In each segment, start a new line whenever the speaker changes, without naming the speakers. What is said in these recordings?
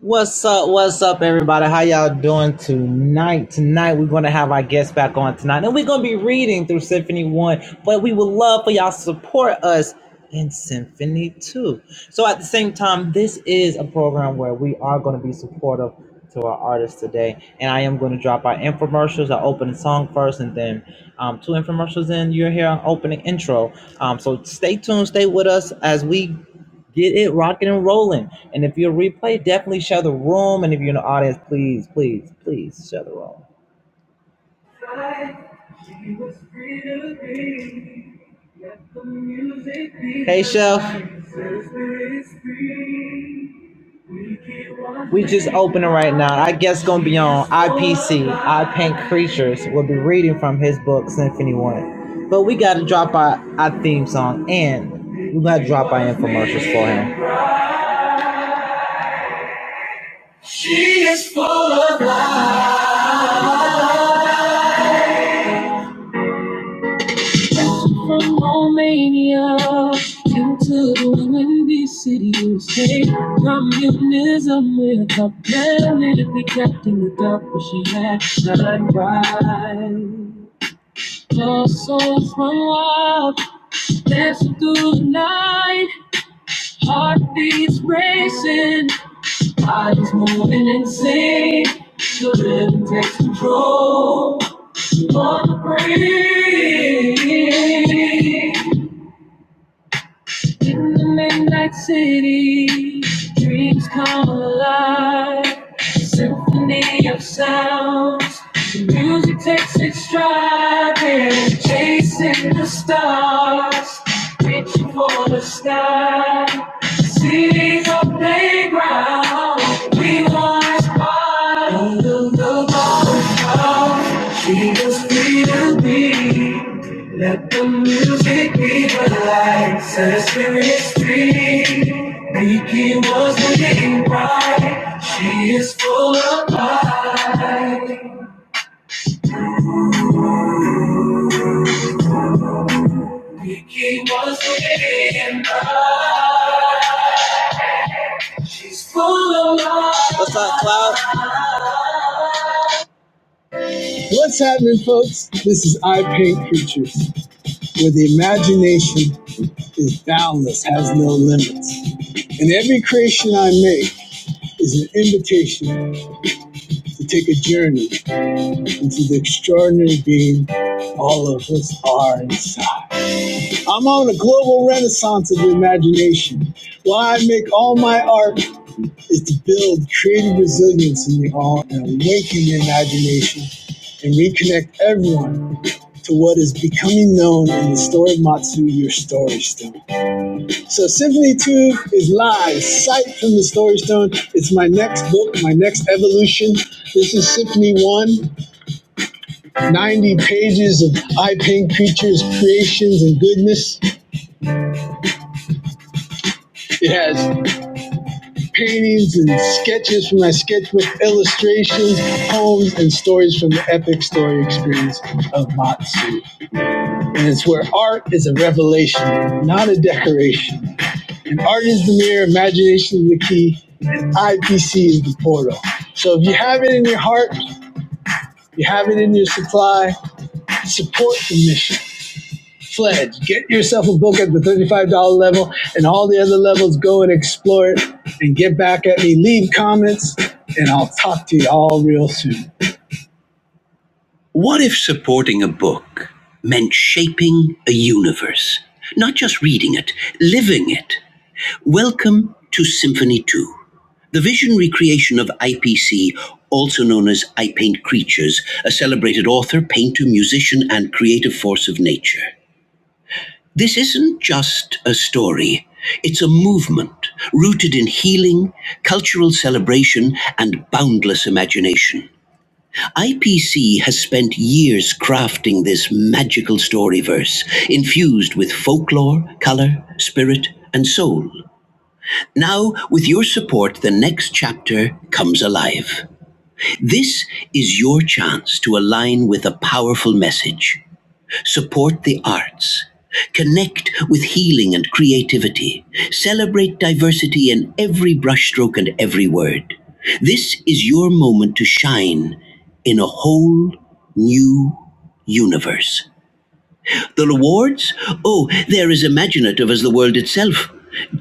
What's up? What's up, everybody? How y'all doing tonight? Tonight we're gonna have our guest back on tonight, and we're gonna be reading through Symphony One. But we would love for y'all to support us in Symphony Two. So at the same time, this is a program where we are gonna be supportive to our artists today, and I am gonna drop our infomercials, our opening song first, and then um, two infomercials, and you're here on opening intro. Um, so stay tuned, stay with us as we. Get it rocking and rolling. And if you're replay, definitely share the room. And if you're in the audience, please, please, please share the room. Hey, Chef. We just opening right now. I guess gonna be on IPC. I Paint Creatures. We'll be reading from his book Symphony One. But we gotta drop our, our theme song and we gotta drop our infomercials for him. She is full of life. From Romania into the windy city of state. Communism with a politically kept in the dark, but she had shine bright. Her souls run wild, dancing through the night. Heartbeats racing, I just moving insane. The rhythm takes control. You Wanna breathe. In the midnight city, dreams come alive. Symphony of sounds, the music takes its stride. We're chasing the stars, reaching for the sky. The City's our playground. We want to find the Jesus, free to be. Let the music be the light. Set a spirit free. Nikki was the name bride. She is full of light. Nikki was the name bride. She's full of light. What's up, Cloud? What's happening, folks? This is I Paint Pictures, where the imagination is boundless, has no limits. And every creation I make, is an invitation to take a journey into the extraordinary being all of us are inside. I'm on a global renaissance of the imagination. Why I make all my art is to build creative resilience in you all and awaken the imagination and reconnect everyone to what is becoming known in the story of Matsu, your story story. So Symphony Tube is live, sight from the Story Stone. It's my next book, my next evolution. This is Symphony One, 90 pages of eye paint creatures, creations, and goodness. It has paintings and sketches from my sketchbook, illustrations, poems, and stories from the epic story experience of Matsu. And it's where art is a revelation, not a decoration. Art is the mirror, imagination is the key, and IPC is the portal. So if you have it in your heart, you have it in your supply, support the mission. Pledge. Get yourself a book at the $35 level and all the other levels. Go and explore it and get back at me. Leave comments and I'll talk to you all real soon. What if supporting a book meant shaping a universe? Not just reading it, living it. Welcome to Symphony 2 The vision recreation of IPC, also known as I Paint Creatures, a celebrated author, painter, musician, and creative force of nature. This isn't just a story, it's a movement rooted in healing, cultural celebration, and boundless imagination. IPC has spent years crafting this magical story verse, infused with folklore, color, spirit, and soul. Now, with your support, the next chapter comes alive. This is your chance to align with a powerful message, support the arts, connect with healing and creativity, celebrate diversity in every brushstroke and every word. This is your moment to shine in a whole new universe. The rewards? Oh, they're as imaginative as the world itself.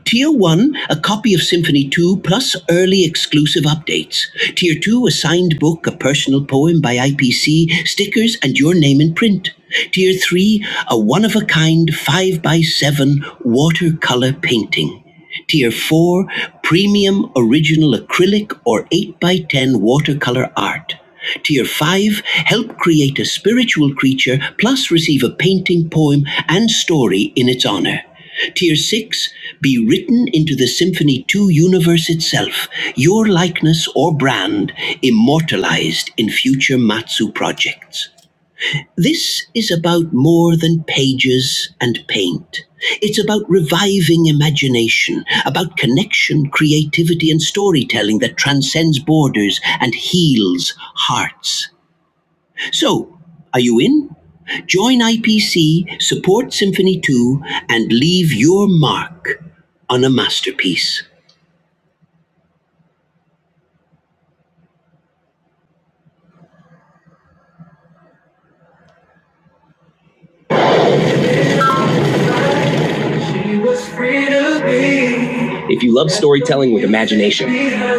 Tier 1, a copy of Symphony 2 plus early exclusive updates. Tier 2, a signed book, a personal poem by IPC, stickers, and your name in print. Tier 3, a one of a kind 5 by 7 watercolor painting. Tier 4 Premium Original Acrylic or 8 by 10 Watercolor Art. Tier 5 Help create a spiritual creature plus receive a painting, poem, and story in its honor. Tier 6 Be written into the Symphony 2 universe itself, your likeness or brand immortalized in future Matsu projects. This is about more than pages and paint. It's about reviving imagination, about connection, creativity, and storytelling that transcends borders and heals hearts. So, are you in? Join IPC, support Symphony 2, and leave your mark on a masterpiece. Was free to be. If you love storytelling with imagination,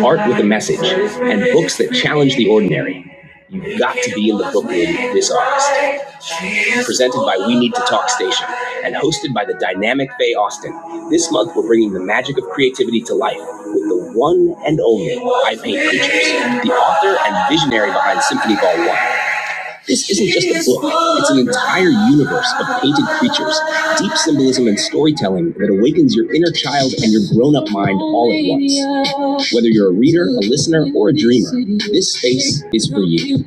art with a message, and books that challenge the ordinary, you've got to be in the book room this August. Presented by We Need to Talk Station and hosted by the dynamic Faye Austin, this month we're bringing the magic of creativity to life with the one and only I Paint Creatures, the author and visionary behind Symphony Ball 1. This isn't just a book, it's an entire universe of painted creatures, deep symbolism and storytelling that awakens your inner child and your grown up mind all at once. Whether you're a reader, a listener, or a dreamer, this space is for you.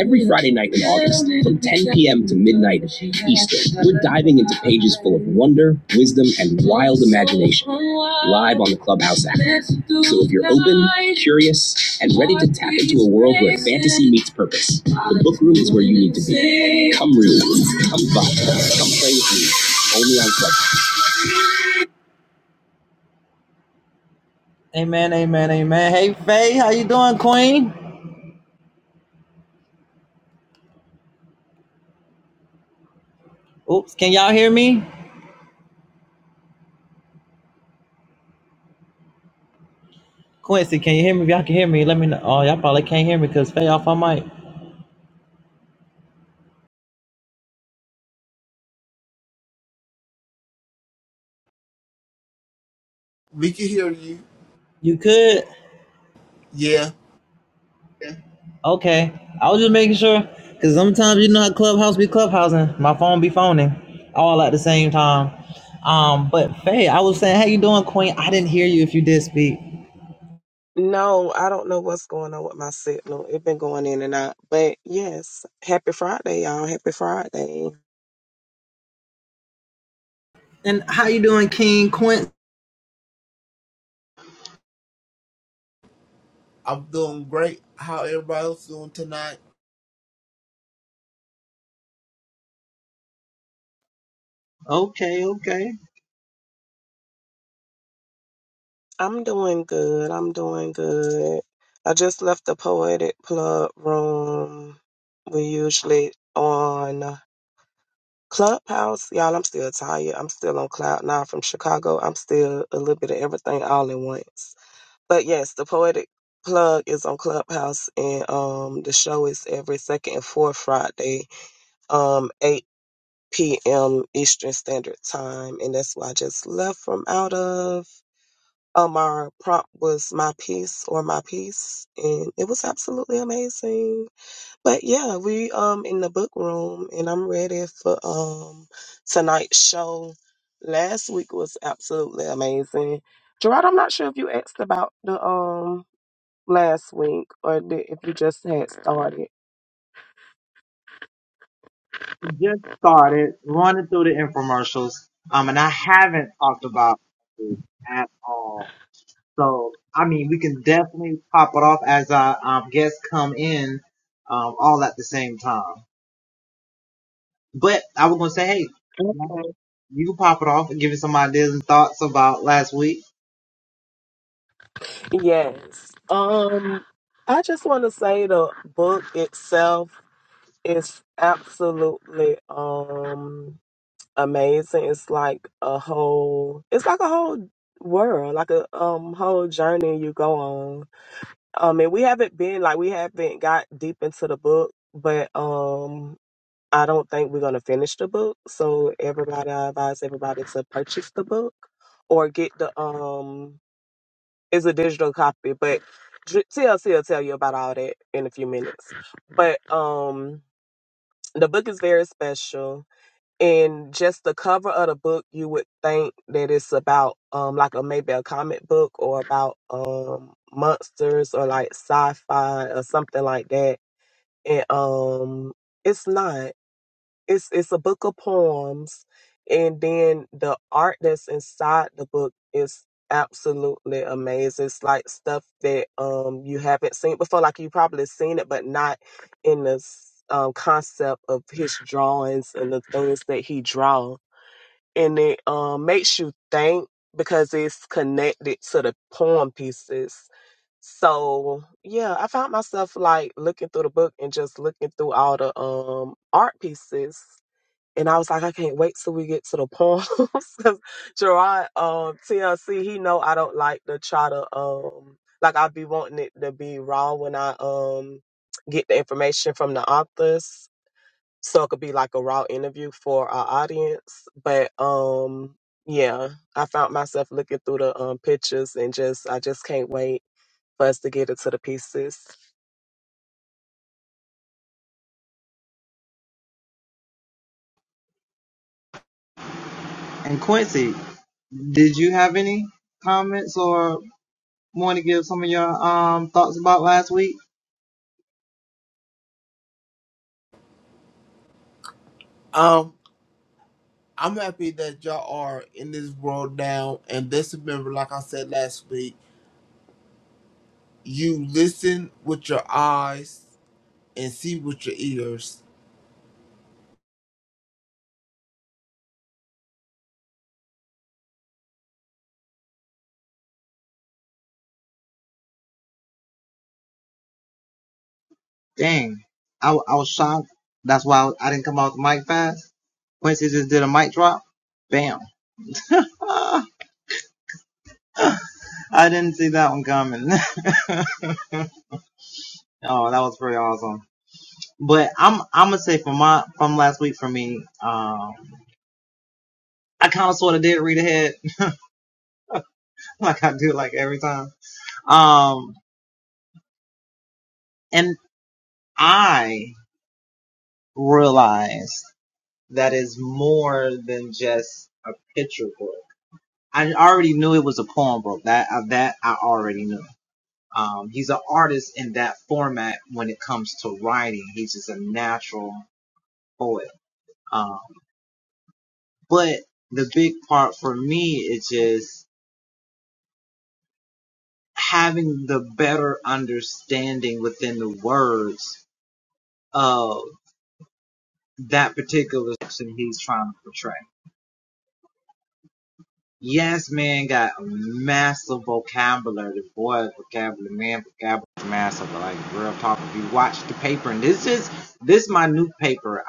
Every Friday night in August, from 10 p.m. to midnight Eastern, we're diving into pages full of wonder, wisdom, and wild imagination live on the Clubhouse app. So if you're open, curious, and ready to tap into a world where fantasy meets purpose, the Book room is where you need to be. Come room. Come back. Come play with me. Only on Club. Amen, amen, amen. Hey Faye, how you doing, Queen? Oops, can y'all hear me? Quincy, can you hear me? If y'all can hear me, let me know. Oh, y'all probably can't hear me because Faye off my mic.
We can hear you.
You could?
Yeah,
Okay. I was just making sure. Cause sometimes you know how Clubhouse be clubhousing. My phone be phoning. All at the same time. Um, but Faye, I was saying, how you doing, Queen? I didn't hear you if you did speak.
No, I don't know what's going on with my signal. It's been going in and out. But yes, happy Friday, y'all. Happy Friday.
I'm doing great. How everybody else doing tonight?
I'm doing good. I'm doing good. I just left the poetic plug room. We usually on Clubhouse. Y'all, I'm still tired. I'm still on cloud nine from Chicago. I'm still a little bit of everything all at once. But yes, the poetic plug is on Clubhouse and um the show is every second and fourth Friday um 8 p.m. Eastern Standard Time, and that's why I just left from out of. Um, our prompt was my piece or my piece, and it was absolutely amazing. But yeah, we um in the book room, and I'm ready for um tonight's show. Last week was absolutely amazing. Gerard, I'm not sure if you asked about the um last week or the, if you just had started.
just started running through the infomercials, um, and I haven't talked about it at all. So, I mean, we can definitely pop it off as our um, guests come in, um, all at the same time. But I was gonna say, hey, you can pop it off and give us some ideas and thoughts about last week.
Yes. Um, I just want to say the book itself is absolutely um amazing. It's like a whole, it's like a whole world, like a um whole journey you go on. Um, and we haven't been like we haven't got deep into the book, but um. I don't think we're gonna finish the book, so everybody, I advise everybody to purchase the book or get the um it's a digital copy, but Dr- TLC will tell you about all that in a few minutes. But um, the book is very special, and just the cover of the book, you would think that it's about um, like a maybe a comic book or about um monsters or like sci-fi or something like that, and um, it's not it's it's a book of poems and then the art that's inside the book is absolutely amazing it's like stuff that um you haven't seen before like you probably seen it but not in the um, concept of his drawings and the things that he draw and it um makes you think because it's connected to the poem pieces so yeah i found myself like looking through the book and just looking through all the um art pieces and I was like, I can't wait till we get to the poems. 'Cause Gerard, um, TLC, he know I don't like to try to, um, like I be wanting it to be raw when I, um, get the information from the authors. So it could be like a raw interview for our audience. But, um, yeah, I found myself looking through the um, pictures and just, I just can't wait for us to get it to the pieces.
And Quincy, did you have any comments or want to give some of your um thoughts about last week?
Um, I'm happy that y'all are in this world now. And just remember, like I said last week, you listen with your eyes and see with your ears.
But the big part for me is just having the better understanding within the words of that particular section he's trying to portray. Yes, man got a massive vocabulary. The boy, vocabulary, man, vocabulary is massive. Like real talk. If you watch the paper, and this is this is my new paper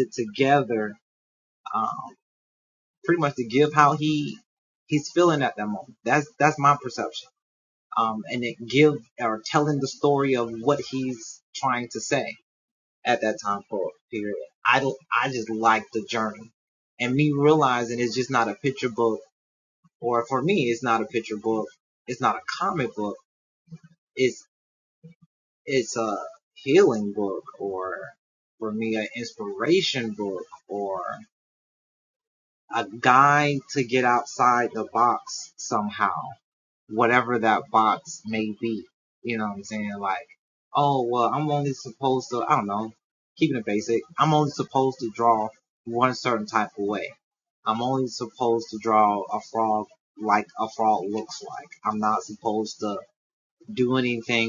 put together, um, pretty much to give how he he's feeling at that moment. That's that's my perception. Um, and it give or telling the story of what he's trying to say at that time for period. I don't, I just like the journey and me realizing it's just not a picture book or for me, it's not a picture book. It's not a comic book. It's, it's a healing book or for me, an inspiration book or a guide to get outside the box somehow, whatever that box may be. You know what I'm saying? Like, oh, well, I'm only supposed to, I don't know, keeping it basic. I'm only supposed to draw one certain type of way. I'm only supposed to draw a frog like a frog looks like. I'm not supposed to do anything.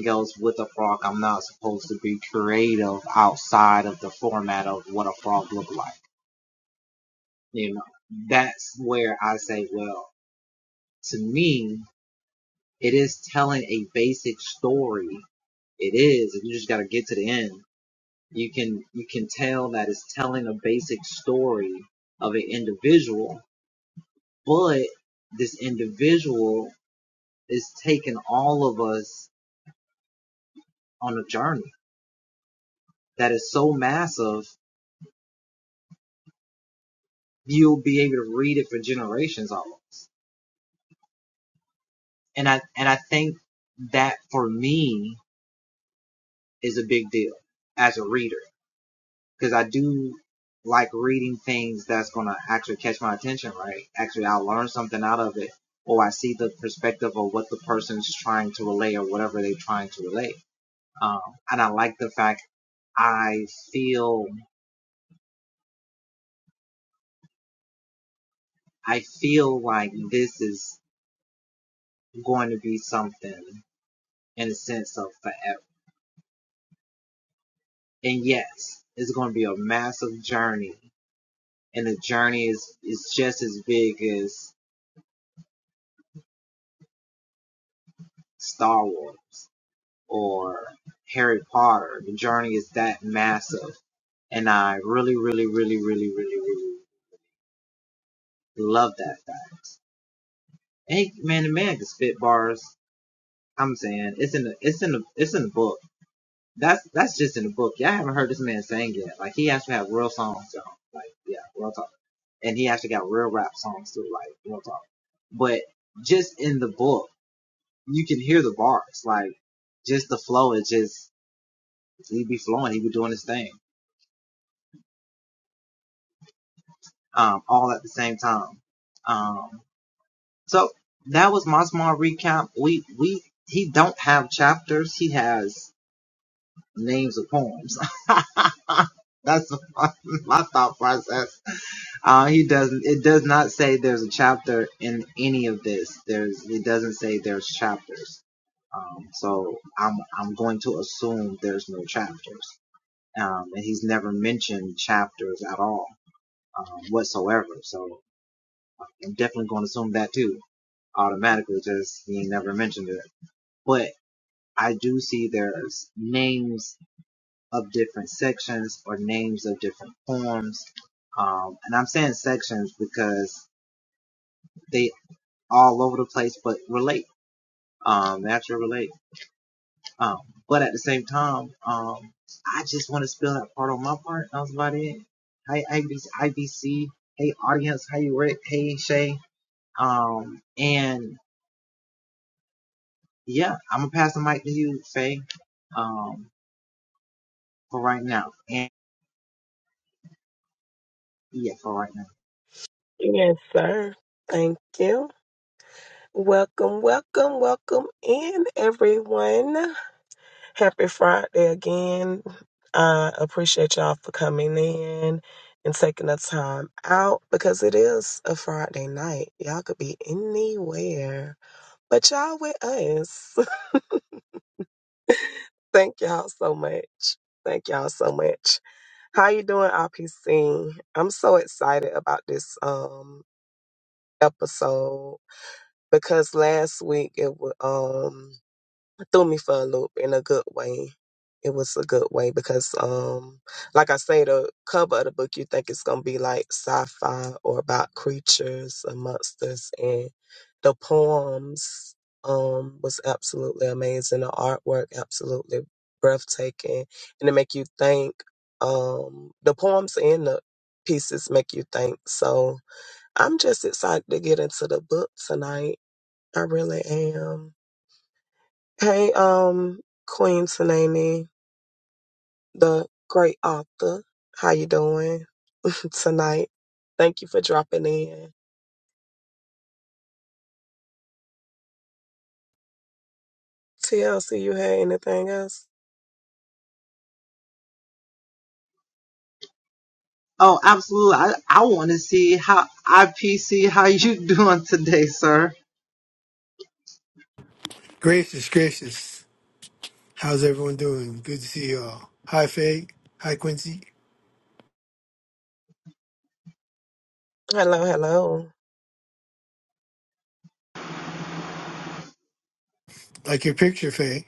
Yes, sir. Thank you. Welcome, welcome, welcome in everyone. Happy Friday again. I appreciate y'all for coming in and taking the time out because it is a Friday night. Y'all could be anywhere, but y'all with us. Thank y'all so much. Thank y'all so much. How you doing, RPC? I'm so excited about this um episode because last week it was. threw me for a loop in a good way. It was a good way because, um, like I say, the cover of the book, you think it's gonna be like sci-fi or about creatures and monsters, and the poems um was absolutely amazing. The artwork absolutely breathtaking, and it make you think. Um, the poems and the pieces make you think. So I'm just excited to get into the book tonight. I really am. Hey, um, Queen Tsunami, the great author. How you doing tonight? Thank you for dropping in. TLC, you had anything else?
Gracious, gracious. How's everyone doing? Good to see you all. Hi, Faye. Hi, Quincy.
Hello, hello.
Like your picture, Faye.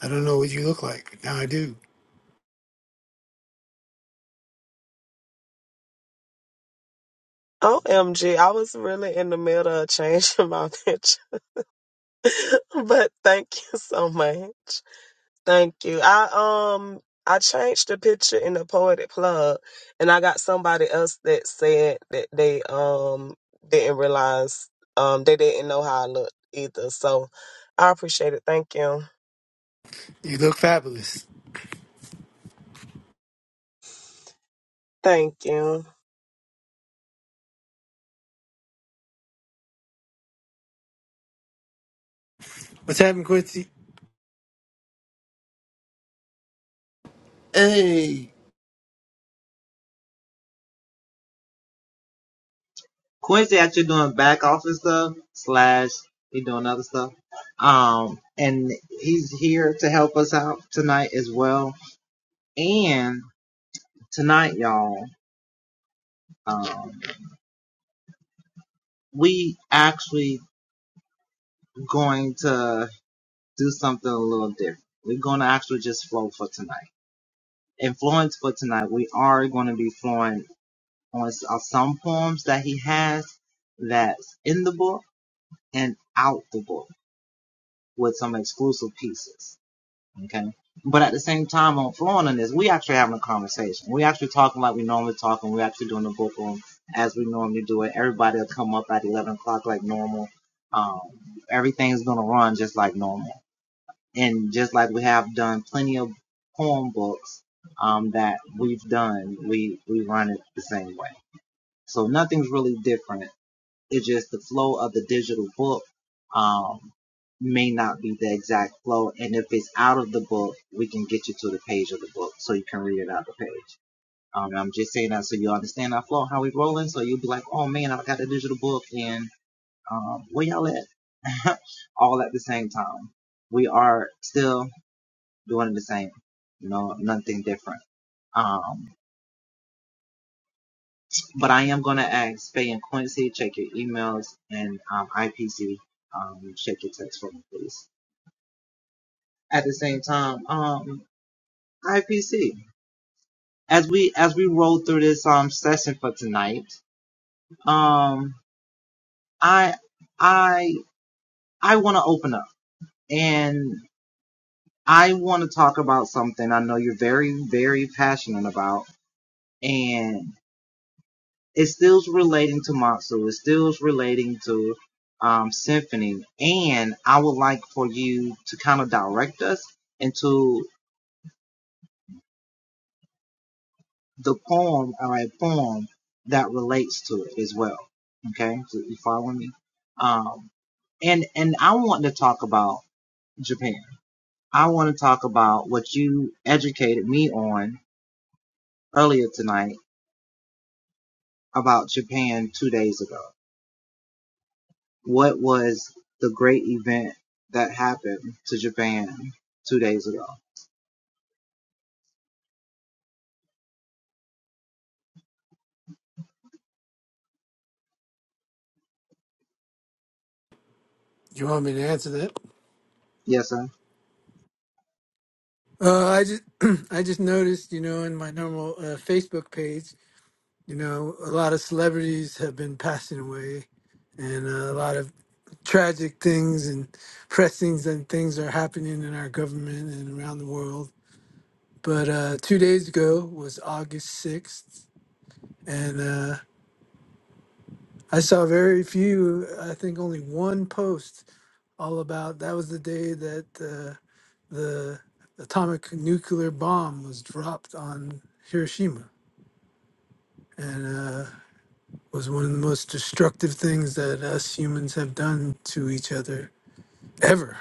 I don't know what you look like. Now I do.
OMG, I was really in the middle of changing my picture, but thank you so much. Thank you. I um I changed the picture in the poetic plug and I got somebody else that said that they um didn't realize um they didn't know how I looked either. So I appreciate it. Thank you.
You look fabulous.
Thank you.
What's happening, Quincy?
Hey,
Quincy actually doing back office stuff. Slash, he doing other stuff. Um, and he's here to help us out tonight. as well. And tonight, y'all, um, we actually going to do something a little different. We're going to actually just flow for tonight. Influence for tonight. We are going to be flowing on uh, some poems that he has that's in the book and outable with some exclusive pieces. Okay. But at the same time, on flowing on this, we actually having a conversation. We actually talking like we normally talk, and we actually doing the book room as we normally do it. Everybody will come up at 11 o'clock like normal. Um, everything's going to run just like normal. And just like we have done plenty of poem books um, that we've done, we, we run it the same way. So nothing's really different it's just the flow of the digital book um, may not be the exact flow. And if it's out of the book, we can get you to the page of the book so you can read it out of the page. Um, I'm just saying that so you understand our flow, how we rolling. So you'll be like, oh man, I got a digital book and um, where y'all at? All at the same time. We are still doing the same. No, nothing different. Um, But I am going to ask Faye and Quincy, check your emails and um, IPC, um, check your text for me. Um, Symphony. And I would like for you to kind of direct us into the poem or a poem that relates to it as well. Okay? So you following me? Um, and, and I want to talk about Japan. I want to talk about what you educated me on earlier tonight about Japan.
You want me to answer that? Uh, I just, I just noticed, you know, in my normal uh, Facebook page, you know, a lot of celebrities have been passing away, and uh, a lot of tragic things and pressings and things are happening in our government and around the world But uh, two days ago was August 6th, and uh, I saw very few, I think only one post all about that was the day that uh, the atomic nuclear bomb was dropped on Hiroshima and uh, was one of the most destructive things that us humans have done to each other ever.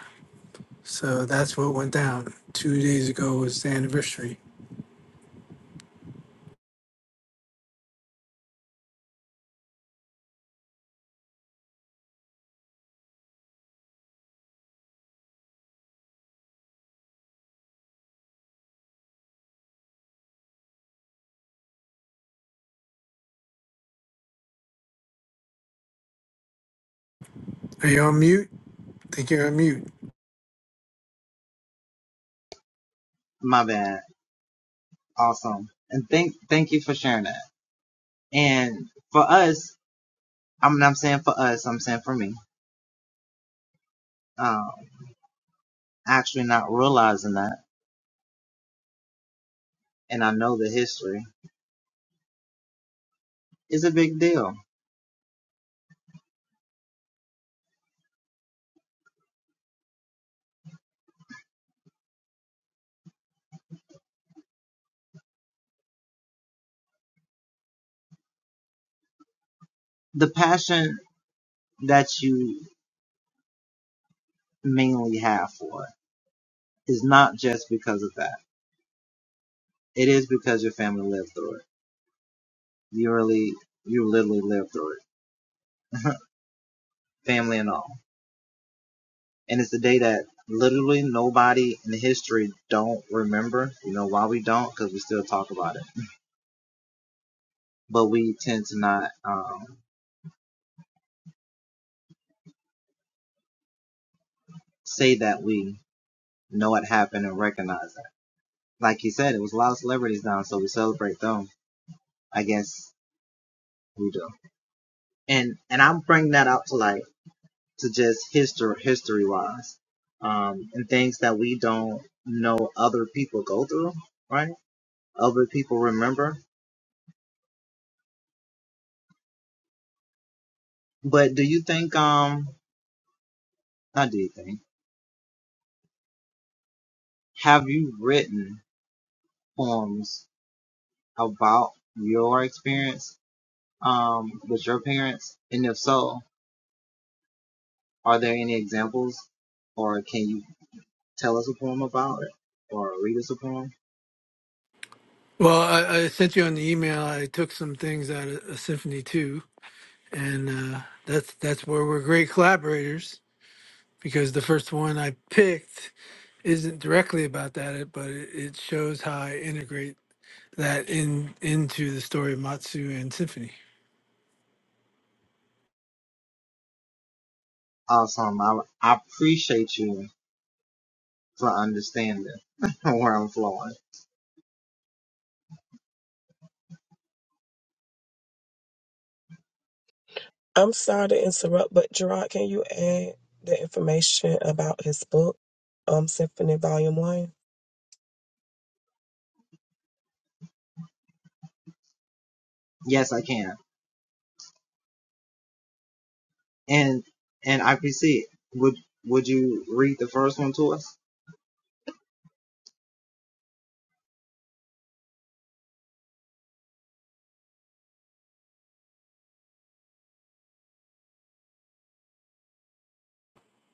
So that's what went down. Two days ago was the anniversary. Are you on mute? think you're on mute. Well, I, I sent you on the email. I took some things out of, of Symphony Two, and uh, that's that's where we're great collaborators because the first one I picked isn't directly about that, but it, it shows how I integrate that in into the story of Matsu and Symphony.
I'm sorry to interrupt, but Gerard, can you add the information about his book, um, Symphony Volume One?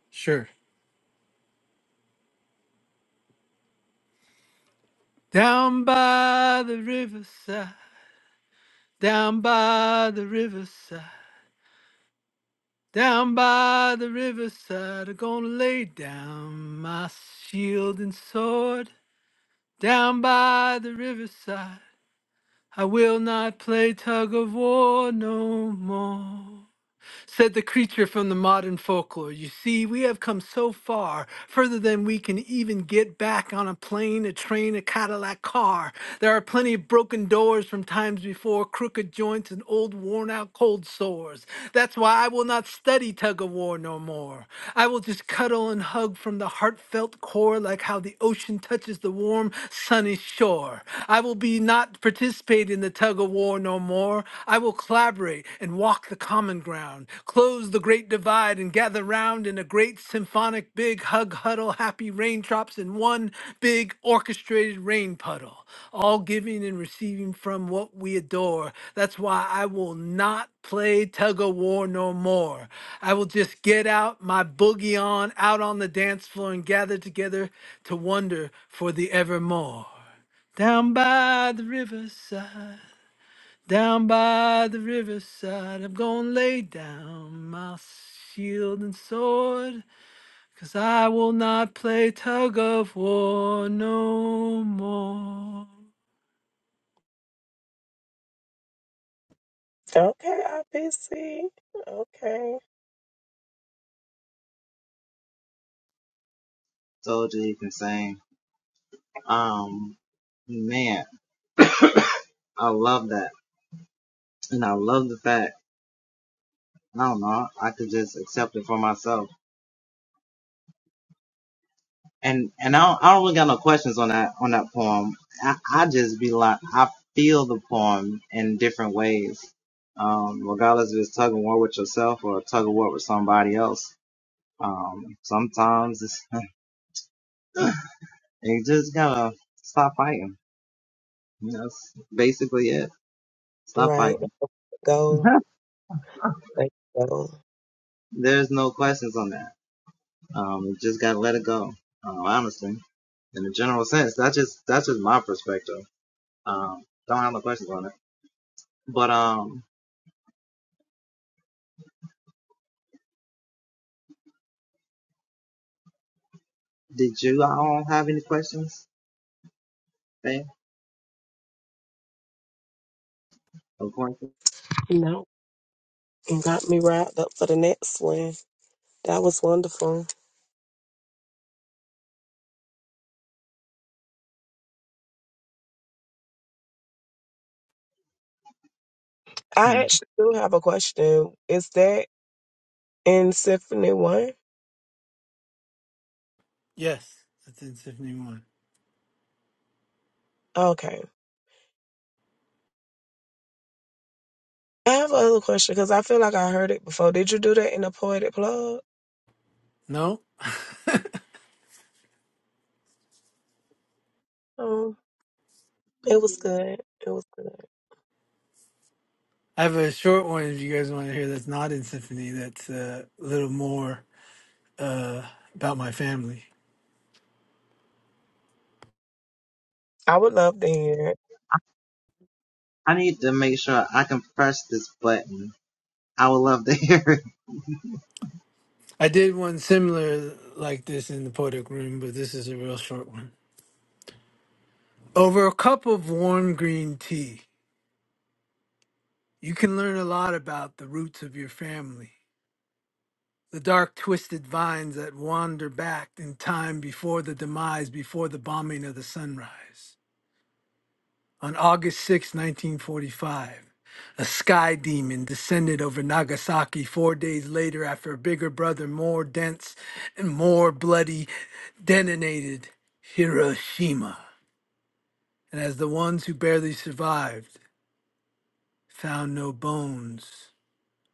Sure. Down by the riverside, down by the riverside, down by the riverside, I'm gonna lay down my shield and sword. Down by the riverside, I will not play tug of war no more. Said the creature from the modern folklore. You see, we have come so far, further than we can even get back on a plane, a train, a Cadillac car. There are plenty of broken doors from times before, crooked joints and old worn out cold sores. That's why I will not study tug of war no more. I will just cuddle and hug from the heartfelt core like how the ocean touches the warm, sunny shore. I will be not participate in the tug of war no more. I will collaborate and walk the common ground, close the great divide and gather round in a great symphonic big hug huddle happy raindrops in one big orchestrated rain puddle all giving and receiving from what we adore that's why i will not play tug of war no more i will just get out my boogie on out on the dance floor and gather together to wonder for the evermore down by the riverside down by the riverside, I'm gonna lay down my shield and sword, 'cause I will not play tug of war no more.
Okay, I busy. Okay. Right. Go. Let's go. No. You got me wrapped up for the next one. That was wonderful. I actually do have a question. Is that in Symphony One?
Yes, that's in Symphony 1.
Okay. I have another question because I feel like I heard it before. Did you do that in the Poetic Plug?
No?
Um, it was good. It was good.
I have a short one if you guys want to hear that's not in Symphony, that's uh, a little more uh, about my family.
I would love to hear it.
I did one similar like this in the Poetic Room, but this is a real short one. Over a cup of warm green tea. You can learn a lot about the roots of your family, the dark, twisted vines that wander back in time before the demise, before the bombing of the sunrise. On August sixth, 1945, a sky demon descended over Nagasaki four days later after a bigger brother, more dense and more bloody, detonated Hiroshima. And as the ones who barely survived found no bones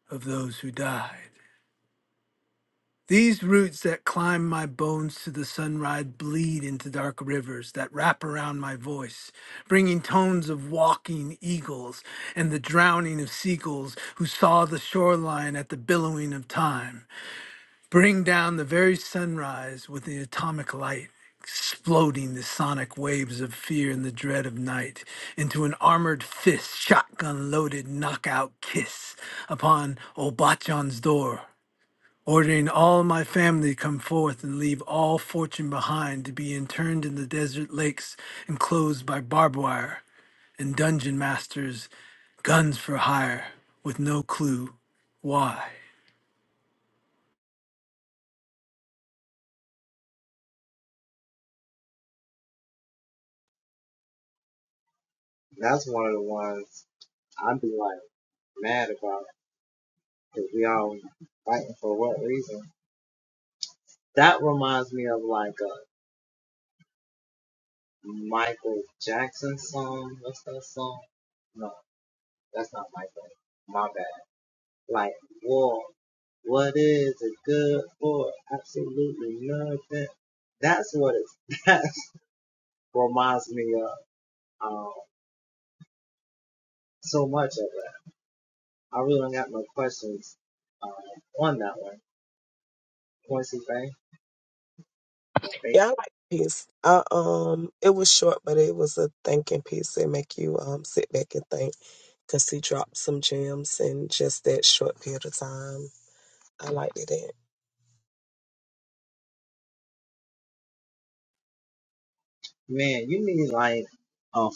of those who died. These roots that climb my bones to the sunrise bleed into dark rivers that wrap around my voice, bringing tones of walking eagles and the drowning of seagulls who saw the shoreline at the billowing of time. Bring down the very sunrise with the atomic light, exploding the sonic waves of fear and the dread of night into an armored fist, shotgun loaded knockout kiss upon Obachan's door. Ordering all my family come forth and leave all fortune behind to be interned in the desert lakes enclosed by barbed wire and dungeon masters, guns for hire, with no clue why.
Yeah, I like the piece. I, um, it was short, but it was a thinking piece that make you um sit back and think because he dropped some gems in just that short period of time. I liked it.
Oh,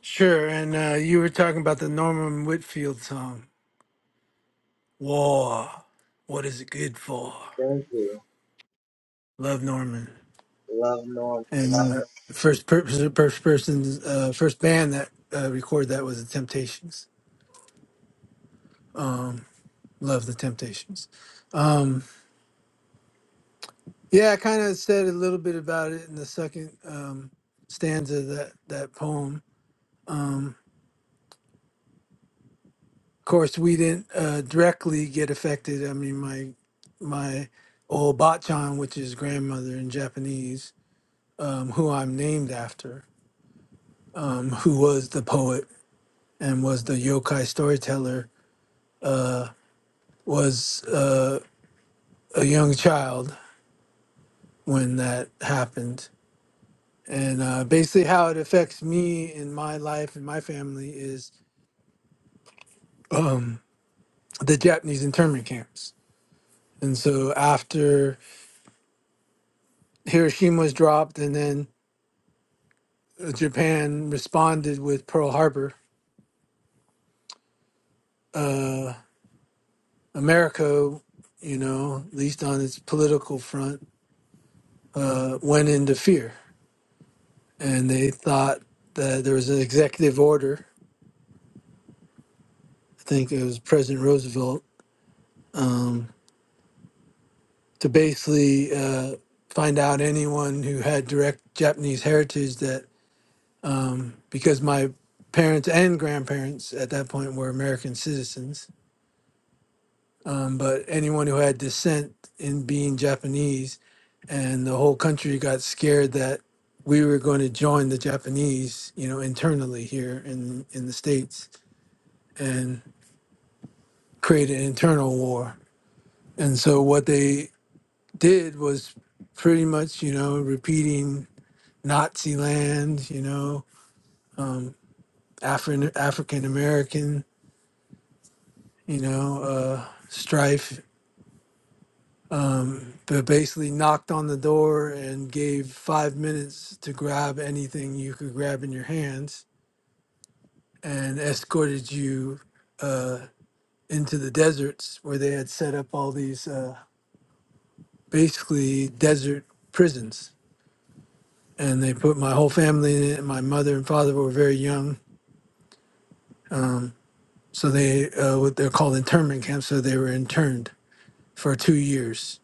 Sure, and uh, you were talking about the Norman Whitfield song, War. What is it good for? Love Norman. And uh, the first, per- first person, uh, first band that uh, recorded that was the Temptations. Love the Temptations. Um, Yeah, I kind of said a little bit about it in the second um, stanza of that that poem. Of course, we didn't uh, directly get affected. I mean, my my old bachan, which is grandmother in Japanese, um, who I'm named after, um, who was the poet and was the yokai storyteller, was uh, a young child when that happened. And uh, basically, how it affects me in my life and my family is. Um, the Japanese internment camps. And so after Hiroshima was dropped and then uh, Japan responded with Pearl Harbor, uh, America, you know, at least on its political front, uh, went into fear. And they thought that there was an executive order, I think it was President Roosevelt, um, to basically uh, find out anyone who had direct Japanese heritage that um, because my parents and grandparents at that point were American citizens. Um, but anyone who had descent in being Japanese, and the whole country got scared that we were going to join the Japanese, you know, internally here in in the states and create an internal war. And so what they did was pretty much, you know, repeating Nazi land, you know, um, Afri- African American you know, uh, Strife, um, but basically knocked on the door and gave five minutes to grab anything you could grab in your hands and escorted you uh, into the deserts where they had set up all these uh, basically desert prisons. And they put my whole family in it. and My mother and father were very young. Um, so they, uh, what they're called internment camps, so they were interned for two years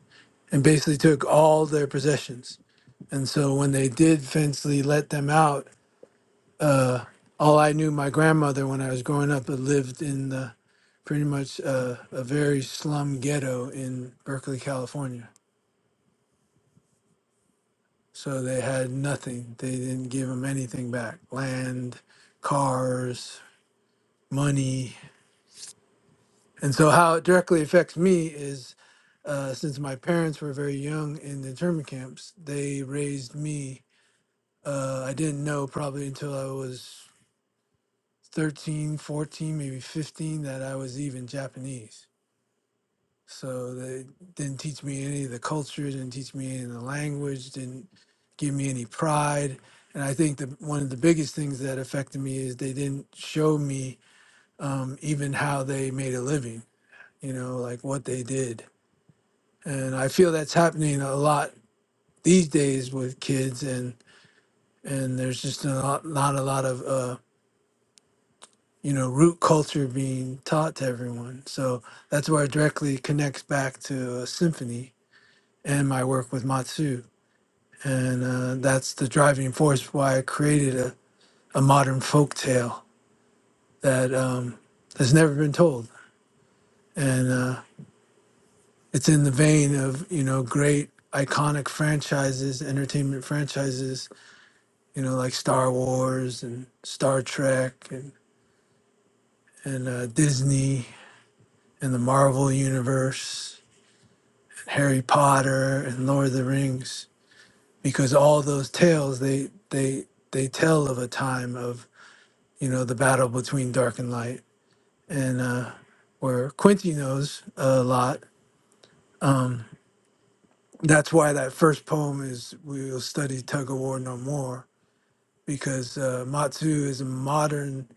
and basically took all their possessions. And so when they did eventually let them out, uh, all I knew my grandmother when I was growing up had lived in the pretty much uh, a very slum ghetto in Berkeley, California. So they had nothing. They didn't give them anything back land, cars, money. And so how it directly affects me is uh, since my parents were very young in the internment camps, they raised me Uh, I didn't know probably until I was 13, 14, maybe 15 that I was even Japanese. So they didn't teach me any of the culture, didn't teach me any of the language, didn't give me any pride. And I think that one of the biggest things that affected me is they didn't show me um, even how they made a living, you know, like what they did. And I feel that's happening a lot these days with kids and and there's just not, not a lot of uh, you know, root culture being taught to everyone. So that's where it directly connects back to a symphony and my work with Matsu. And uh, that's the driving force why I created a, a modern folk tale that um, has never been told. And uh, it's in the vein of, you know, great iconic franchises, entertainment franchises, you know, like Star Wars and Star Trek and, and uh, Disney and the Marvel Universe Harry Potter and Lord of the Rings because all those tales they they they tell of a time of you know the battle between dark and light and uh, where Quincy knows a lot. Um, that's why that first poem is we'll study tug of war no more because uh, Matsu is a modern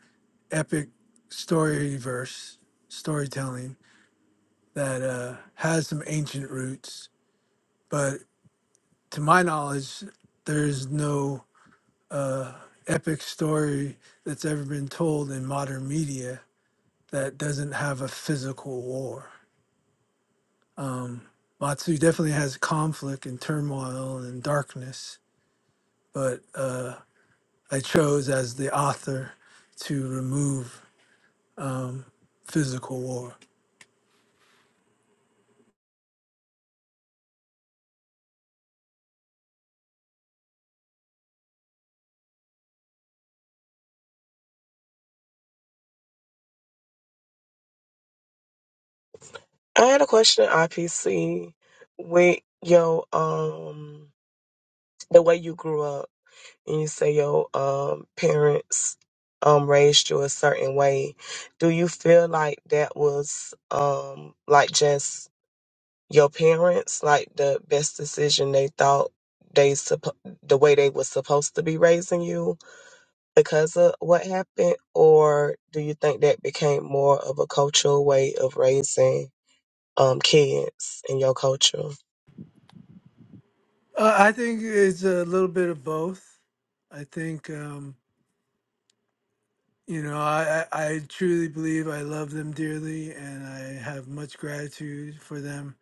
epic story verse storytelling that uh, has some ancient roots, but to my knowledge, there's no uh, epic story that's ever been told in modern media that doesn't have a physical war. Um, Matsu definitely has conflict and turmoil and darkness, but uh, I chose as the author to remove um, physical war.
I had a question, IPC, with your um. the way you grew up and you say your um, parents um, raised you a certain way, do you feel like that was um, like just your parents, like the best decision they thought they suppo- the way they was supposed to be raising you because of what happened, or do you think that became more of a cultural way of raising um, kids in your culture,
Uh, I think it's a little bit of both. I think um, you know I, I I truly believe I love them dearly, and I have much gratitude for them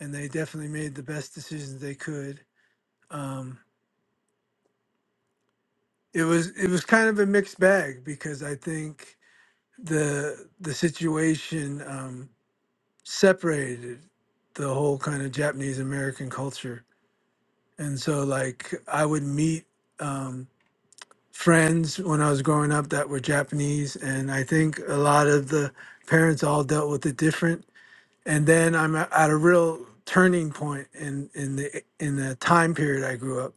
and they definitely made the best decisions they could. Um, it was it was kind of a mixed bag because I think the the situation um, separated the whole kind of Japanese American culture, and so like I would meet um, friends when I was growing up that were Japanese, and I think a lot of the parents all dealt with it different and then I'm a- at a real turning point in in the in the time period I grew up,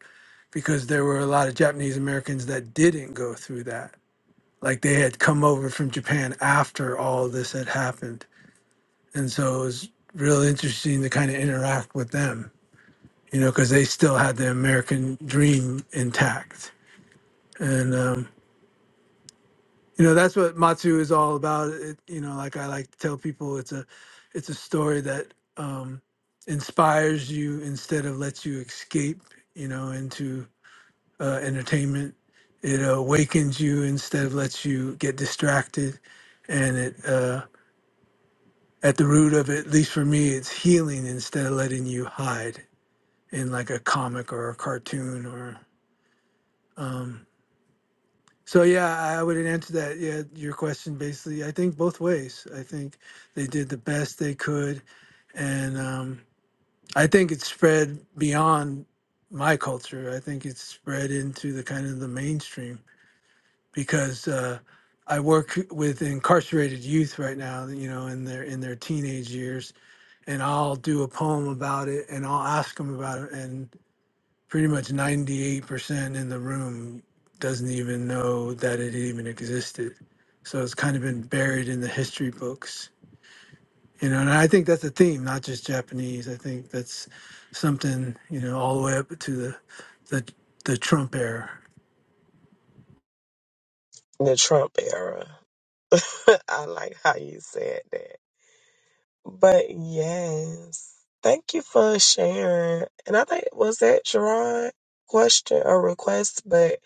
because there were a lot of Japanese Americans that didn't go through that. Like they had come over from Japan after all this had happened, and so it was real interesting to kind of interact with them, you know, because they still had the American dream intact, and um, you know that's what matsu is all about it, you know like i like to tell people it's a it's a story that um inspires you instead of lets you escape you know into uh, entertainment it awakens you instead of lets you get distracted and it uh at the root of it at least for me it's healing instead of letting you hide in like a comic or a cartoon or um, So yeah, I would answer that. Yeah, your question basically. I think both ways. I think they did the best they could, and um, I think it spread beyond my culture. I think it spread into the kind of the mainstream because uh, I work with incarcerated youth right now. You know, in their in their teenage years, and I'll do a poem about it, and I'll ask them about it, and pretty much 98% in the room doesn't even know that it even existed. So it's kind of been buried in the history books. You know, and I think that's a theme, not just Japanese. I think that's something, you know, all the way up to the the, the Trump era.
the Trump era? I like how you said that. But yes, thank you for sharing. And I think was that Gerard question or request, but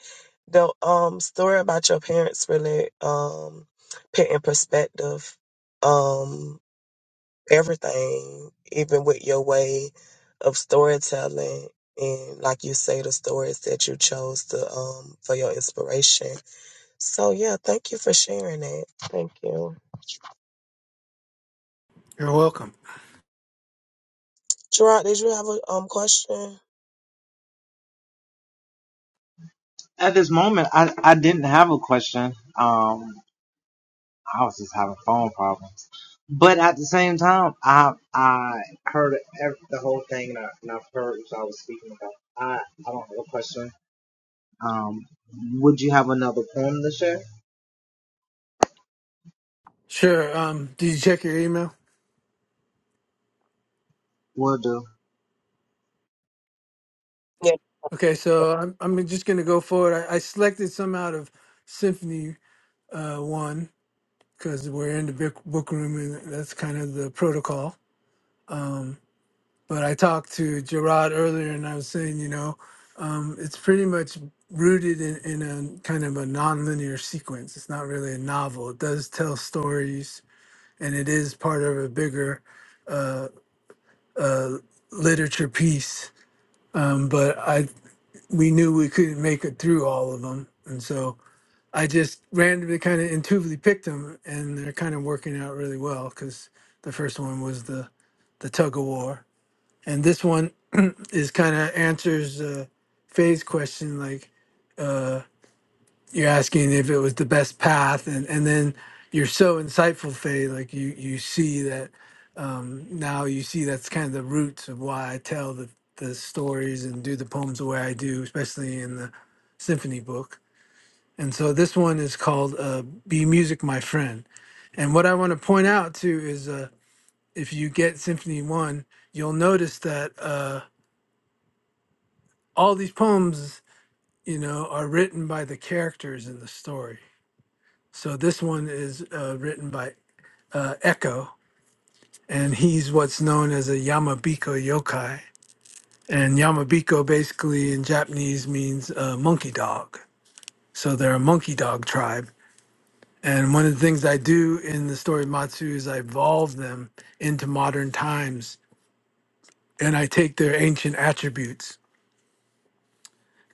the um story about your parents really um put in perspective um everything, even with your way of storytelling and like you say the stories that you chose to um for your inspiration. So yeah, thank you for sharing that. Thank you.
You're welcome.
Gerard, did you have a um question?
Sure. Um, did you check your email?
Yeah.
Okay, so I'm, I'm just going to go forward. I, I selected some out of Symphony uh, 1 because we're in the book, book room and that's kind of the protocol. Um, But I talked to Gerard earlier, and I was saying, you know, um, it's pretty much rooted in, in a kind of a nonlinear sequence. It's not really a novel. It does tell stories, and it is part of a bigger uh, uh, literature piece. Um, but I, we knew we couldn't make it through all of them, and so I just randomly kind of intuitively picked them, and they're kind of working out really well because the first one was the the tug of war and this one is kind of answers uh, Faye's question, like uh, you're asking if it was the best path, and and then you're so insightful, Faye, like you you see that um, now you see that's kind of the roots of why I tell the the stories and do the poems the way I do, especially in the symphony book. And so this one is called uh, "Be Music, My Friend." And what I want to point out too is, uh, if you get Symphony One, you'll notice that. Uh, all these poems, you know, are written by the characters in the story. So this one is uh, written by uh, Echo, and he's what's known as a Yamabiko yokai. And Yamabiko basically in Japanese means uh, monkey dog. So they're a monkey dog tribe. And one of the things I do in the story of Matsu is I evolve them into modern times and I take their ancient attributes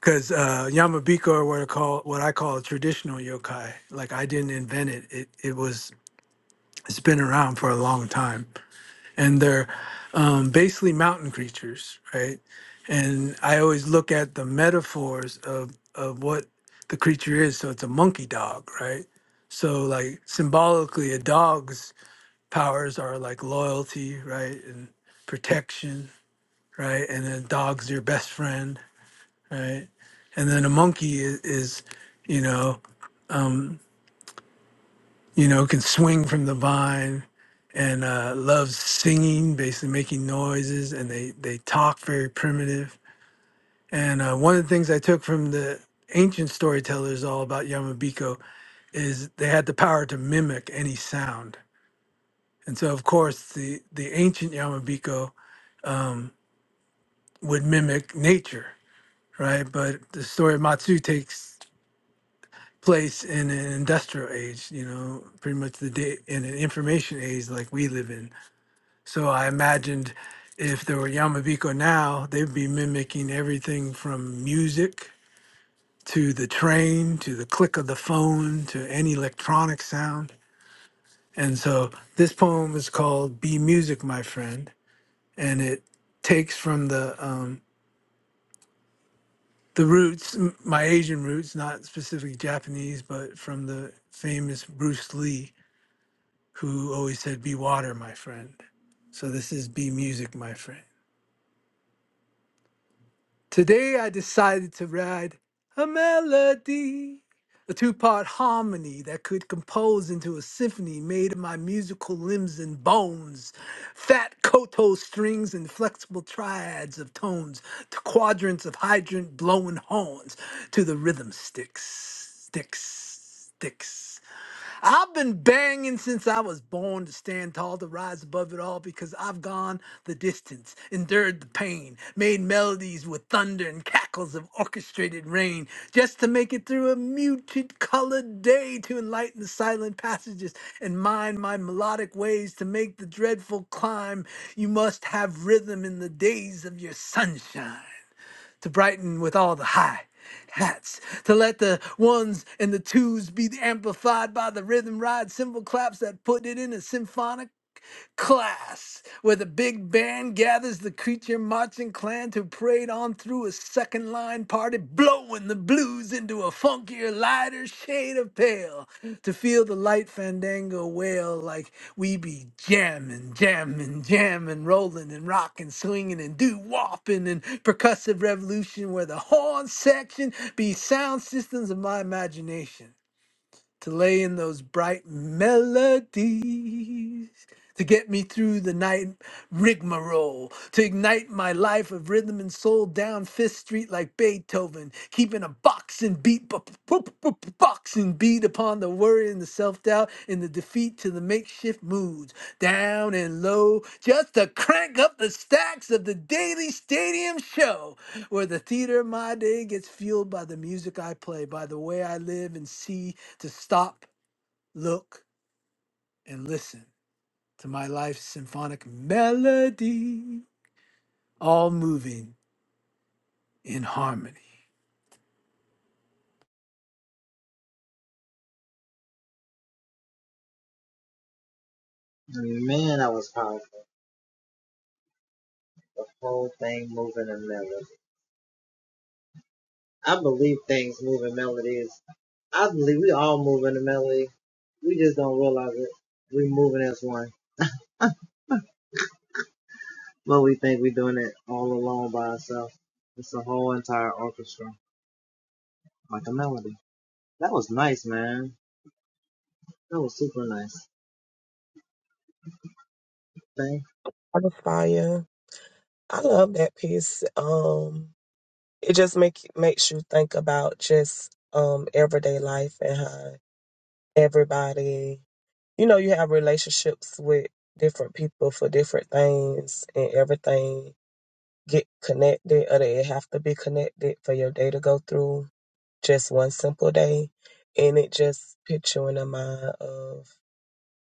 because uh, Yamabiko are what I call what I call a traditional yokai. Like I didn't invent it; it it was it's been around for a long time, and they're um, basically mountain creatures, right? And I always look at the metaphors of of what the creature is. So it's a monkey dog, right? So like symbolically, a dog's powers are like loyalty, right, and protection, right, and a dog's your best friend right? And then a monkey is, is you know, um, you know, can swing from the vine and uh, loves singing, basically making noises, and they they talk very primitive. And uh, one of the things I took from the ancient storytellers all about Yamabiko is they had the power to mimic any sound. And so, of course, the the ancient Yamabiko um, would mimic nature, right? But the story of Matsu takes place in an industrial age, you know, pretty much the day in an information age like we live in. So I imagined if there were Yamabiko now, they'd be mimicking everything from music to the train to the click of the phone to any electronic sound. And so this poem is called Be Music, My Friend, and it takes from the um, the roots, m- my Asian roots, not specifically Japanese, but from the famous Bruce Lee who always said, Be water, my friend. So this is Be music, my friend. Today I decided to write a melody, a two part harmony that could compose into a symphony made of my musical limbs and bones, fat koto strings and flexible triads of tones, to quadrants of hydrant blowing horns, to the rhythm sticks, sticks, sticks. I've been banging since I was born to stand tall, to rise above it all, because I've gone the distance, endured the pain, made melodies with thunder and cackles of orchestrated rain, just to make it through a muted colored day, to enlighten the silent passages and mind my melodic ways, to make the dreadful climb. You must have rhythm in the days of your sunshine to brighten with all the high hats, to let the ones and the twos be amplified by the rhythm ride cymbal claps that put it in a symphonic. Class, where the big band gathers the creature marching clan to parade on through a second line party, blowing the blues into a funkier, lighter shade of pale, to feel the light fandango wail like we be jammin', jammin', jammin', rollin' and rockin', swingin' and do woppin' and percussive revolution, where the horn section be sound systems of my imagination to lay in those bright melodies to get me through the night rigmarole to ignite my life of rhythm and soul down fifth street like beethoven keeping a boxing beat bu- bu- bu- bu- bu- boxing beat upon the worry and the self-doubt and the defeat to the makeshift moods down and low just to crank up the stacks of the daily stadium show where the theater of my day gets fueled by the music i play by the way i live and see to stop, look, and listen to my life's symphonic melody, all moving in harmony.
I'm a fire. I love that piece. Um, it just make makes you think about just um everyday life and how everybody, you know, you have relationships with different people for different things, and everything get connected, or they have to be connected for your day to go through. Just one simple day, and it just puts you in the mind of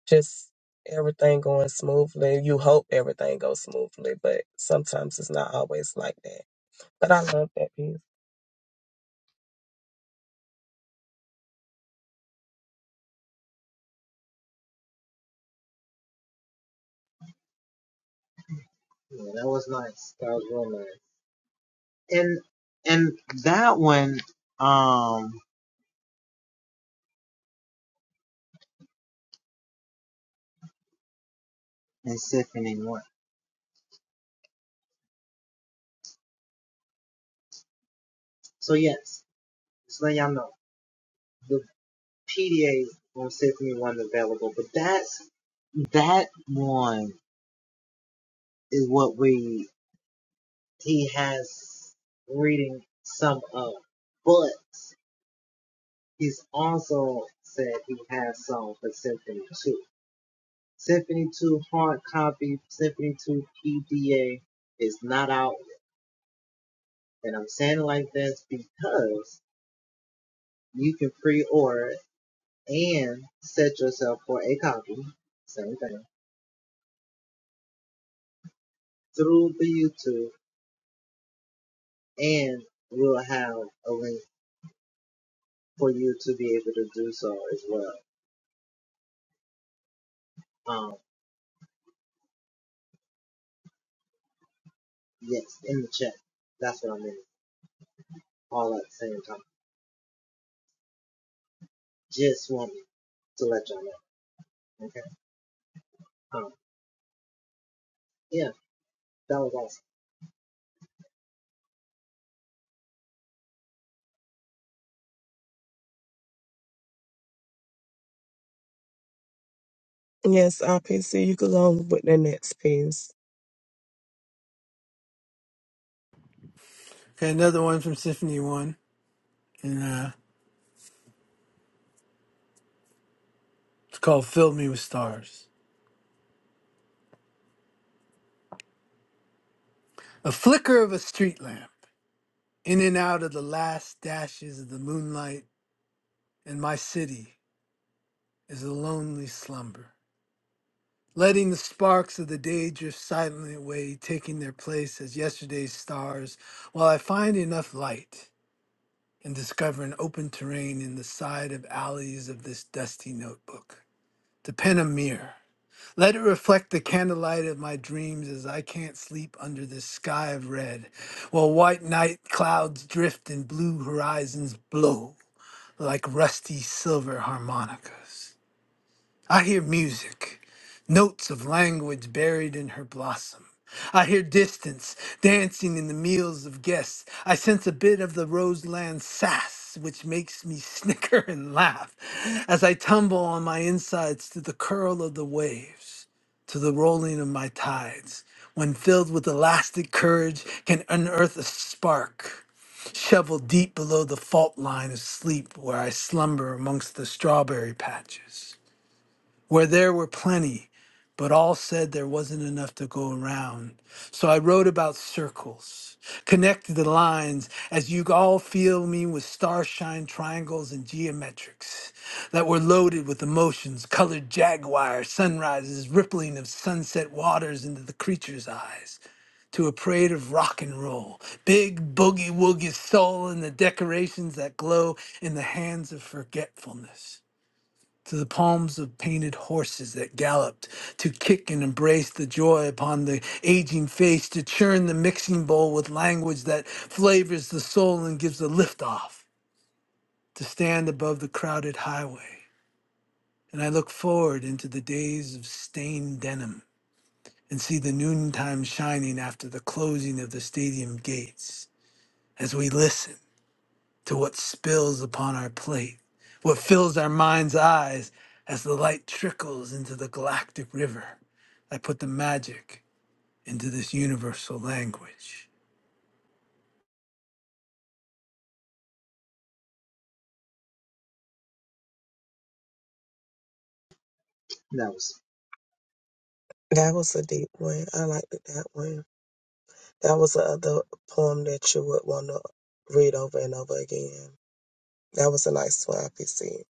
just everything going smoothly. You hope everything goes smoothly, but sometimes it's not always like that. But I love that piece. Yes, RPC, you could go on with the next piece.
Okay, another one from Symphony One, and uh, it's called "Fill Me with Stars." A flicker of a street lamp, in and out of the last dashes of the moonlight, and my city is a lonely slumber. Letting the sparks of the day drift silently away, taking their place as yesterday's stars, while I find enough light and discover an open terrain in the side of alleys of this dusty notebook. To pen a mirror. Let it reflect the candlelight of my dreams as I can't sleep under this sky of red, while white night clouds drift and blue horizons blow like rusty silver harmonicas. I hear music, notes of language buried in her blossom. I hear distance dancing in the meals of guests. I sense a bit of the Roseland sass, which makes me snicker and laugh as I tumble on my insides to the curl of the waves, to the rolling of my tides. When filled with elastic courage, can unearth a spark, shoveled deep below the fault line of sleep where I slumber amongst the strawberry patches. Where there were plenty, but all said there wasn't enough to go around. So I wrote about circles, connected the lines as you all feel me with starshine triangles and geometrics that were loaded with emotions, colored jaguar, sunrises, rippling of sunset waters into the creature's eyes to a parade of rock and roll, big boogie woogie soul, and the decorations that glow in the hands of forgetfulness to the palms of painted horses that galloped, to kick and embrace the joy upon the aging face, to churn the mixing bowl with language that flavors the soul and gives a lift off, to stand above the crowded highway. And I look forward into the days of stained denim and see the noontime shining after the closing of the stadium gates as we listen to what spills upon our plate, what fills our mind's eyes as the light trickles into the galactic river. I put the magic into this universal language.
That was a deep one. I liked that one. That was the other poem that you would want to read over and over again. That was a nice one, RPC.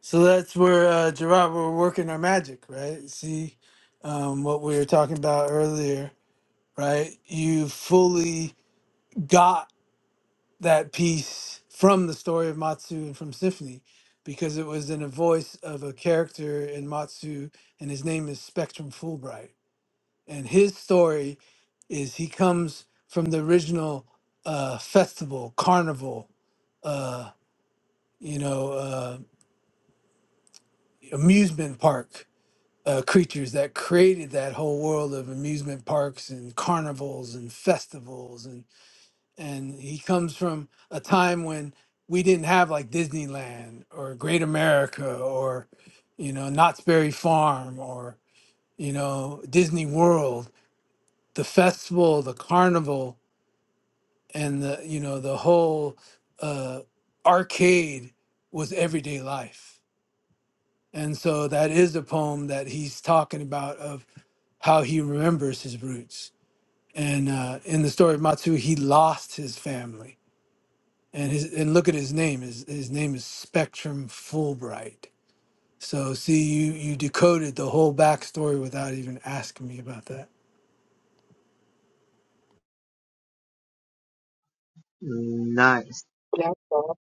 So that's where, uh, Gerard, we're working our magic, right? See um, what we were talking about earlier, right? You fully got that piece from the story of Matsu and from Symphony because it was in a voice of a character in Matsu, and his name is Spectrum Fulbright and his story is he comes from the original uh, festival carnival uh, you know uh, amusement park uh, creatures that created that whole world of amusement parks and carnivals and festivals and and he comes from a time when we didn't have like Disneyland or Great America or you know Knott's Berry Farm or you know Disney World the festival the carnival and the you know the whole uh, arcade was everyday life and so that is the poem that he's talking about of how he remembers his roots and uh, in the story of matsu he lost his family and his and look at his name his, his name is spectrum fulbright so see you you decoded the whole backstory without even asking me about that
That's all.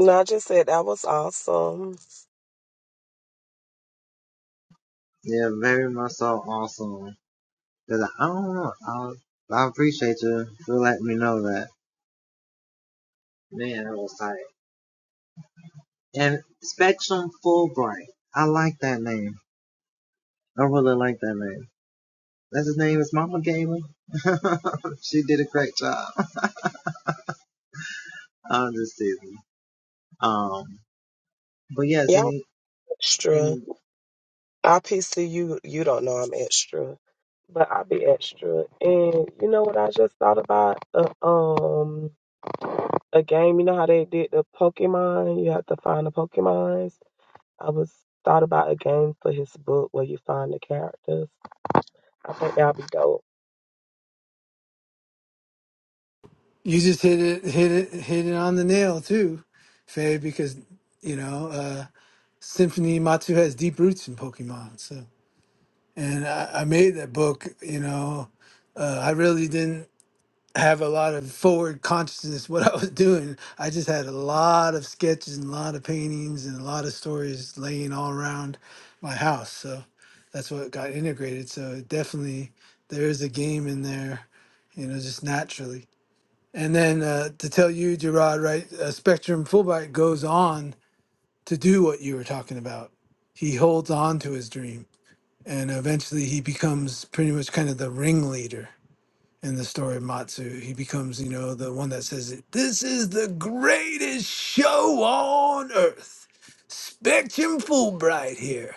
No, I just said that was awesome. Y'all extra. I PC you you don't know I'm extra, but I be extra. And you know what I just thought about a um a game. You know how they did the Pokemon. You have to find the Pokemons. I was thought about a game for his book where you find the characters. I think that'd be dope.
You just hit it, hit it, hit it on the nail too, Faye, because you know uh, Symphony Matsu has deep roots in Pokemon. So, and I, I made that book. You know, uh, I really didn't have a lot of forward consciousness what I was doing. I just had a lot of sketches and a lot of paintings and a lot of stories laying all around my house. So that's what got integrated. So it definitely there is a game in there, you know, just naturally. And then uh, to tell you, Gerard, right, uh, Spectrum Fullbright goes on to do what you were talking about. He holds on to his dream, and eventually he becomes pretty much kind of the ringleader in the story of Matsu. He becomes, you know, the one that says, This is the greatest show on earth. Spectrum Fulbright here.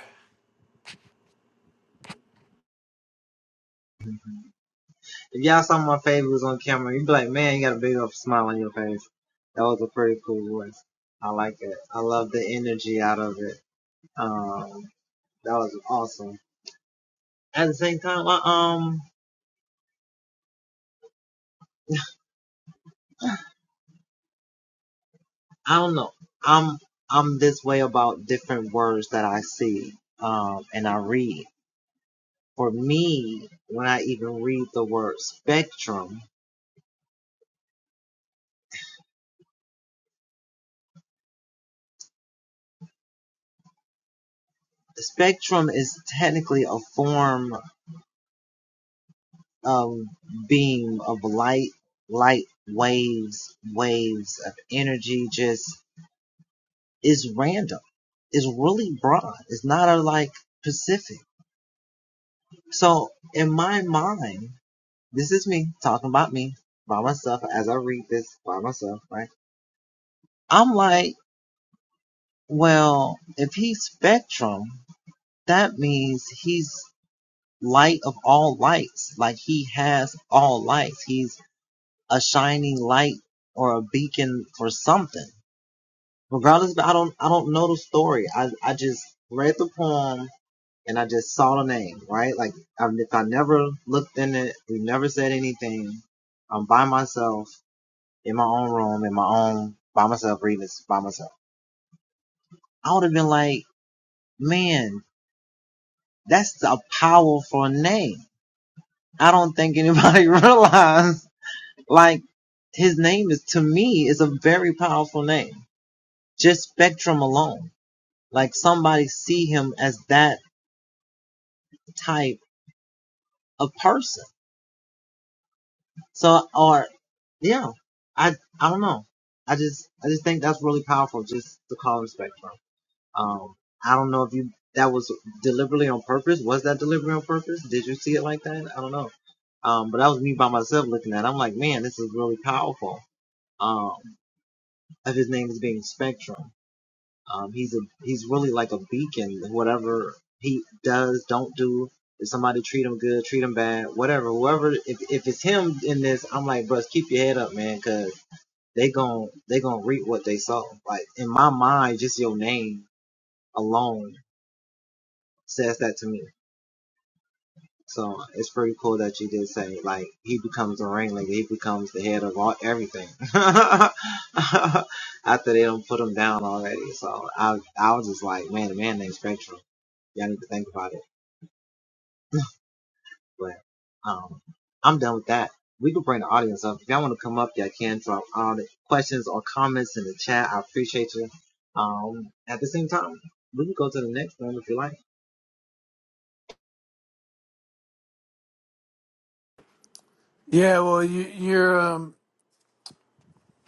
Yeah, well, you, you're um,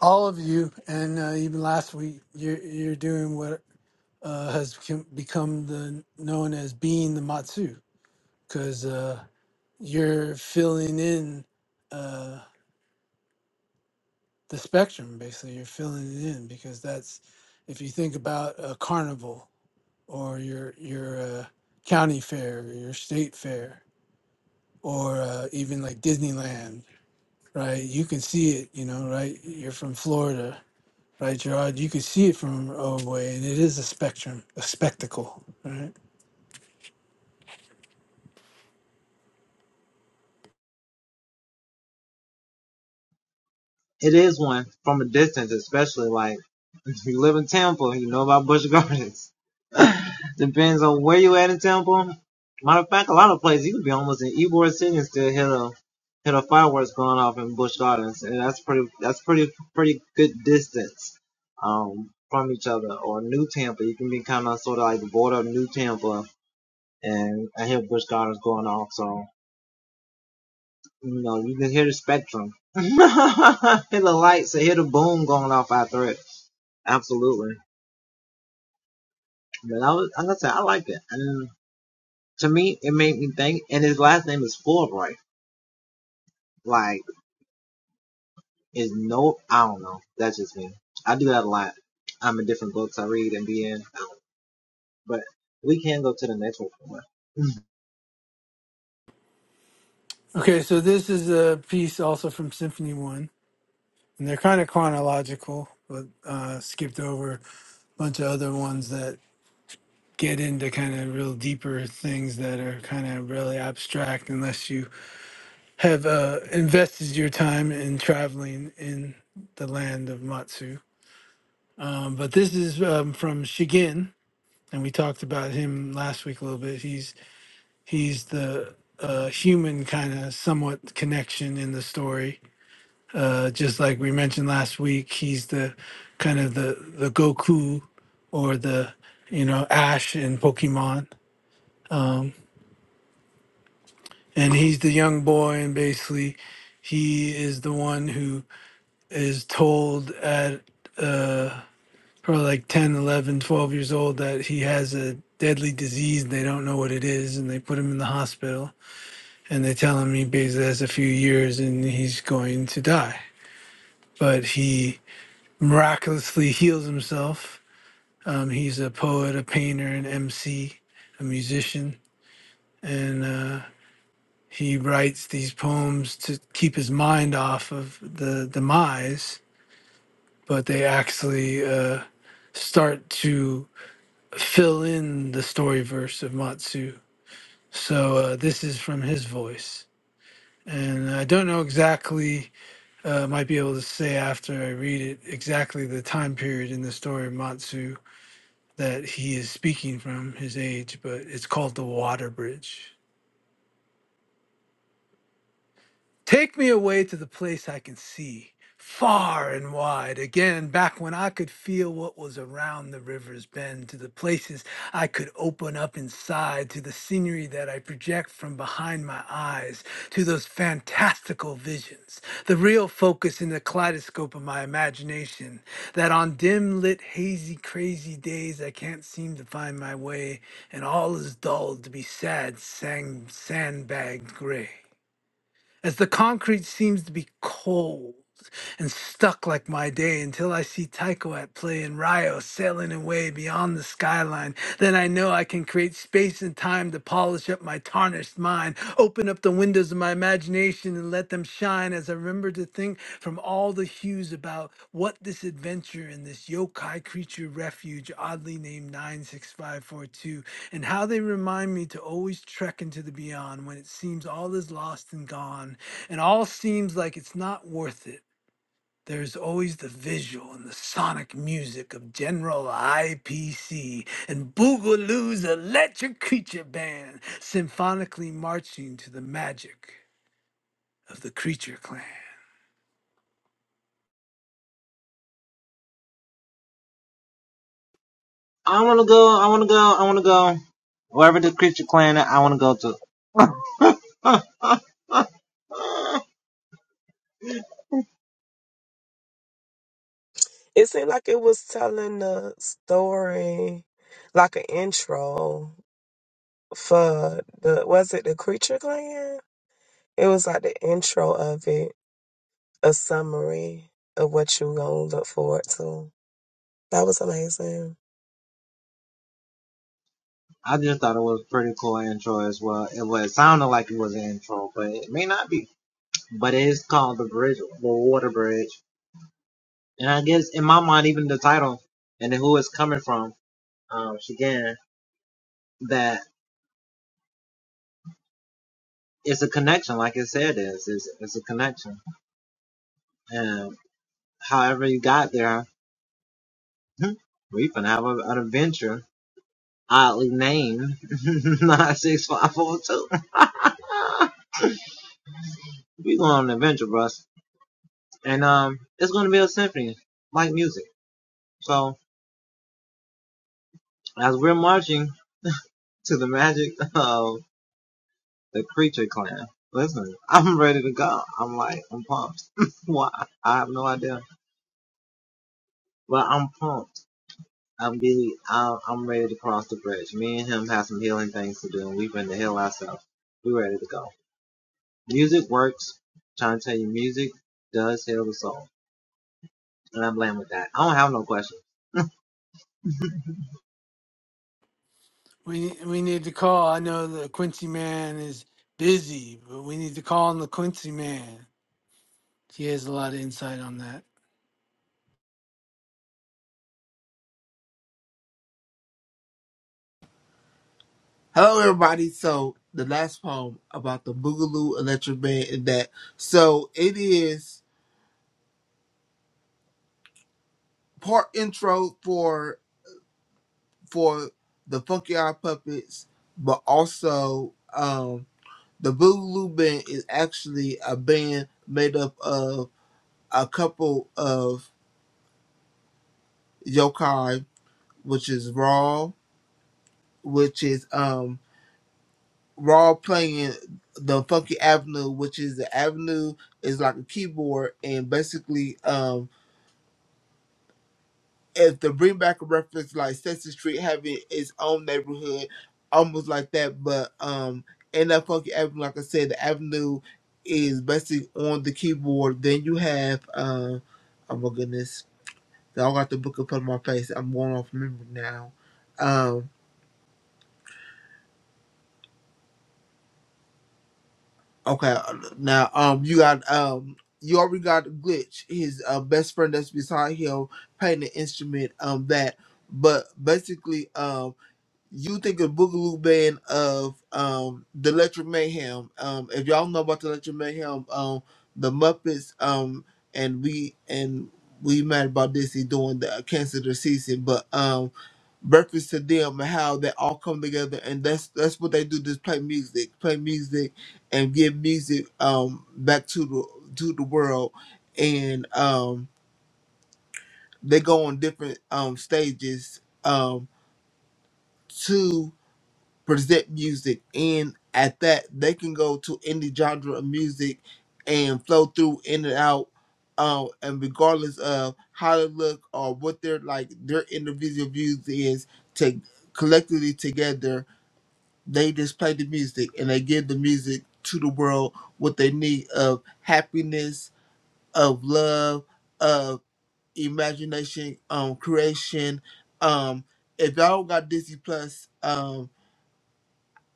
all of you, and uh, even last week, you're you're doing what uh, has become become the known as being the matsu because uh, you're filling in uh, the spectrum basically you're filling it in because that's if you think about a carnival or your your uh, county fair or your state fair or uh, even like disneyland right you can see it you know right you're from florida right gerard you can see it from a way and it is a spectrum a spectacle right Okay, so this is a piece also from Symphony One, and they're kind of chronological, but uh, skipped over a bunch of other ones that get into kind of real deeper things that are kind of really abstract unless you have uh, invested your time in traveling in the land of Matsu. Um, but this is um, from Shigin, and we talked about him last week a little bit. He's he's the uh, human kind of somewhat connection in the story Uh, just like we mentioned last week, he's the kind of the the Goku or the you know Ash in Pokemon, and he's the young boy, and basically he is the one who is told at uh, probably like 10, 11, 12 years old that he has a deadly disease. and They don't know what it is, and they put him in the hospital, and they tell him he basically has a few years and he's going to die, but he miraculously heals himself Um, he's a poet, a painter, an MC, a musician, and uh, he writes these poems to keep his mind off of the demise, but they actually uh, start to fill in the story verse of Matsu. So uh, this is from his voice. And I don't know exactly, uh, might be able to say after I read it, exactly the time period in the story of Matsu that he is speaking from his age, but it's called the Water Bridge. Take me away to the place I can see, far and wide, again, back when I could feel what was around the river's bend, to the places I could open up inside, to the scenery that I project from behind my eyes, to those fantastical visions, the real focus in the kaleidoscope of my imagination, that on dim lit, hazy, crazy days I can't seem to find my way, and all is dulled to be sad, sang sandbagged gray as the concrete seems to be cold and stuck like my day until I see Taiko at play in Rio sailing away beyond the skyline. Then I know I can create space and time to polish up my tarnished mind, open up the windows of my imagination and let them shine as I remember to think from all the hues about what this adventure in this yokai creature refuge, oddly named 96542, and how they remind me to always trek into the beyond when it seems all is lost and gone, and all seems like it's not worth it. There's always the visual and the sonic music of General IPC and Boogaloo's Electric Creature Band symphonically marching to the magic of the Creature Clan.
It seemed like it was telling a story, like an intro for the was it the creature gland? It was like the intro of it, a summary of what you gonna look forward to. That was amazing.
We, we need to call. I know the Quincy Man is busy, but we need to call on the Quincy Man. He has a lot of insight on that.
hello everybody. So the last poem about the Boogaloo Electric Band and that. So it is part intro for for the Funky Eye Puppets, but also um The Boogaloo Band is actually a band made up of a couple of yokai, which is Raw, which is um Raw playing the Funky Avenue, which is the Avenue is like a keyboard and basically um If the bring back a reference like Sesame Street having its own neighborhood, almost like that, but um in that funky avenue, like I said, the avenue is basically on the keyboard. Then you have um oh my goodness. I got the book in front of my face. I'm going off memory now. Um okay now um you got um you already got glitch, his uh, best friend that's beside him playing the instrument um that but basically um, you think of Boogaloo Band of um the Electric Mayhem. Um if y'all know about the Electric Mayhem, um the Muppets, um and we and we mad about this he's doing the cancer the season, but um breakfast to them and how they all come together and that's that's what they do, just play music. Play music and give music um back to the to the world and um they go on different um stages um to present music and at that they can go to any genre of music and flow through in and out um and regardless of how they look or what their like their individual views is to collectively together they just play the music and they give the music to the world what they need of happiness of love of imagination um creation um if y'all got disney plus um.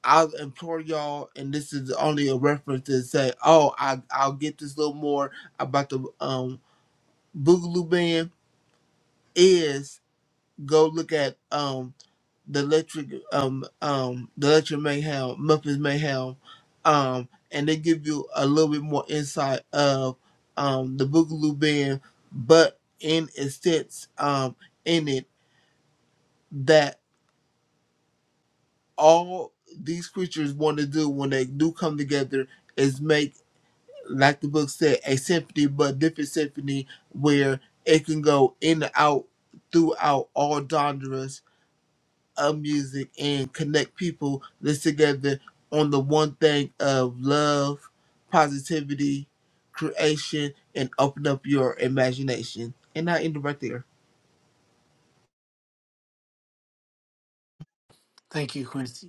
I'll implore y'all, and this is only a reference to say, oh, I, I'll get this little more about the um Boogaloo Band is go look at um the electric um um the electric mayhem Memphis mayhem, um and they give you a little bit more insight of um the Boogaloo Band, but in a sense um in it that all these creatures want to do when they do come together is make like the book said, a symphony, but different symphony where it can go in and out throughout all genres of music and connect people this together on the one thing of love, positivity, creation, and open up your imagination. And I end it right there.
Thank you, Quincy.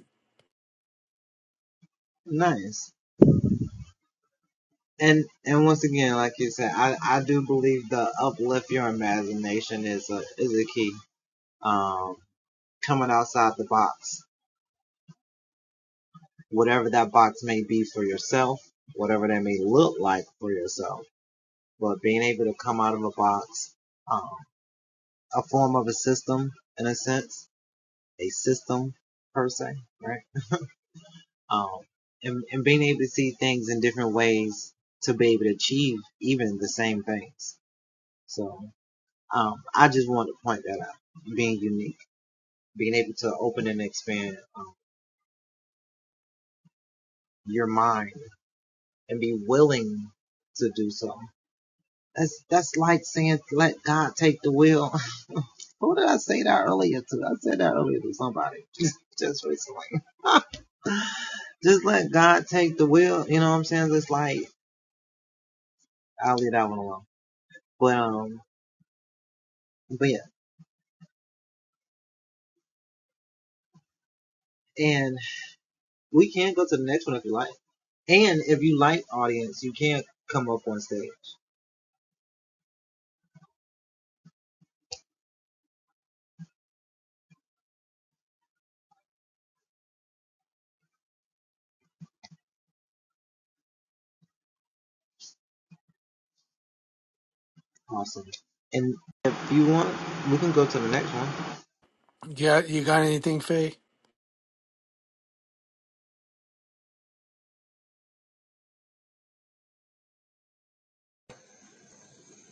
Yeah, you got anything, Faye?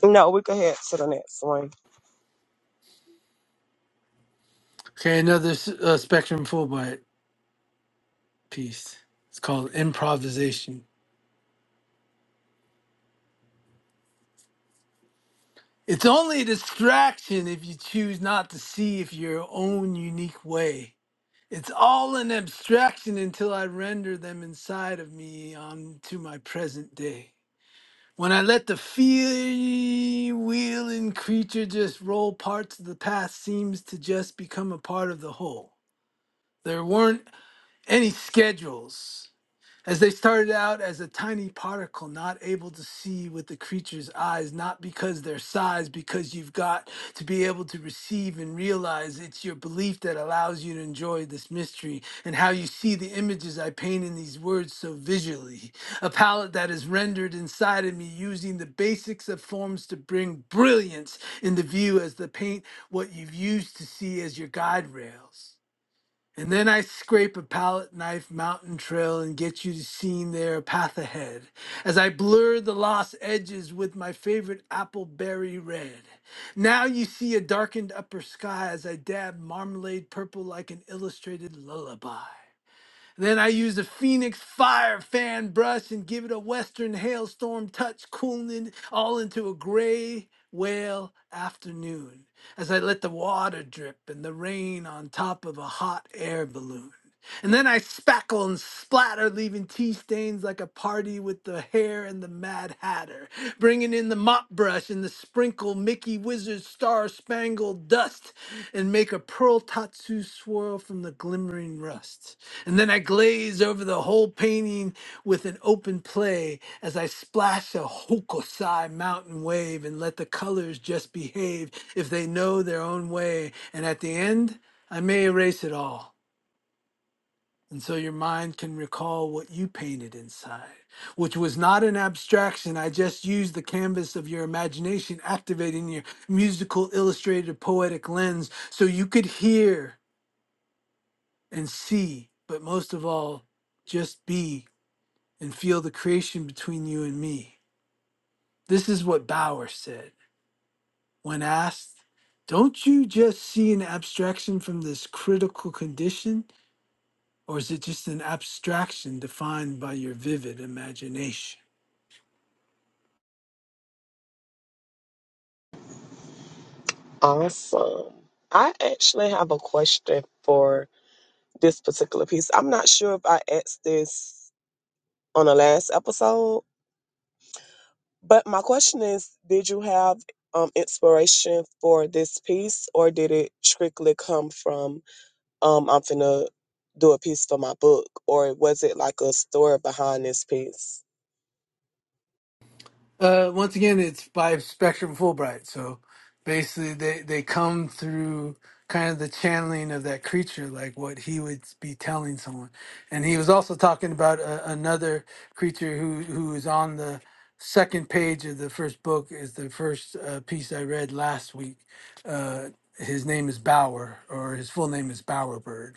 No, we can head to the next one.
Okay, another s- uh, Spectrum Fulbright piece. It's called Improvisation. It's only a distraction if you choose not to see if your own unique way. It's all an abstraction until I render them inside of me onto my present day. When I let the feel wheeling creature just roll, parts of the past seems to just become a part of the whole. There weren't any schedules. as they started out as a tiny particle not able to see with the creature's eyes not because their size because you've got to be able to receive and realize it's your belief that allows you to enjoy this mystery and how you see the images i paint in these words so visually a palette that is rendered inside of me using the basics of forms to bring brilliance into view as the paint what you've used to see as your guide rails and then I scrape a palette knife mountain trail and get you to seeing there a path ahead as I blur the lost edges with my favorite apple berry red. Now you see a darkened upper sky as I dab marmalade purple like an illustrated lullaby. Then I use the Phoenix Fire fan brush and give it a Western hailstorm touch, cooling it all into a gray whale afternoon as I let the water drip and the rain on top of a hot air balloon. And then I spackle and splatter, leaving tea stains like a party with the hair and the Mad Hatter, bringing in the mop brush and the sprinkle Mickey Wizard star spangled dust, and make a pearl tatsu swirl from the glimmering rust. And then I glaze over the whole painting with an open play as I splash a hokusai mountain wave and let the colors just behave if they know their own way. And at the end, I may erase it all and so your mind can recall what you painted inside, which was not an abstraction. I just used the canvas of your imagination, activating your musical, illustrated, poetic lens so you could hear and see, but most of all, just be and feel the creation between you and me. This is what Bauer said when asked, Don't you just see an abstraction from this critical condition? Or is it just an abstraction defined by your vivid imagination?
Awesome. I actually have a question for this particular piece. I'm not sure if I asked this on the last episode, but my question is Did you have um, inspiration for this piece, or did it strictly come from? um, I'm finna do a piece for my book, or was it like a story behind this piece?
Uh, once again, it's by Spectrum Fulbright. So basically, they, they come through kind of the channeling of that creature, like what he would be telling someone. And he was also talking about a, another creature who, who is on the second page of the first book, is the first uh, piece I read last week. Uh, his name is Bauer, or his full name is Bowerbird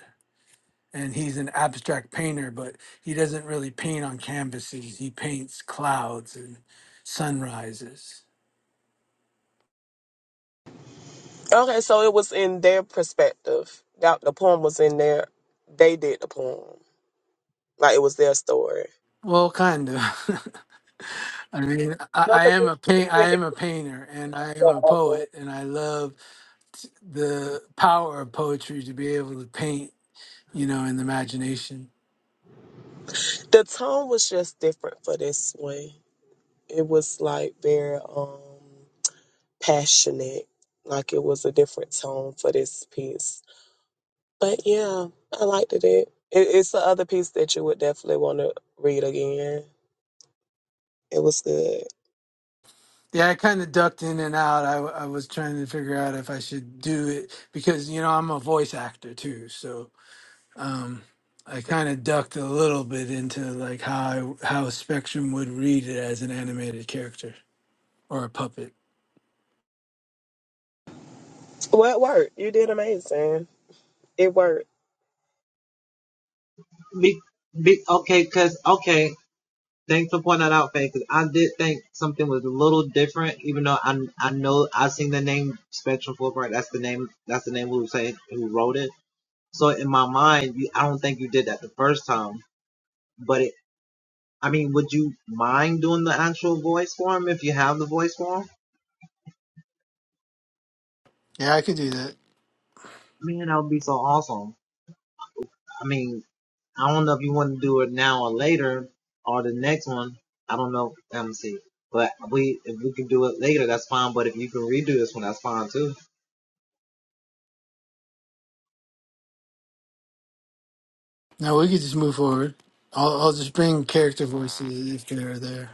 and he's an abstract painter, but he doesn't really paint on canvases. He paints clouds and sunrises.
Okay, so it was in their perspective. That the poem was in their. They did the poem, like it was their story.
Well, kind of. I mean, I,
No,
I
'cause
am
it's
a paint. I
different.
am a painter, and I am a poet, and I love t- the power of poetry to be able to paint. You know, in the imagination.
The tone was just different for this one. it was like very um passionate like it was a different tone for this piece but yeah i liked it it it's the other piece that you would definitely want to read again it was good
Yeah, I kind of ducked in and out. I, w- I was trying to figure out if I should do it because you know I'm a voice actor too, so um, I kind of ducked a little bit into like how I, how Spectrum would read it as an animated character or a puppet.
well it worked you did amazing it worked
Yeah, I could do that. No, we could just move forward. I'll, I'll just bring character voices if they're there.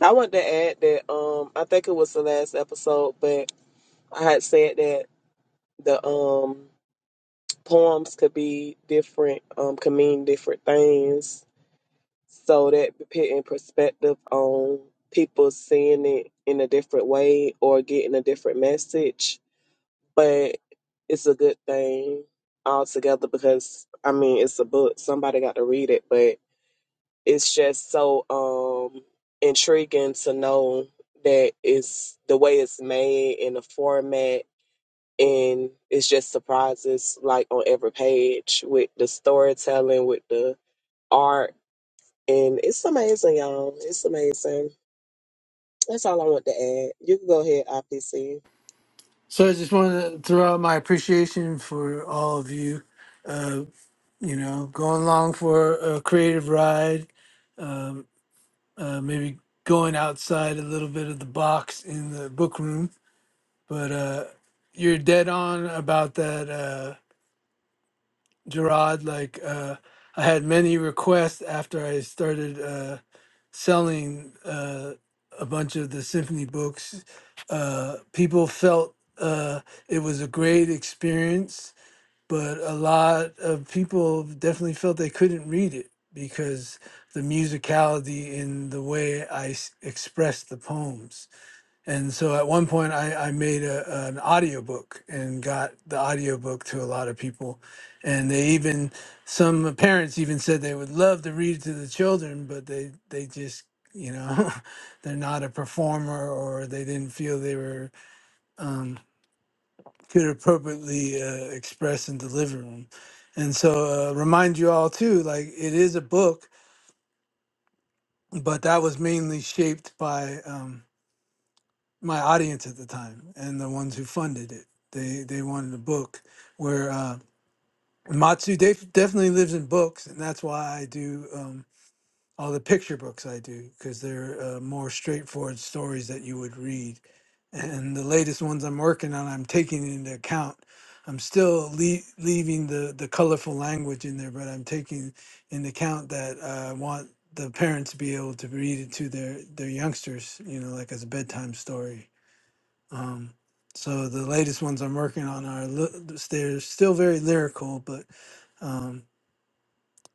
i wanted to add that um i think it was the last episode but i had said that the um poems could be different um could mean different things So that putting perspective on people seeing it in a different way or getting a different message. But it's a good thing altogether because I mean it's a book. Somebody got to read it, but it's just so um intriguing to know that it's the way it's made and the format and it's just surprises like on every page with the storytelling, with the art and it's amazing, y'all. It's amazing. That's all I want to add. You can go ahead, IPC.
So I just wanted to throw out my appreciation for all of you. Uh, you know, going along for a creative ride, um, uh, maybe going outside a little bit of the box in the book room. but uh you're dead on about that uh gerard like uh i had many requests after i started uh selling uh a bunch of the symphony books uh people felt uh it was a great experience but a lot of people definitely felt they couldn't read it because the musicality in the way i s- expressed the poems and so at one point, I, I made a, an audiobook and got the audiobook to a lot of people. And they even, some parents even said they would love to read it to the children, but they, they just, you know, they're not a performer or they didn't feel they were, um, could appropriately uh, express and deliver them. And so, uh, remind you all too, like it is a book, but that was mainly shaped by. um, my audience at the time and the ones who funded it. They they wanted a book where uh, Matsu def- definitely lives in books, and that's why I do um, all the picture books I do because they're uh, more straightforward stories that you would read. And the latest ones I'm working on, I'm taking into account. I'm still lea- leaving the the colorful language in there, but I'm taking into account that uh, I want the parents to be able to read it to their their youngsters, you know, like as a bedtime story um, so the latest ones I'm working on are ly- they're still very lyrical, but um,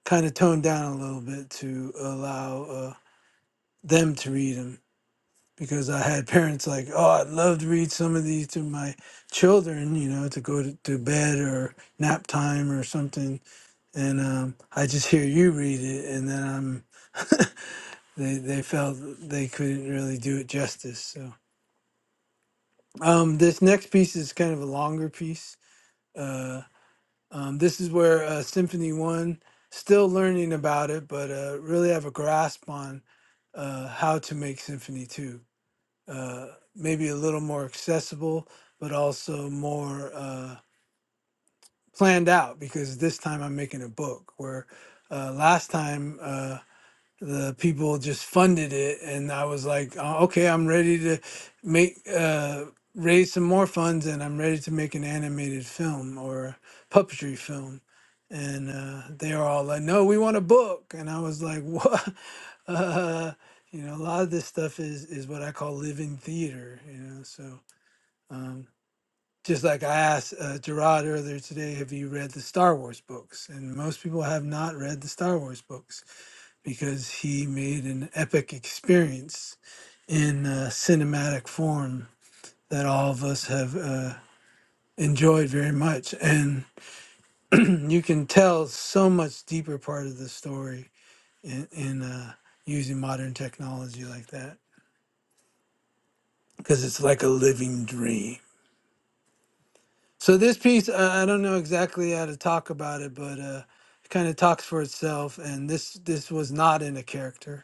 kind of toned down a little bit to allow uh, them to read them. Because I had parents like, oh, I'd love to read some of these to my children, you know, to go to, to bed or nap time or something. And um, I just hear you read it, and then I'm they they felt they couldn't really do it justice. So um, this next piece is kind of a longer piece. Uh, Um, this is where uh, Symphony One, still learning about it, but uh, really have a grasp on uh, how to make Symphony Two. Uh, maybe a little more accessible, but also more uh, planned out because this time I'm making a book. Where uh, last time. uh, the people just funded it and i was like "Oh, okay i'm ready to make uh raise some more funds and i'm ready to make an animated film or a puppetry film and uh they were all like no we want a book and i was like what uh you know a lot of this stuff is is what i call living theater you know so um just like I asked uh, Gerard earlier today, have you read the Star Wars books? And most people have not read the Star Wars books because he made an epic experience in uh, cinematic form that all of us have uh, enjoyed very much. And you can tell so much deeper part of the story in, in uh, using modern technology like that because it's like a living dream. So this piece, I, I don't know exactly how to talk about it, but uh, it kind of talks for itself. And this this was not in a character.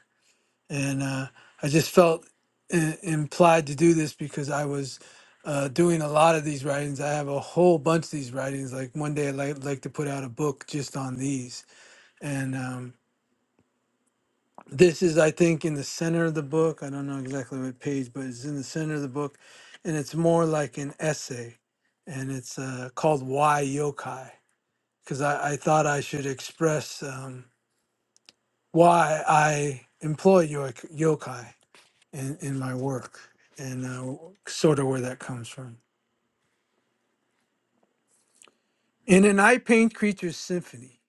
and uh, I just felt i- implied to do this because I was uh, doing a lot of these writings. I have a whole bunch of these writings. Like one day, I'd like, like to put out a book just on these. And um, this is, I think, in the center of the book. I don't know exactly what page, but it's in the center of the book, and it's more like an essay, and it's uh, called "Why Yokai." Because I, I thought I should express um, why I employ yo- yokai in, in my work and uh, sort of where that comes from. In an I Paint Creatures symphony,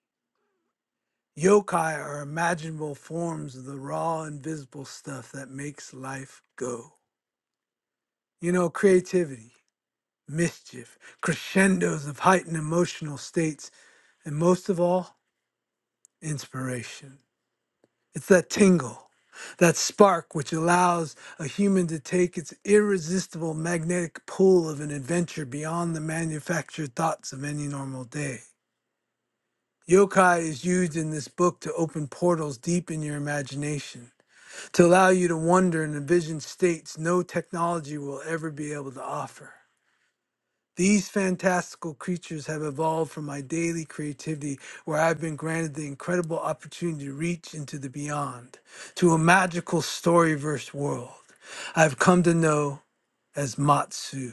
yokai are imaginable forms of the raw, invisible stuff that makes life go. You know, creativity, mischief, crescendos of heightened emotional states, and most of all, inspiration. It's that tingle, that spark which allows a human to take its irresistible magnetic pull of an adventure beyond the manufactured thoughts of any normal day. Yokai is used in this book to open portals deep in your imagination, to allow you to wonder and envision states no technology will ever be able to offer. These fantastical creatures have evolved from my daily creativity, where I've been granted the incredible opportunity to reach into the beyond, to a magical storyverse world I've come to know as Matsu.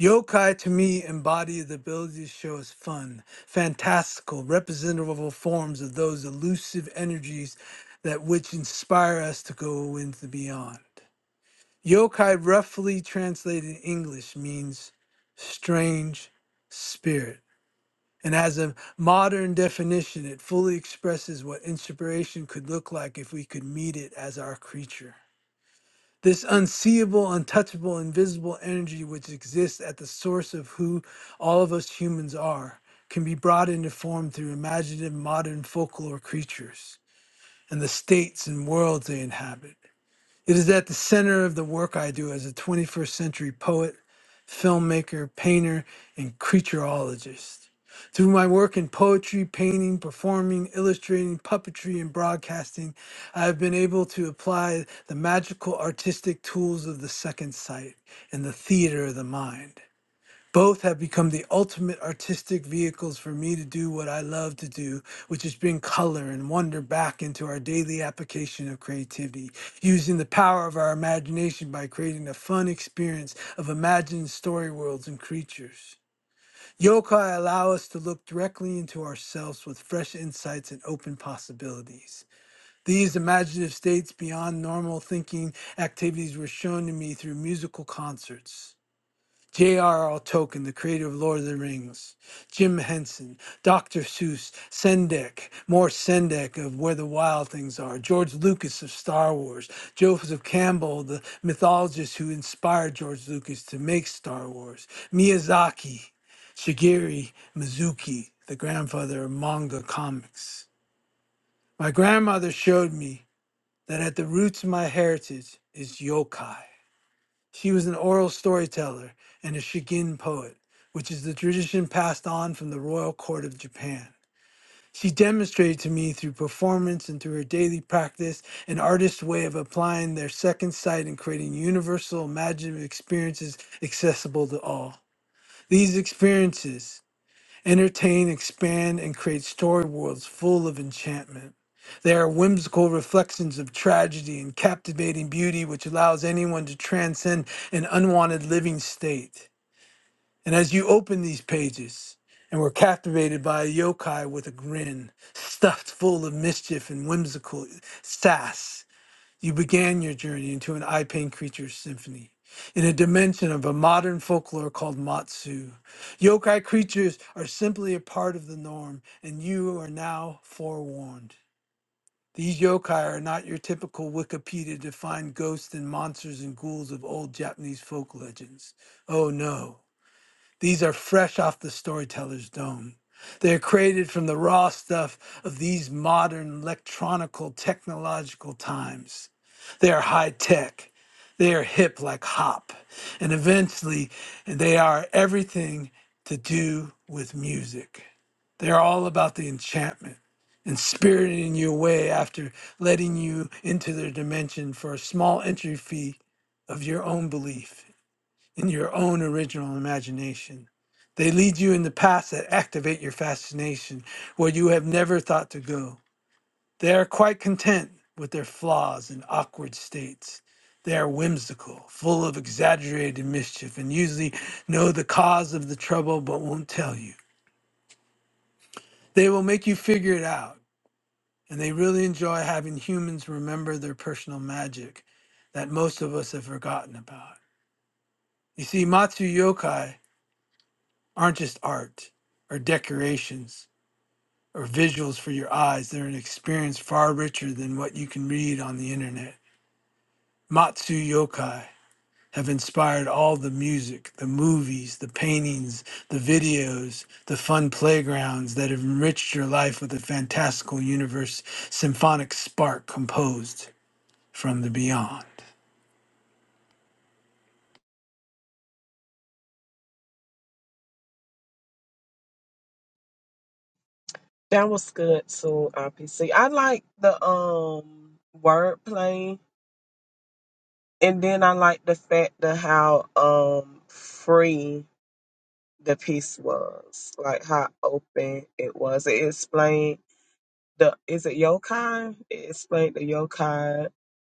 Yokai to me embody the ability to show us fun, fantastical, representable forms of those elusive energies that which inspire us to go into the beyond. Yokai, roughly translated in English, means strange spirit. And as a modern definition, it fully expresses what inspiration could look like if we could meet it as our creature. This unseeable, untouchable, invisible energy which exists at the source of who all of us humans are can be brought into form through imaginative modern folklore creatures and the states and worlds they inhabit. It is at the center of the work I do as a 21st century poet, filmmaker, painter, and creatureologist. Through my work in poetry, painting, performing, illustrating, puppetry, and broadcasting, I have been able to apply the magical artistic tools of the second sight and the theater of the mind. Both have become the ultimate artistic vehicles for me to do what I love to do, which is bring color and wonder back into our daily application of creativity, using the power of our imagination by creating a fun experience of imagined story worlds and creatures. Yokai allow us to look directly into ourselves with fresh insights and open possibilities. These imaginative states beyond normal thinking activities were shown to me through musical concerts. J.R.R. Tolkien, the creator of Lord of the Rings, Jim Henson, Dr. Seuss, Sendek, more Sendek of Where the Wild Things Are, George Lucas of Star Wars, Joseph Campbell, the mythologist who inspired George Lucas to make Star Wars, Miyazaki, Shigeru Mizuki, the grandfather of manga comics. My grandmother showed me that at the roots of my heritage is yokai she was an oral storyteller and a Shigin poet, which is the tradition passed on from the royal court of Japan. She demonstrated to me through performance and through her daily practice an artist's way of applying their second sight and creating universal imaginative experiences accessible to all. These experiences entertain, expand, and create story worlds full of enchantment. They are whimsical reflections of tragedy and captivating beauty, which allows anyone to transcend an unwanted living state. And as you open these pages and were captivated by a yokai with a grin, stuffed full of mischief and whimsical sass, you began your journey into an eye pain creature symphony in a dimension of a modern folklore called Matsu. Yokai creatures are simply a part of the norm, and you are now forewarned. These yokai are not your typical Wikipedia defined ghosts and monsters and ghouls of old Japanese folk legends. Oh no. These are fresh off the storyteller's dome. They are created from the raw stuff of these modern electronical technological times. They are high tech. They are hip like hop. And eventually, they are everything to do with music. They're all about the enchantment and spiriting you away after letting you into their dimension for a small entry fee of your own belief in your own original imagination. They lead you in the paths that activate your fascination where you have never thought to go. They are quite content with their flaws and awkward states. They are whimsical, full of exaggerated mischief, and usually know the cause of the trouble but won't tell you. They will make you figure it out, and they really enjoy having humans remember their personal magic that most of us have forgotten about. You see, Matsu Yokai aren't just art or decorations or visuals for your eyes. They're an experience far richer than what you can read on the internet. Matsu yokai have inspired all the music, the movies, the paintings, the videos, the fun playgrounds that have enriched your life with a fantastical universe symphonic spark composed from the beyond.
That was good too, IPC. I like the um wordplay, and then I like the fact of how um free the piece was, like how open it was. It explained the is it yokai? It explained the yokai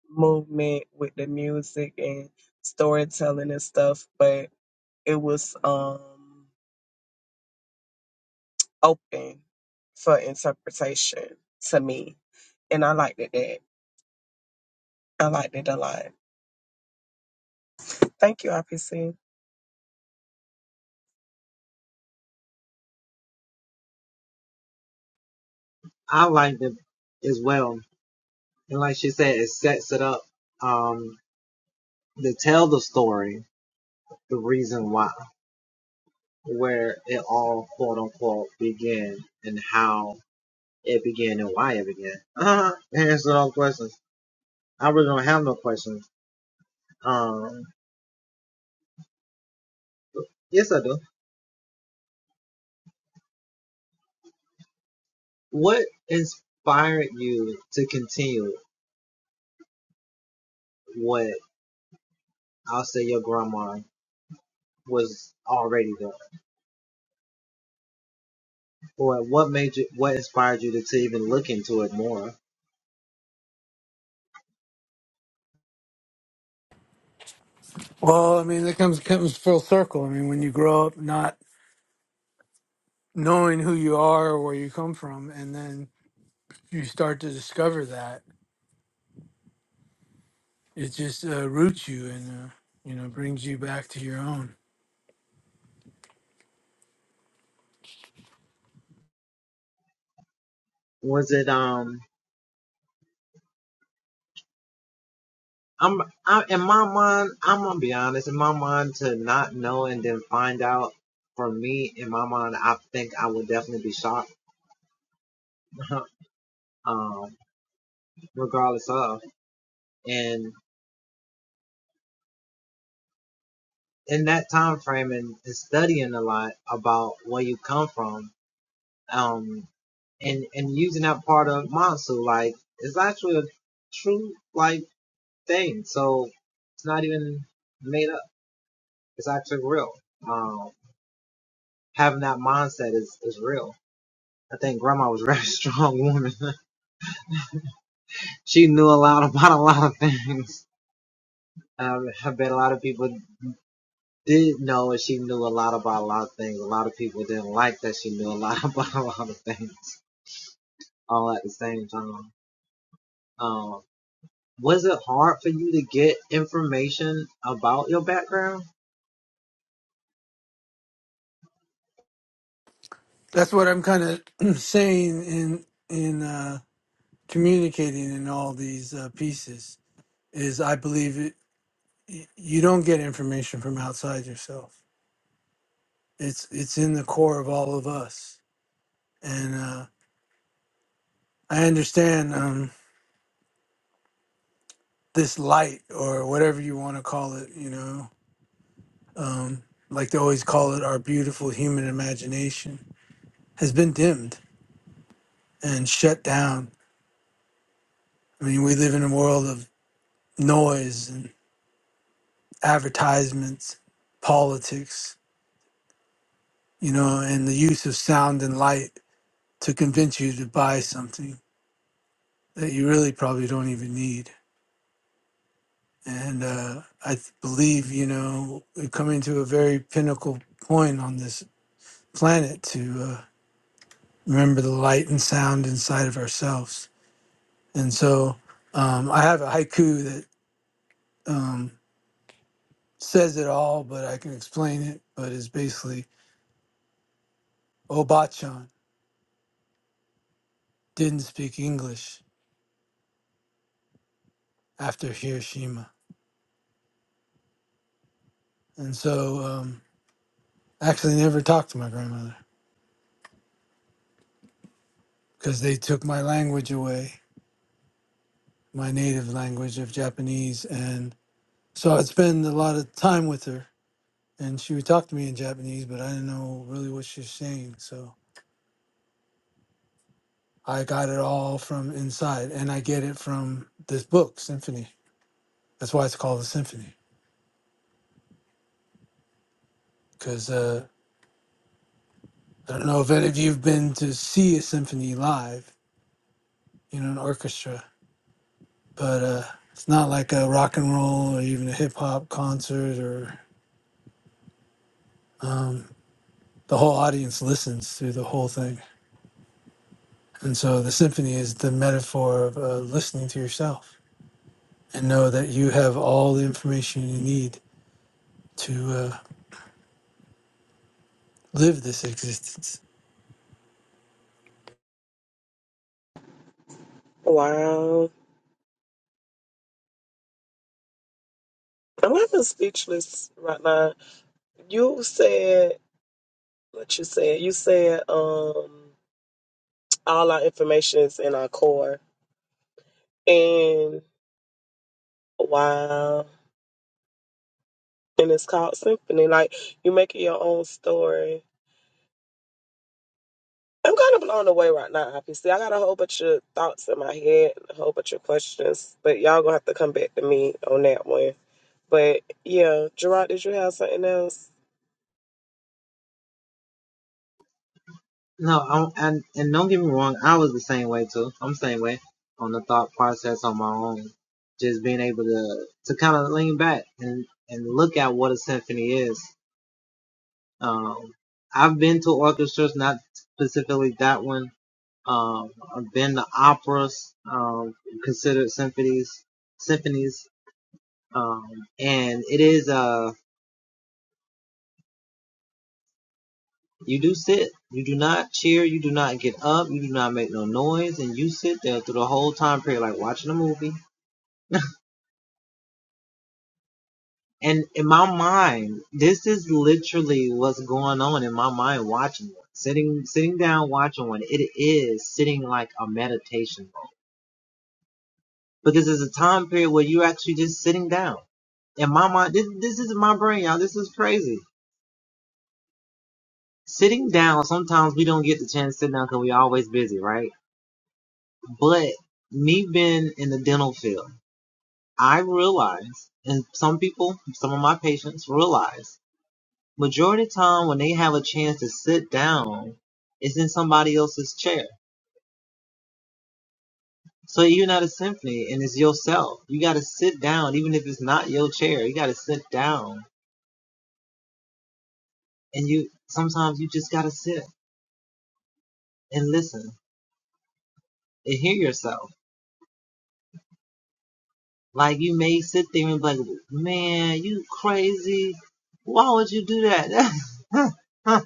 movement with the music and storytelling and stuff, but it was um. open for interpretation to me. And I liked it that. I liked it a lot. Thank you, RPC.
Well, I mean, that comes comes full circle. I mean, when you grow up not knowing who you are or where you come from, and then you start to discover that it just uh, roots you and uh, you know brings you back to your own. That's what I'm kind of saying in in uh, communicating in all these uh, pieces is I believe it, y- you don't get information from outside yourself. It's it's in the core of all of us, and uh, I understand um, this light or whatever you want to call it. You know, um, like they always call it, our beautiful human imagination has been dimmed and shut down. I mean, we live in a world of noise and advertisements, politics, you know, and the use of sound and light to convince you to buy something that you really probably don't even need. And uh, I th- believe, you know, we're coming to a very pinnacle point on this planet to uh, remember the light and sound inside of ourselves. And so um, I have a haiku that. Um, says it all, but I can explain it. But it's basically Obachan didn't speak English after Hiroshima. And so um, I actually never talked to my grandmother because they took my language away, my native language of Japanese. And so I'd spend a lot of time with her and she would talk to me in Japanese, but I didn't know really what she was saying. So I got it all from inside and I get it from this book, Symphony. That's why it's called a symphony because uh, I don't know if any of you've been to see a symphony live, you know, an orchestra, but uh, it's not like a rock and roll or even a hip hop concert or um, the whole audience listens through the whole thing. And so the symphony is the metaphor of uh, listening to yourself and know that you have all the information you need to uh, live this existence.
Wow. I'm even speechless right now. You said what you said. You said um all our information is in our core. And wow. And it's called symphony. Like you make it your own story. I'm kind of blown away right now, obviously. I got a whole bunch of thoughts in my head, a whole bunch of questions, but y'all gonna have to come back to me on that one. But yeah, Gerard, did you have something else?
Disney's Um, and it is, uh, you do sit, you do not cheer, you do not get up, you do not make no noise, and you sit there through the whole time period, like watching a movie. And in my mind, this is literally what's going on in my mind watching one. Sitting, sitting down watching one. It is sitting like a meditation. Because it's a time period where you're actually just sitting down. In my mind, this, this is my brain, y'all. This is crazy. Sitting down, sometimes we don't get the chance to sit down because we always busy, right? But me being in the dental field, I realize, and some people, some of my patients realize, majority of the time when they have a chance to sit down, it's in somebody else's chair. So you're not a symphony and it's yourself. You got to sit down, even if it's not your chair, you got to sit down. And you, sometimes you just got to sit and listen and hear yourself. Like you may sit there and be like, man, you crazy. Why would you do that?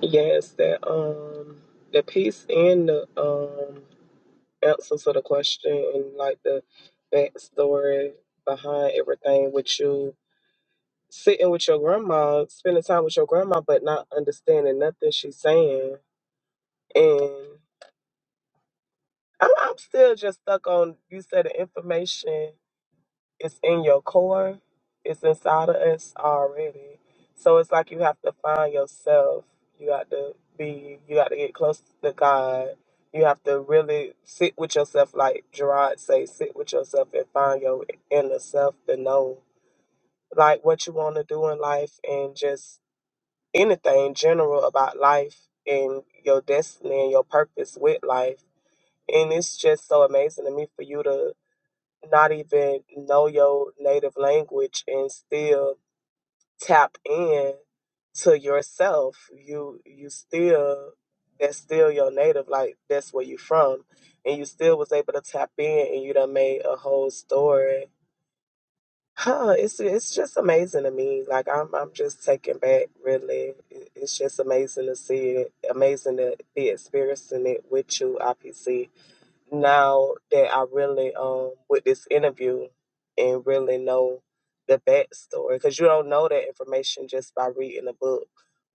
Yes, that um the piece and the um answer to the question and like the backstory behind everything with you sitting with your grandma, spending time with your grandma but not understanding nothing she's saying and I'm, I'm still just stuck on you said the information it's in your core, it's inside of us already. So it's like you have to find yourself. You got to be, you got to get close to God. You have to really sit with yourself, like Gerard say, sit with yourself and find your inner self to know like what you want to do in life and just anything general about life and your destiny and your purpose with life. And it's just so amazing to me for you to not even know your native language and still tap in to yourself you you still that's still your native like that's where you from and you still was able to tap in and you done made a whole story huh it's it's just amazing to me like i'm i'm just taken back really It- it's just amazing to see it amazing to be experiencing it with you ipc now that I really um with this interview and really know the backstory because you don't know that information just by reading a book,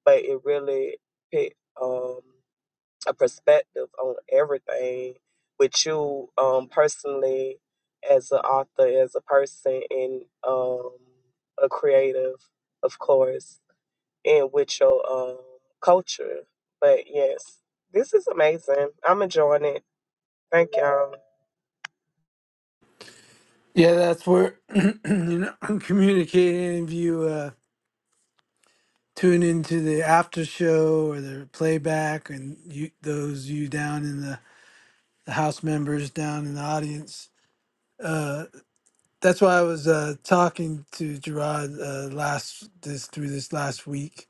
but it really put um a perspective on everything with you um personally as an author, as a person, and um a creative, of course, and with your um culture. But yes, this is amazing. I'm enjoying it. Thank y'all.
Yeah, that's where you know, I'm communicating of you. Uh, tune into the after show or the playback and you those you down in the, the house members down in the audience uh that's why i was uh talking to gerard uh last this through this last week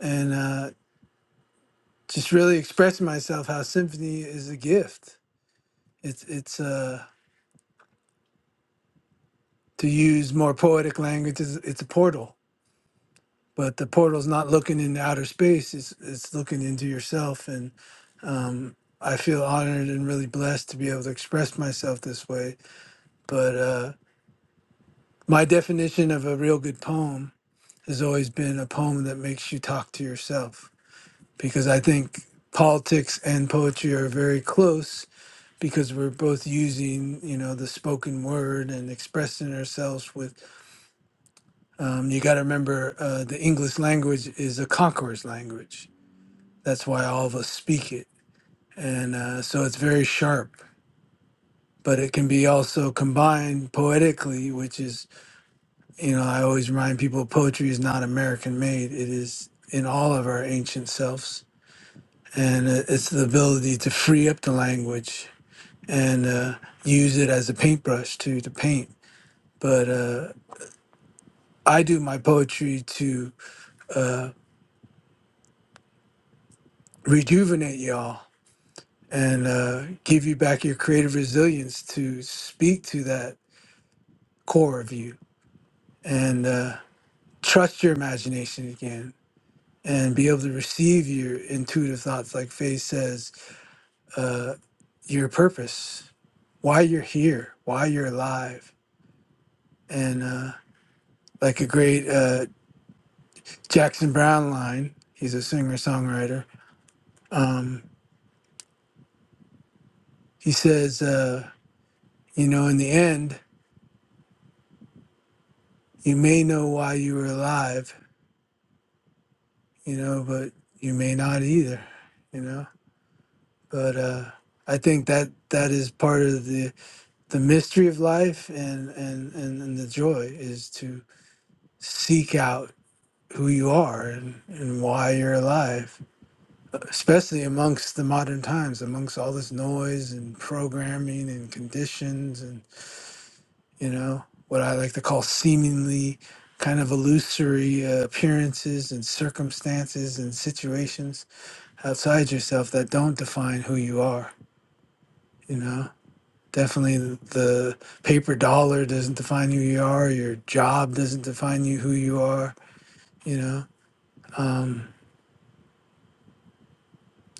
and uh just really expressing myself how symphony is a gift it's it's uh to use more poetic language it's, it's a portal but the portal's not looking into outer space it's it's looking into yourself and. I feel honored and really blessed to be able to express myself this way. But uh, my definition of a real good poem has always been a poem that makes you talk to yourself because I think politics and poetry are very close because we're both using you know the spoken word and expressing ourselves with um, you got to remember uh, the english language is a conqueror's language that's why all of us speak it and uh, so it's very sharp but it can be also combined poetically, which is, you know, I always remind people poetry is not American made. It is in all of our ancient selves. And uh, it's the ability to free up the language and uh, use it as a paintbrush to, to paint. But uh, I do my poetry to uh, rejuvenate y'all and uh, give you back your creative resilience to speak to that core of you and uh, trust your imagination again and be able to receive your intuitive thoughts, like Faith says, uh, your purpose, why you're here, why you're alive. And uh, like a great uh, Jackson Brown line, he's a singer songwriter. Um, he says, uh, you know, in the end, you may know why you were alive, you know, but you may not either, you know. But uh, I think that that is part of the the mystery of life and and and, and the joy is to seek out who you are and, and why you're alive, especially amongst the modern times, amongst all this noise and programming and conditions and, you know, what I like to call seemingly kind of illusory uh, appearances and circumstances and situations outside yourself that don't define who you are, you know? Definitely the paper dollar doesn't define who you are, your job doesn't define you who you are, you know? Um,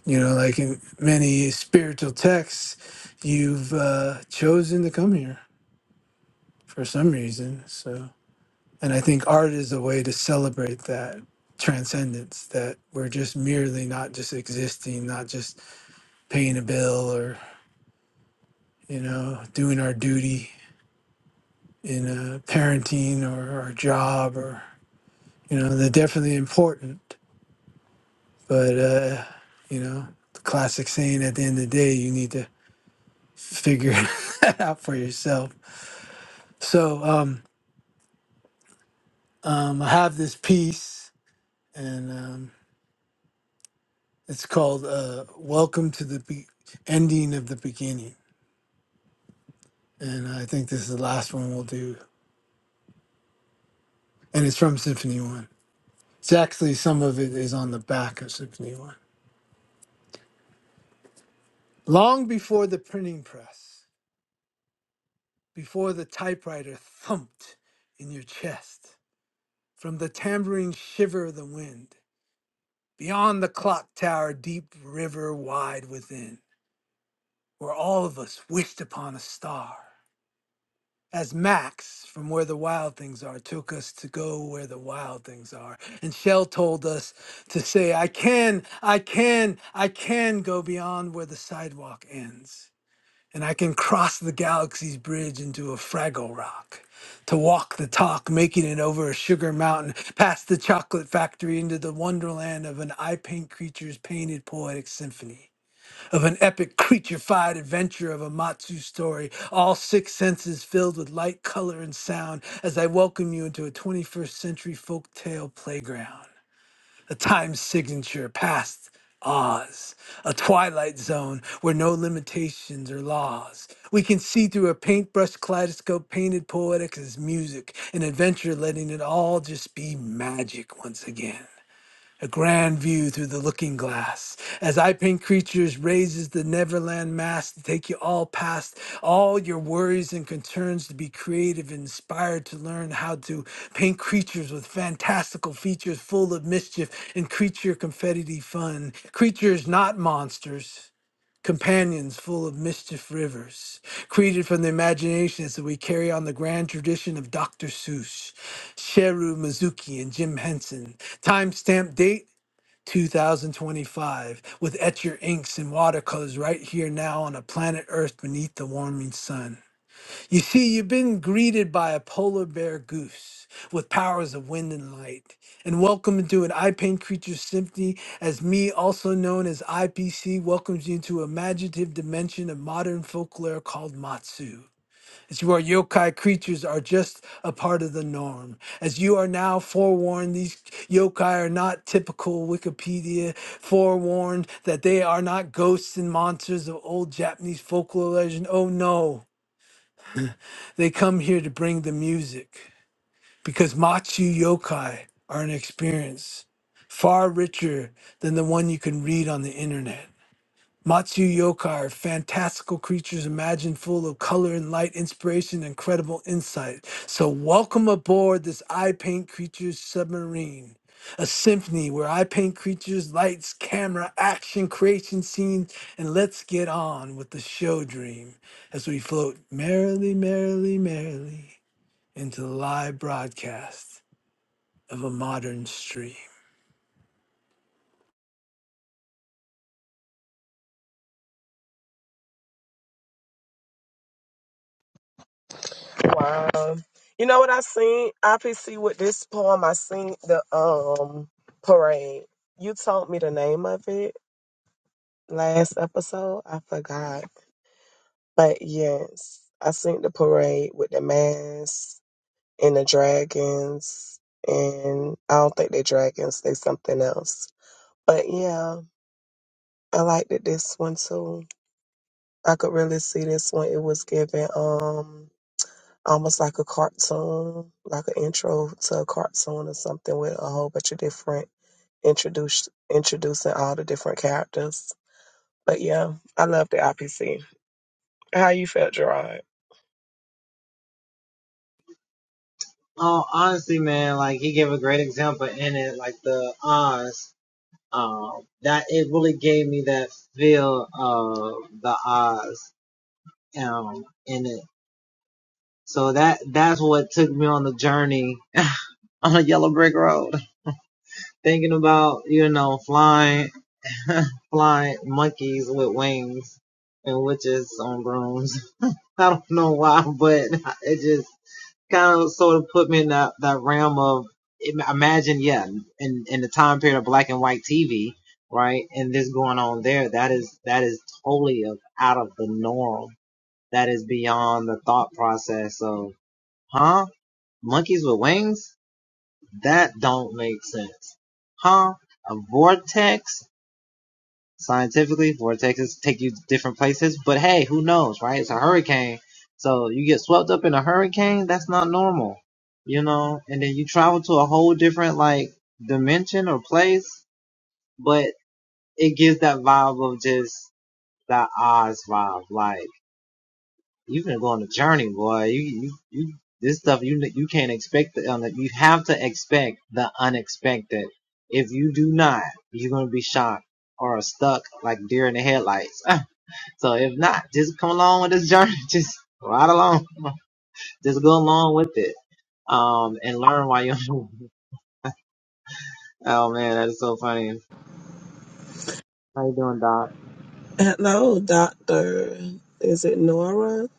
You know, like in many spiritual texts, you've uh, chosen to come here for some reason. So, and I think art is a way to celebrate that transcendence that we're just merely not just existing, not just paying a bill or, you know, doing our duty in uh, parenting or our job or, you know, they're definitely important. But, uh, you know, the classic saying at the end of the day, you need to figure that out for yourself So um, um, I have this piece, and um, it's called uh, "Welcome to the Be- Ending of the Beginning," and I think this is the last one we'll do, and it's from Symphony One. It's actually some of it is on the back of Symphony One. Long before the printing press, before the typewriter thumped in your chest, from the tambourine shiver of the wind, beyond the clock tower, deep river wide within, where all of us wished upon a star as Max from Where the Wild Things Are took us to go where the wild things are. And Shell told us to say, I can, I can, I can go beyond where the sidewalk ends. And I can cross the galaxy's bridge into a fraggle rock. To walk the talk, making it over a sugar mountain, past the chocolate factory into the wonderland of an eye paint creature's painted poetic symphony of an epic creature-fied adventure of a Matsu story, all six senses filled with light, color, and sound as I welcome you into a 21st century folktale playground. A time signature past Oz, a twilight zone where no limitations or laws. We can see through a paintbrush kaleidoscope painted poetic as music, an adventure letting it all just be magic once again a grand view through the looking glass as i paint creatures raises the neverland mass to take you all past all your worries and concerns to be creative and inspired to learn how to paint creatures with fantastical features full of mischief and creature confetti fun creatures not monsters companions full of mischief rivers created from the imagination as we carry on the grand tradition of dr seuss Sheru Mizuki and Jim Henson. Timestamp date 2025 with etch your inks and watercolors right here now on a planet Earth beneath the warming sun. You see, you've been greeted by a polar bear goose with powers of wind and light, and welcome into an I Paint Creatures Symphony, as me, also known as IPC, welcomes you into a imaginative dimension of modern folklore called Matsu that you are yokai creatures are just a part of the norm. As you are now forewarned, these yokai are not typical Wikipedia, forewarned that they are not ghosts and monsters of old Japanese folklore legend. Oh no, they come here to bring the music because Machu yokai are an experience far richer than the one you can read on the internet. Matsu yokai are fantastical creatures imagined full of color and light, inspiration, and incredible insight. So, welcome aboard this I Paint Creatures submarine, a symphony where I paint creatures, lights, camera, action, creation scenes, and let's get on with the show dream as we float merrily, merrily, merrily into the live broadcast of a modern stream.
Wow. You know what I seen? IPC with this poem. I seen the um parade. You told me the name of it last episode. I forgot. But yes, I seen the parade with the masks and the dragons. And I don't think they dragons, they something else. But yeah, I liked it this one too. I could really see this one. It was given. um almost like a cartoon, like an intro to a cartoon or something with a whole bunch of different introduce introducing all the different characters. But yeah, I love the IPC. How you felt, Gerard?
in in the time period of black and white TV, right? And this going on there, that is that is totally out of the norm. That is beyond the thought process of, huh? Monkeys with wings? That don't make sense, huh? A vortex. Scientifically, vortexes take you to different places, but hey, who knows, right? It's a hurricane, so you get swept up in a hurricane. That's not normal, you know
Hello, Doctor. Is it Nora?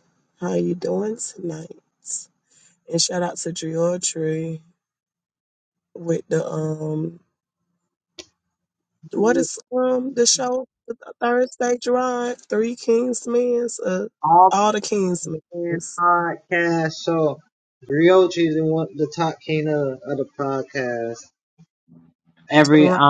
How you doing tonight? And shout out to Georgie. with the um what is um the show with the Thursday Drive Three Kingsmen's uh all the Kingsmen's right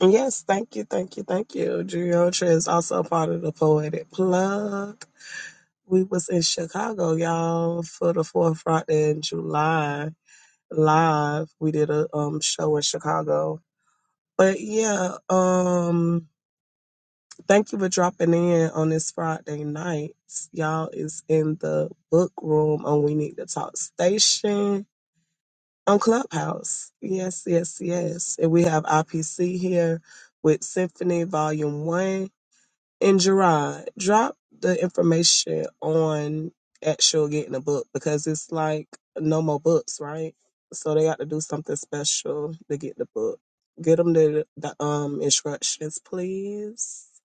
yes thank you thank you thank you Geotra is also a part of the Poetic Plug we was in Chicago y'all for the fourth Friday in July live we did a um show in Chicago but yeah um. Thank you for dropping in on this Friday night. Y'all is in the book room on We Need to Talk Station on Clubhouse. Yes, yes, yes. And we have IPC here with Symphony Volume 1. And Gerard, drop the information on actual getting a book because it's like no more books, right? So they got to do something special to get the book. Get them the, the um instructions, please.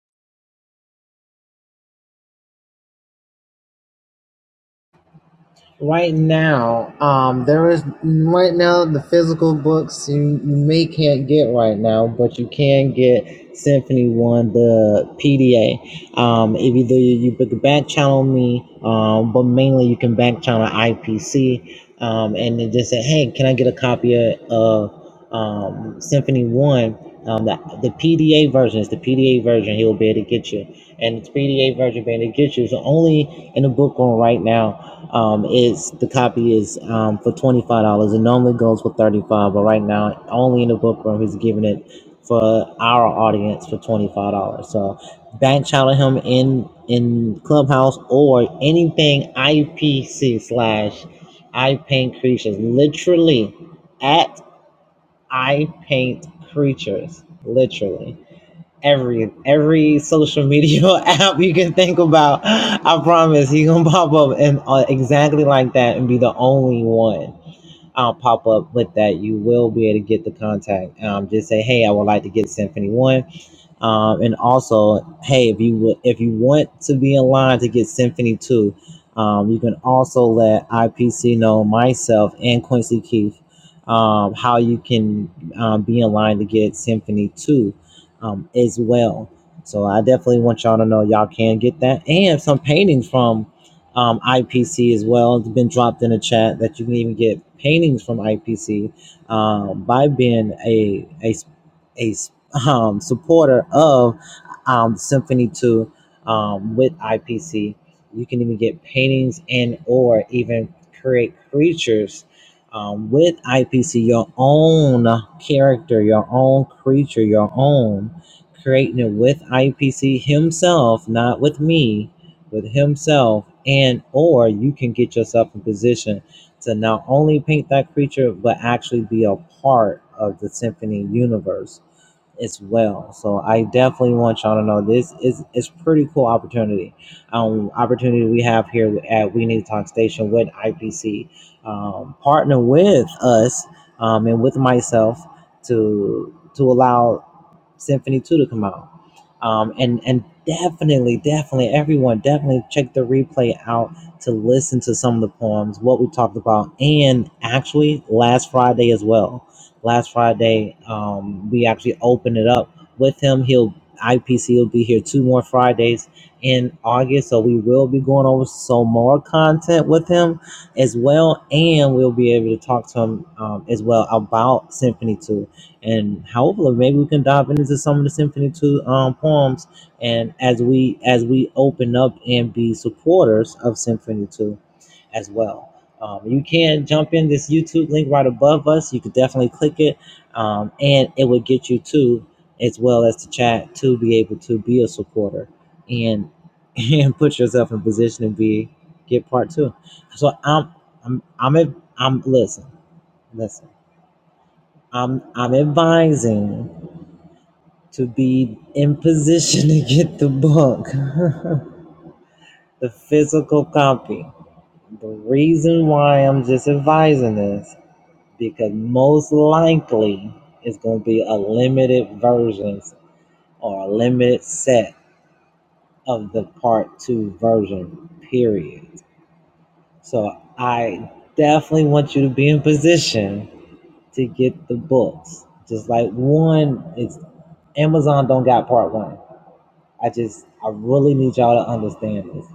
right now um there is right now the physical books you, you may can't get right now but you can get symphony one the pda um if either you, you could back channel me um but mainly you can back channel ipc um and then just say hey can i get a copy of, of um symphony one um the, the pda version is the pda version he'll be able to get you and it's pda version being able to get you is only in the book on right now um, it's the copy is um, for twenty five dollars. It normally goes for thirty five, but right now only in the book room he's giving it for our audience for twenty five dollars. So back channel him in in Clubhouse or anything IPC slash I Paint Creatures. Literally at I Paint Creatures. Literally every every social media app you can think about. I promise he gonna pop up and uh, exactly like that and be the only one. I'll pop up with that. You will be able to get the contact. Um, just say, hey, I would like to get Symphony One. Um, and also, hey, if you would, if you want to be in line to get Symphony Two, um, you can also let IPC know myself and Quincy Keith um, how you can um, be in line to get Symphony Two um, as well. So I definitely want y'all to know y'all can get that and some paintings from um, IPC as well. It's been dropped in the chat that you can even get paintings from IPC um, by being a a a um, supporter of um, Symphony 2 um, with IPC. You can even get paintings and or even create creatures um, with IPC, your own character, your own creature, your own, creating it with IPC himself, not with me, with himself, and or you can get yourself in position to not only paint that creature, but actually be a part of the symphony universe as well. So I definitely want y'all to know this is it's pretty cool opportunity, um, opportunity we have here at We Need to Talk Station with IPC, um, partner with us um, and with myself to to allow Symphony Two to come out. Um, and and definitely, definitely, everyone definitely check the replay out to listen to some of the poems, what we talked about, and actually last Friday as well. Last Friday, um, we actually opened it up with him. He'll IPC will be here two more Fridays in August, so we will be going over some more content with him as well, and we'll be able to talk to him um, as well about Symphony Two and hopefully maybe we can dive into some of the symphony two um, poems and as we as we open up and be supporters of symphony two as well um, you can jump in this youtube link right above us you could definitely click it um, and it would get you to as well as the chat to be able to be a supporter and and put yourself in position to be get part two so i'm i'm i'm, I'm listen listen i'm i'm advising to be in position to get the book, the physical copy. The reason why I'm just advising this because most likely it's going to be a limited versions or a limited set of the part two version, period. So I definitely want you to be in position to get the books. Just like one, it's Amazon don't got part one. I just, I really need y'all to understand this.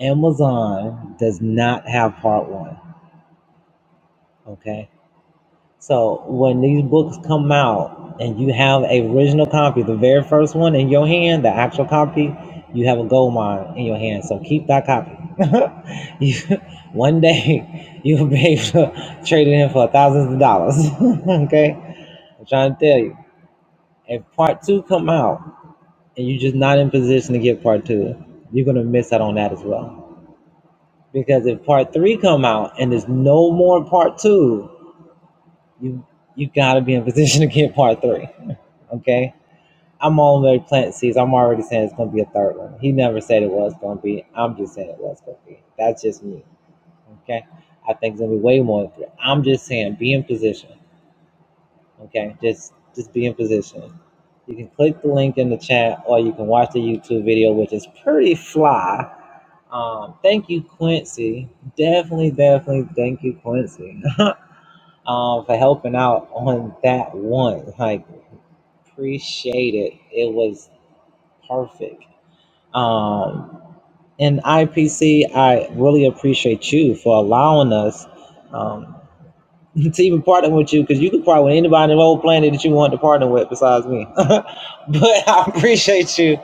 Amazon does not have part one. Okay. So when these books come out and you have a original copy, the very first one in your hand, the actual copy, you have a gold mine in your hand. So keep that copy. you, one day you'll be able to trade it in for thousands of dollars. okay. I'm trying to tell you. If part two come out and you're just not in position to get part two, you're gonna miss out on that as well. Because if part three come out and there's no more part two, you you gotta be in position to get part three. Okay? I'm already planting seeds. I'm already saying it's gonna be a third one. He never said it was gonna be. I'm just saying it was gonna be. That's just me. Okay. I think it's gonna be way more than three. I'm just saying be in position. Okay. Just just be in position. You can click the link in the chat or you can watch the YouTube video, which is pretty fly um, thank you, Quincy. Definitely, definitely thank you, Quincy, um, for helping out on that one. Like, appreciate it. It was perfect. Um, and IPC, I really appreciate you for allowing us um, to even partner with you because you could partner with anybody on the whole planet that you want to partner with besides me. but I appreciate you,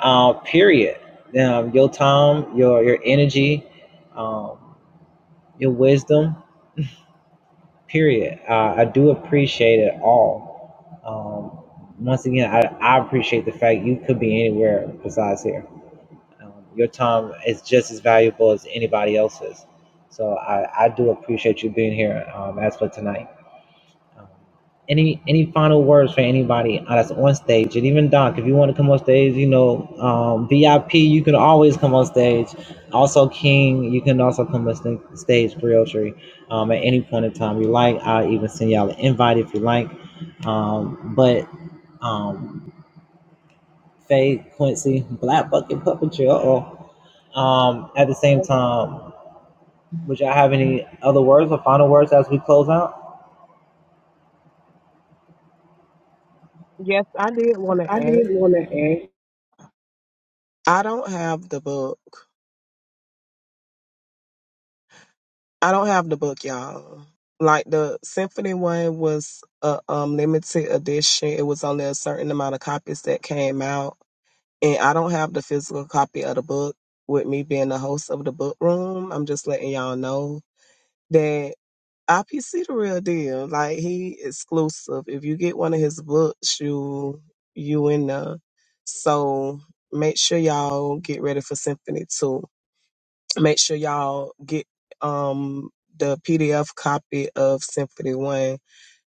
uh, period. Um, your time, your, your energy. Um, your wisdom, period. Uh, I do appreciate it all. Um, once again, I, I appreciate the fact you could be anywhere besides here. Um, your time is just as valuable as anybody else's. So I, I do appreciate you being here um, as for tonight. Um, any any final words for anybody uh, that's on stage and even doc if you want to come on stage you know um vip you can always come on stage also king you can also come on sta- stage creole um at any point in time you like i'll even send y'all an invite if you like um but um faye quincy black bucket puppetry uh-oh um at the same time would y'all have any other words or final words as we close out?
Yes, I did want to
I
add.
did.
I don't have the book. I don't have the book, y'all. Like the symphony one was a um, limited edition. It was only a certain amount of copies that came out, and I don't have the physical copy of the book. With me being the host of the book room, I'm just letting y'all know that IPC the real deal. Like he exclusive. If you get one of his books, you you in the. So make sure y'all get ready for symphony two Make sure y'all get um the PDF copy of Symphony One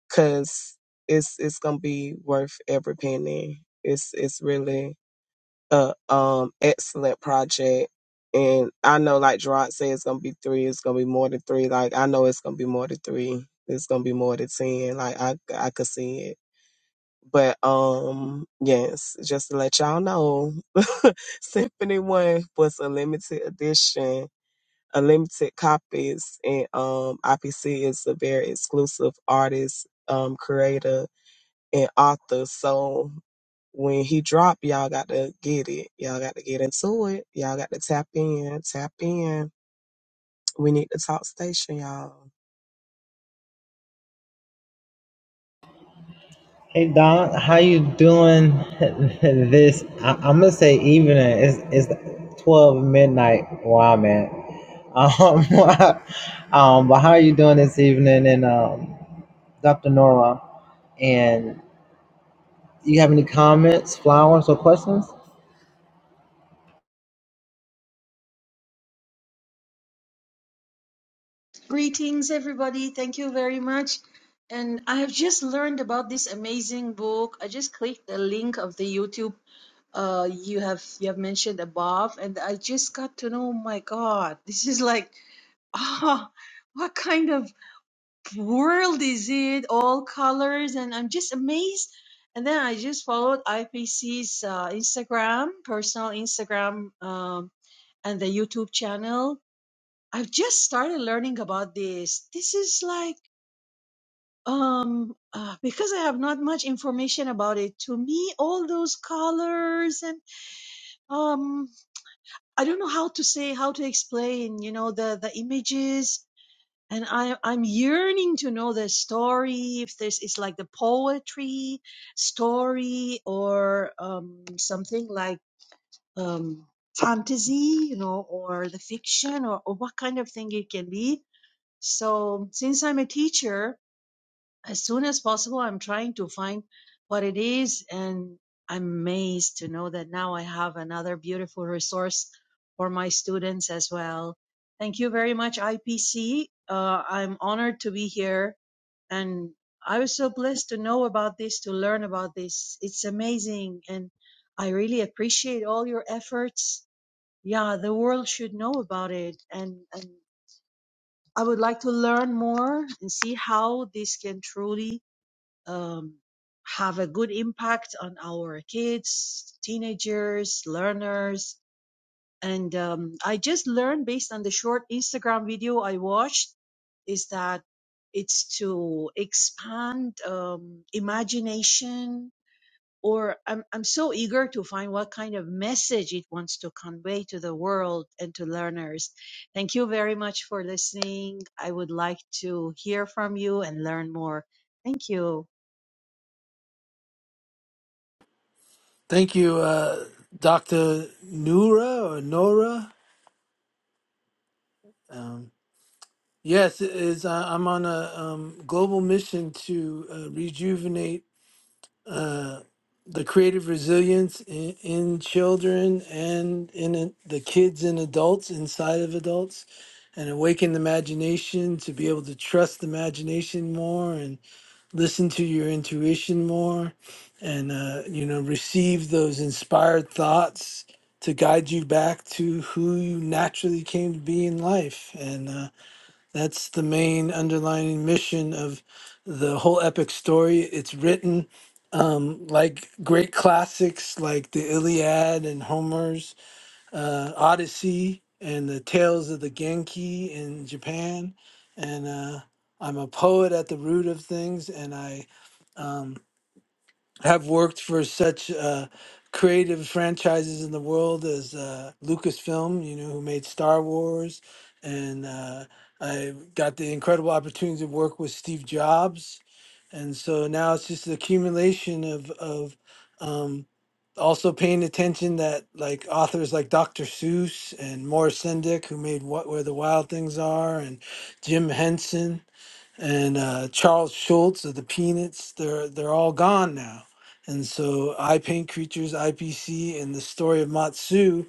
because it's it's gonna be worth every penny. It's it's really a um excellent project. And I know, like Gerard said, it's gonna be three. It's gonna be more than three. Like I know it's gonna be more than three. It's gonna be more than ten. Like I, I could see it. But um, yes, just to let y'all know, Symphony One was a limited edition, unlimited copies and um IPC is a very exclusive artist, um, creator and author. So when he drop, y'all got to get it. Y'all got to get into it. Y'all got to tap in, tap in. We need to talk station, y'all.
Hey Don, how you doing this? I, I'm gonna say evening. It's it's 12 midnight. Wow, man. Um, um, but how are you doing this evening? And um, Dr. Nora, and you have any comments, flowers, or questions?
Greetings, everybody. Thank you very much. And I have just learned about this amazing book. I just clicked the link of the YouTube uh you have you have mentioned above, and I just got to know, Oh my God, this is like ah, what kind of world is it? All colors, and I'm just amazed. And then I just followed IPC's uh, Instagram, personal Instagram, um, and the YouTube channel. I've just started learning about this. This is like um, uh, because I have not much information about it. To me, all those colors and um, I don't know how to say how to explain. You know the the images, and I I'm yearning to know the story. If this is like the poetry story or um something like um fantasy, you know, or the fiction or, or what kind of thing it can be. So since I'm a teacher, as soon as possible i'm trying to find what it is and i'm amazed to know that now i have another beautiful resource for my students as well thank you very much ipc uh, i'm honored to be here and i was so blessed to know about this to learn about this it's amazing and i really appreciate all your efforts yeah the world should know about it and, and i would like to learn more and see how this can truly um, have a good impact on our kids, teenagers, learners. And um, I just learned based on the short Instagram video I watched is that it's to expand um, imagination or I'm, I'm so eager to find what kind of message it wants to convey to the world and to learners. Thank you very much for listening. I would like to hear from you and learn more. Thank you.
Thank you, uh, Dr. Nura or Nora. Um, Yes, it is. I, I'm on a um, global mission to uh, rejuvenate uh, the creative resilience in, in children and in a, the kids and adults inside of adults, and awaken the imagination to be able to trust the imagination more and listen to your intuition more, and uh, you know receive those inspired thoughts to guide you back to who you naturally came to be in life and. Uh, that's the main underlying mission of the whole epic story. It's written um, like great classics like the Iliad and Homer's uh, Odyssey and the Tales of the Genki in Japan. And uh, I'm a poet at the root of things, and I um, have worked for such uh, creative franchises in the world as uh, Lucasfilm, you know, who made Star Wars. And uh, I got the incredible opportunity to work with Steve Jobs. And so now it's just an accumulation of, of um, also paying attention that like authors like Dr. Seuss and Morris Sendak, who made What Where the Wild Things Are, and Jim Henson and uh, Charles Schultz of the Peanuts. They're they're all gone now, and so I Paint Creatures, IPC, and the story of Matsu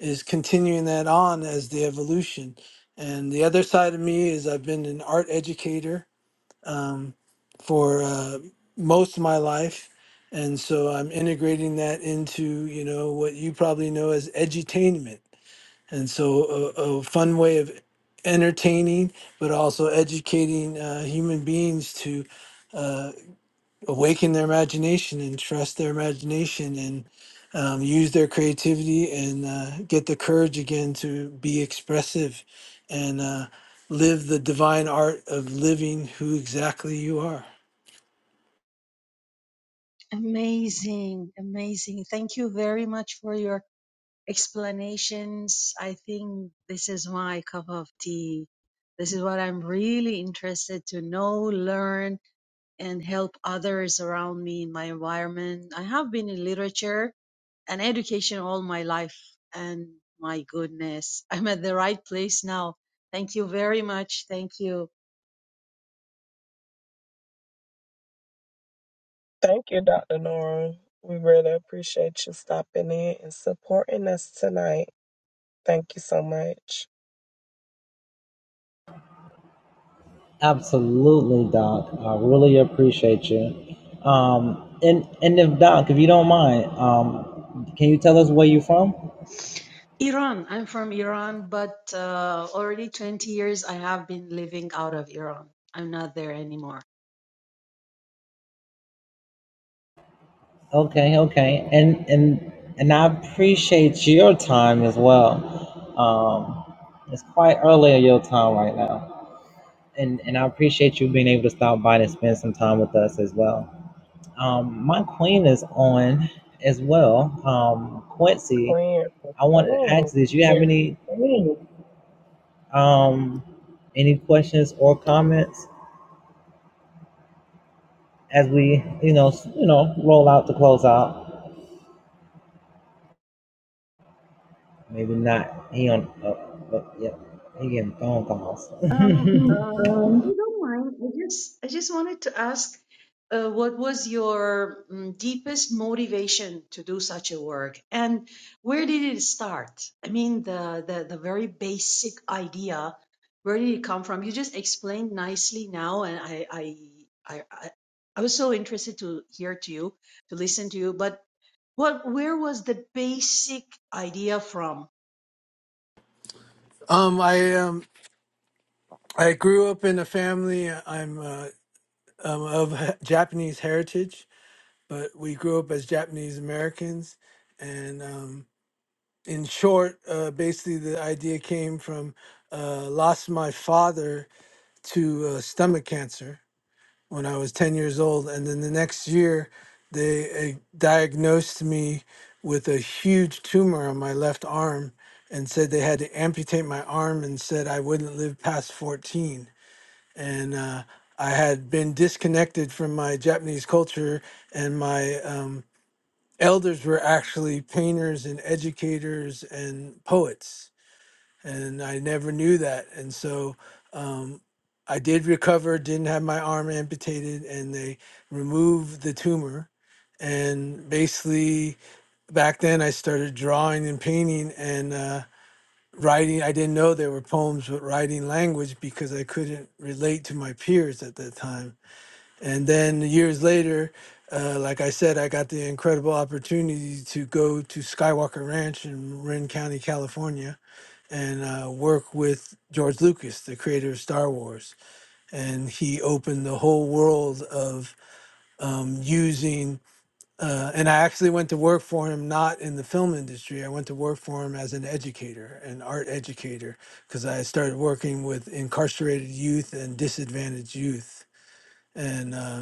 is continuing that on as the evolution. And the other side of me is I've been an art educator um, for uh, most of my life. And so I'm integrating that into, you know, what you probably know as edutainment and so a, a fun way of entertaining but also educating uh, human beings to uh, awaken their imagination and trust their imagination and um, use their creativity and uh, get the courage again to be expressive and uh, live the divine art of living who exactly you are
Amazing, amazing. Thank you very much for your explanations. I think this is my cup of tea. This is what I'm really interested to know, learn, and help others around me in my environment. I have been in literature and education all my life, and my goodness, I'm at the right place now. Thank you very much. Thank you.
Thank you, Dr. Nora. We really appreciate you stopping in and supporting us tonight. Thank you so much.
Absolutely, Doc. I really appreciate you. Um, and and if Doc, if you don't mind, um, can you tell us where you're from?
Iran. I'm from Iran, but uh, already 20 years I have been living out of Iran. I'm not there anymore.
Okay, okay. And and and I appreciate your time as well. Um it's quite early in your time right now. And and I appreciate you being able to stop by and spend some time with us as well. Um my queen is on as well. Um Quincy,
Queen
I wanted to
Ernestine.
ask this. You have any um any questions or comments as we, you know, s- you know, roll out to close out? Maybe not. He on uh, uh, yeah, he getting phone calls.
Um, um, if you don't mind, I just I just wanted to ask, uh, what was your mm, deepest motivation to do such a work, and where did it start? I mean, the the the very basic idea, where did it come from? You just explained nicely now, and I I I I, I was so interested to hear to you, to listen to you. But what where was the basic idea from?
um, I um, I grew up in a family. I'm, uh, um of Japanese heritage, but we grew up as Japanese Americans. And um, in short, uh, basically, the idea came from uh, lost my father to uh, stomach cancer when I was 10 years old. And then the next year, they uh, diagnosed me with a huge tumor on my left arm and said they had to amputate my arm and said I wouldn't live past 14. And uh, I had been disconnected from my Japanese culture and my um, elders were actually painters and educators and poets and i never knew that and so um, i did recover didn't have my arm amputated and they removed the tumor and basically back then i started drawing and painting and uh, writing i didn't know there were poems but writing language because i couldn't relate to my peers at that time and then years later, uh, like I said, I got the incredible opportunity to go to Skywalker Ranch in Marin County, California, and uh, work with George Lucas, the creator of Star Wars. And he opened the whole world of um, using. Uh, and I actually went to work for him, not in the film industry. I went to work for him as an educator, an art educator, because I started working with incarcerated youth and disadvantaged youth. And uh,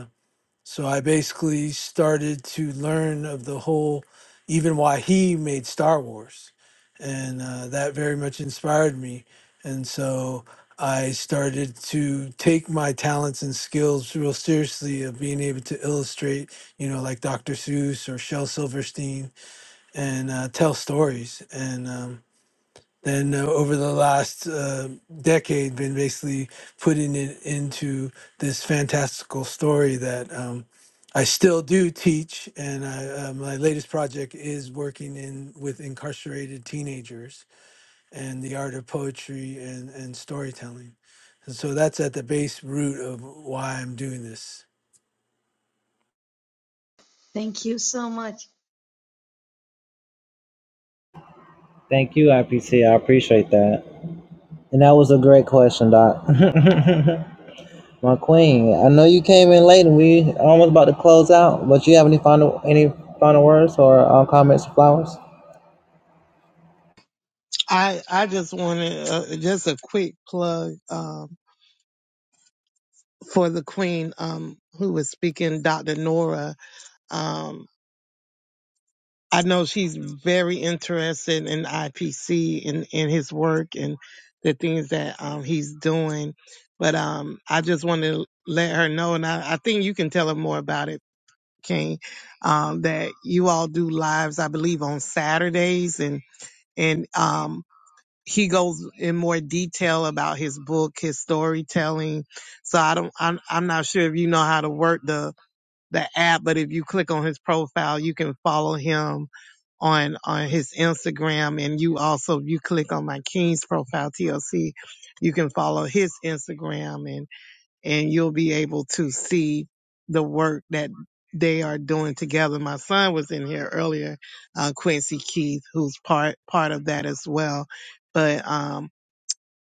so I basically started to learn of the whole, even why he made Star Wars. And uh, that very much inspired me. And so I started to take my talents and skills real seriously of being able to illustrate, you know, like Dr. Seuss or Shel Silverstein and uh, tell stories. And um, then uh, over the last uh, decade been basically putting it into this fantastical story that um, I still do teach, and I, uh, my latest project is working in with incarcerated teenagers and the art of poetry and, and storytelling. And so that's at the base root of why I'm doing this.
Thank you so much.
Thank you. I appreciate. I appreciate that. And that was a great question, Doc. My queen, I know you came in late, and we almost about to close out. But you have any final any final words or uh, comments or flowers?
I I just wanted uh, just a quick plug um, for the Queen um, who was speaking, Dr. Nora. Um, I know she's very interested in IPC and in his work and the things that um, he's doing. But um, I just wanted to let her know, and I, I think you can tell her more about it, King. Um, that you all do lives, I believe, on Saturdays, and and um, he goes in more detail about his book, his storytelling. So I don't, I'm, I'm not sure if you know how to work the, the app, but if you click on his profile, you can follow him on, on his Instagram. And you also, if you click on my King's profile, TLC, you can follow his Instagram and, and you'll be able to see the work that they are doing together. My son was in here earlier, uh, Quincy Keith, who's part, part of that as well but um,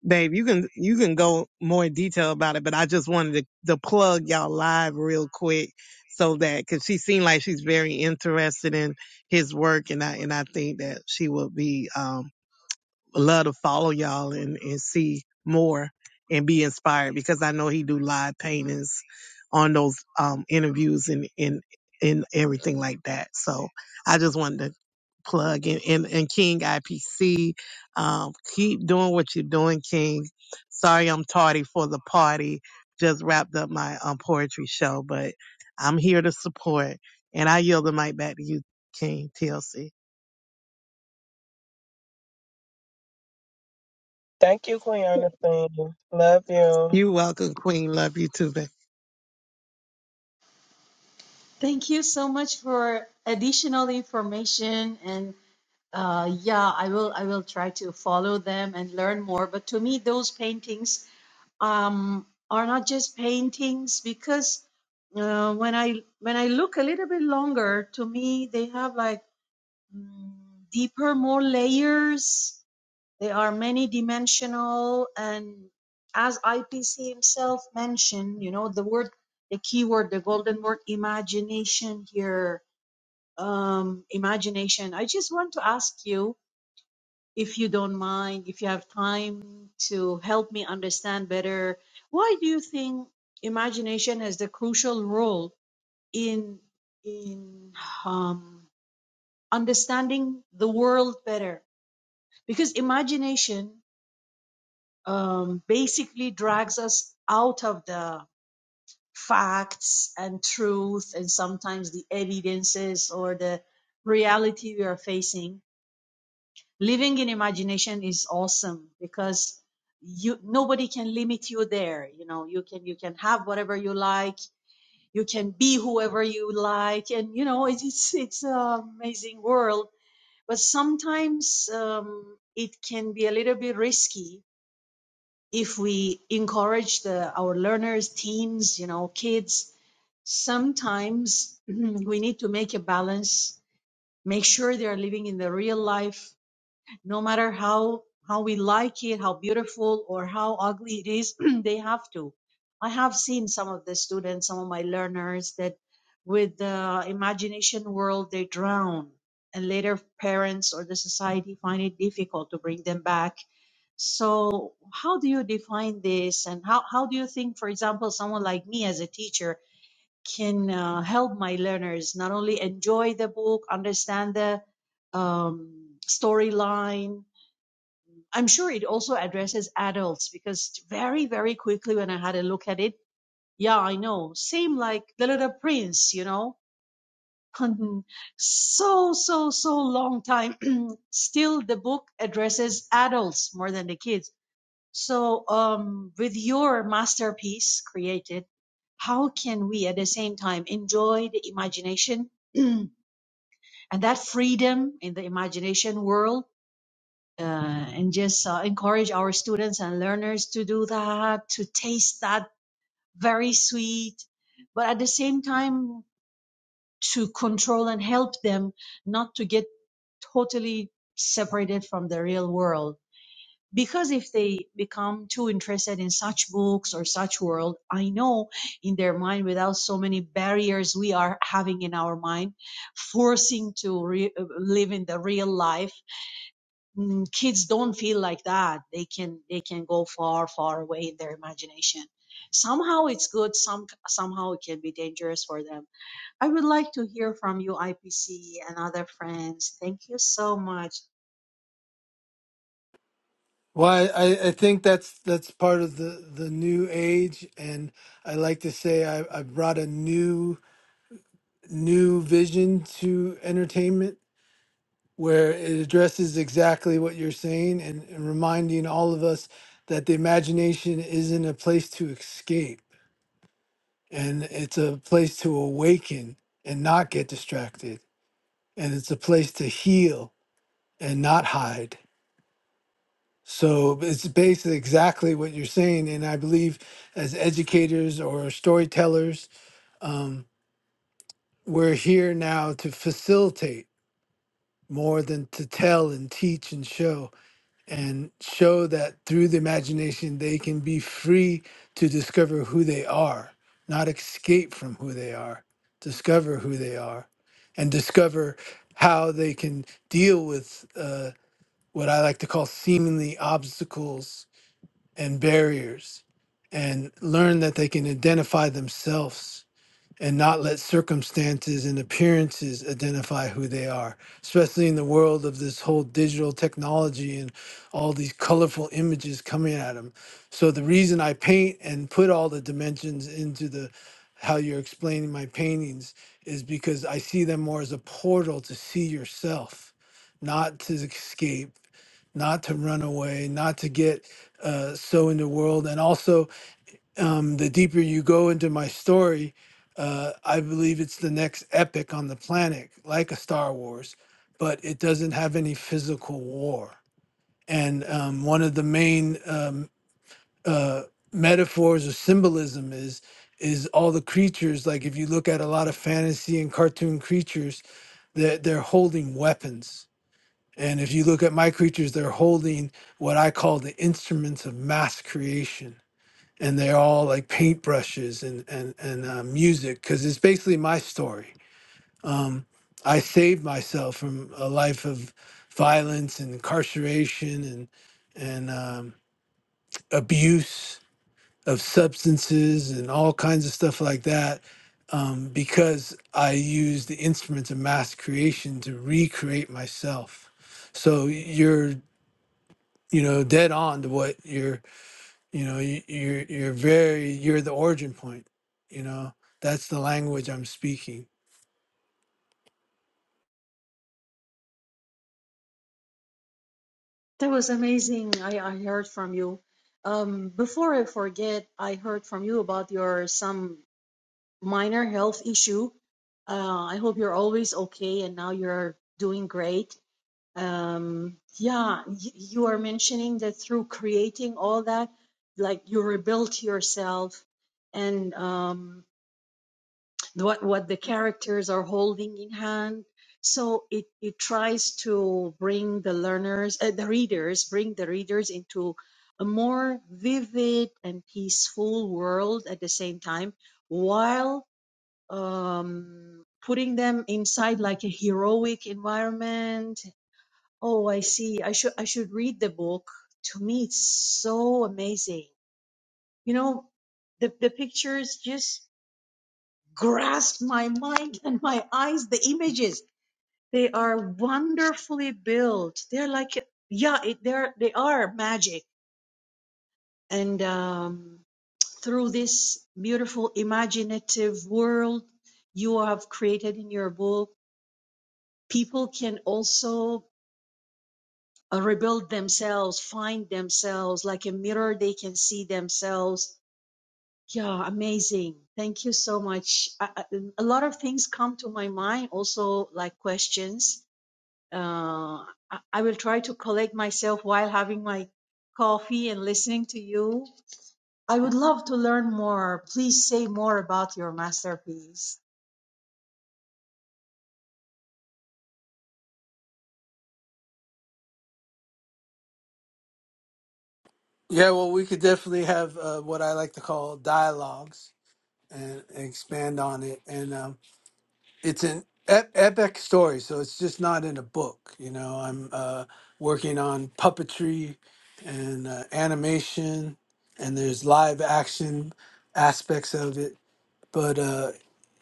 Babe, you can you can go more in detail about it, but I just wanted to, to plug y'all live real quick so that because she seemed like she's very interested in his work, and I and I think that she will be. um love to follow y'all and, and see more and be inspired because I know he do live paintings on those um, interviews and, and and everything like that. So I just wanted to plug in and, and King IPC. Um, keep doing what you're doing, King. Sorry I'm tardy for the party. Just wrapped up my um, poetry show, but I'm here to support. And I yield the mic back to you, King TLC.
Thank you, Queen Ernestine. Love you.
You welcome, Queen. Love you too, baby.
Thank you so much for additional information and uh, yeah, I will I will try to follow them and learn more. But to me, those paintings um, are not just paintings because uh, when I when I look a little bit longer, to me they have like mm, deeper, more layers. They are many dimensional, and as IPC himself mentioned, you know the word the keyword, the golden word, imagination here um, imagination. I just want to ask you, if you don't mind, if you have time to help me understand better, why do you think imagination has the crucial role in in um, understanding the world better? Because imagination um, basically drags us out of the facts and truth and sometimes the evidences or the reality we are facing living in imagination is awesome because you nobody can limit you there you know you can you can have whatever you like you can be whoever you like and you know it's it's, it's an amazing world but sometimes um, it can be a little bit risky if we encourage the our learners teens you know kids sometimes we need to make a balance make sure they are living in the real life no matter how how we like it how beautiful or how ugly it is they have to i have seen some of the students some of my learners that with the imagination world they drown and later parents or the society find it difficult to bring them back so how do you define this and how, how do you think for example someone like me as a teacher can uh, help my learners not only enjoy the book understand the um, storyline I'm sure it also addresses adults because very, very quickly when I had a look at it, yeah, I know. Same like The Little Prince, you know. so, so, so long time. Still, the book addresses adults more than the kids. So, um, with your masterpiece created, how can we at the same time enjoy the imagination and that freedom in the imagination world? uh, and just uh, encourage our students and learners to do that, to taste that very sweet, but at the same time to control and help them not to get totally separated from the real world. Because if they become too interested in such books or such world, I know in their mind, without so many barriers we are having in our mind, forcing to re- live in the real life mm, kids don't feel like that they can they can go far far away in their imagination somehow it's good some somehow it can be dangerous for them i would like to hear from you ipc and other friends thank you so much
Well, I, I I think that's that's part of the, the new age, and I like to say I, I brought a new new vision to entertainment where it addresses exactly what you're saying and, and reminding all of us that the imagination isn't a place to escape and it's a place to awaken and not get distracted and it's a place to heal and not hide so it's basically exactly what you're saying and i believe as educators or storytellers um, we're here now to facilitate more than to tell and teach and show and show that through the imagination they can be free to discover who they are not escape from who they are discover who they are and discover how they can deal with uh, what i like to call seemingly obstacles and barriers and learn that they can identify themselves and not let circumstances and appearances identify who they are, especially in the world of this whole digital technology and all these colorful images coming at them. So the reason I paint and put all the dimensions into the how you're explaining my paintings is because I see them more as a portal to see yourself, not to escape, not to run away, not to get uh, so in the world, and also um, the deeper you go into my story, uh, I believe it's the next epic on the planet, like a Star Wars, but it doesn't have any physical war. And um, one of the main um, uh, metaphors or symbolism is is all the creatures. Like if you look at a lot of fantasy and cartoon creatures, they're, they're holding weapons. And if you look at my creatures, they're holding what I call the instruments of mass creation and they're all like paintbrushes and and and uh, music because it's basically my story. Um, I saved myself from a life of violence and incarceration and and um, abuse of substances and all kinds of stuff like that um, because I used the instruments of mass creation to recreate myself. So you're you know dead on to what you're you know you, you're you're very you're the origin point you know that's the language i'm speaking
that was amazing i, I heard from you um, before i forget i heard from you about your some minor health issue uh, i hope you're always okay and now you're doing great um yeah y- you are mentioning that through creating all that like you rebuilt yourself and um what what the characters are holding in hand so it it tries to bring the learners uh, the readers bring the readers into a more vivid and peaceful world at the same time while um putting them inside like a heroic environment Oh, I see. I should I should read the book. To me, it's so amazing. You know, the the pictures just grasp my mind and my eyes. The images they are wonderfully built. They're like yeah, it, they're they are magic. And um, through this beautiful imaginative world you have created in your book, people can also uh, rebuild themselves, find themselves like a mirror they can see themselves. Yeah, amazing. Thank you so much. I, I, a lot of things come to my mind, also like questions. Uh, I, I will try to collect myself while having my coffee and listening to you. I would love to learn more. Please say more about your masterpiece.
yeah well we could definitely have uh, what i like to call dialogues and and expand on it and um, it's an ep- epic story so it's just not in a book you know i'm uh, working on puppetry and uh, animation and there's live action aspects of it but uh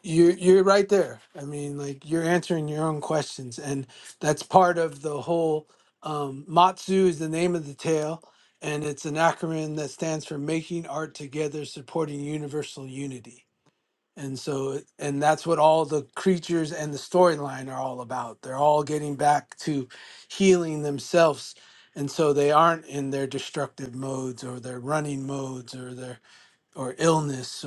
you're you're right there i mean like you're answering your own questions and that's part of the whole um matsu is the name of the tale and it's an acronym that stands for making art together supporting universal unity and so it- and that's what all the creatures and the storyline are all about they're all getting back to healing themselves and so they aren't in their destructive modes or their running modes or their or illness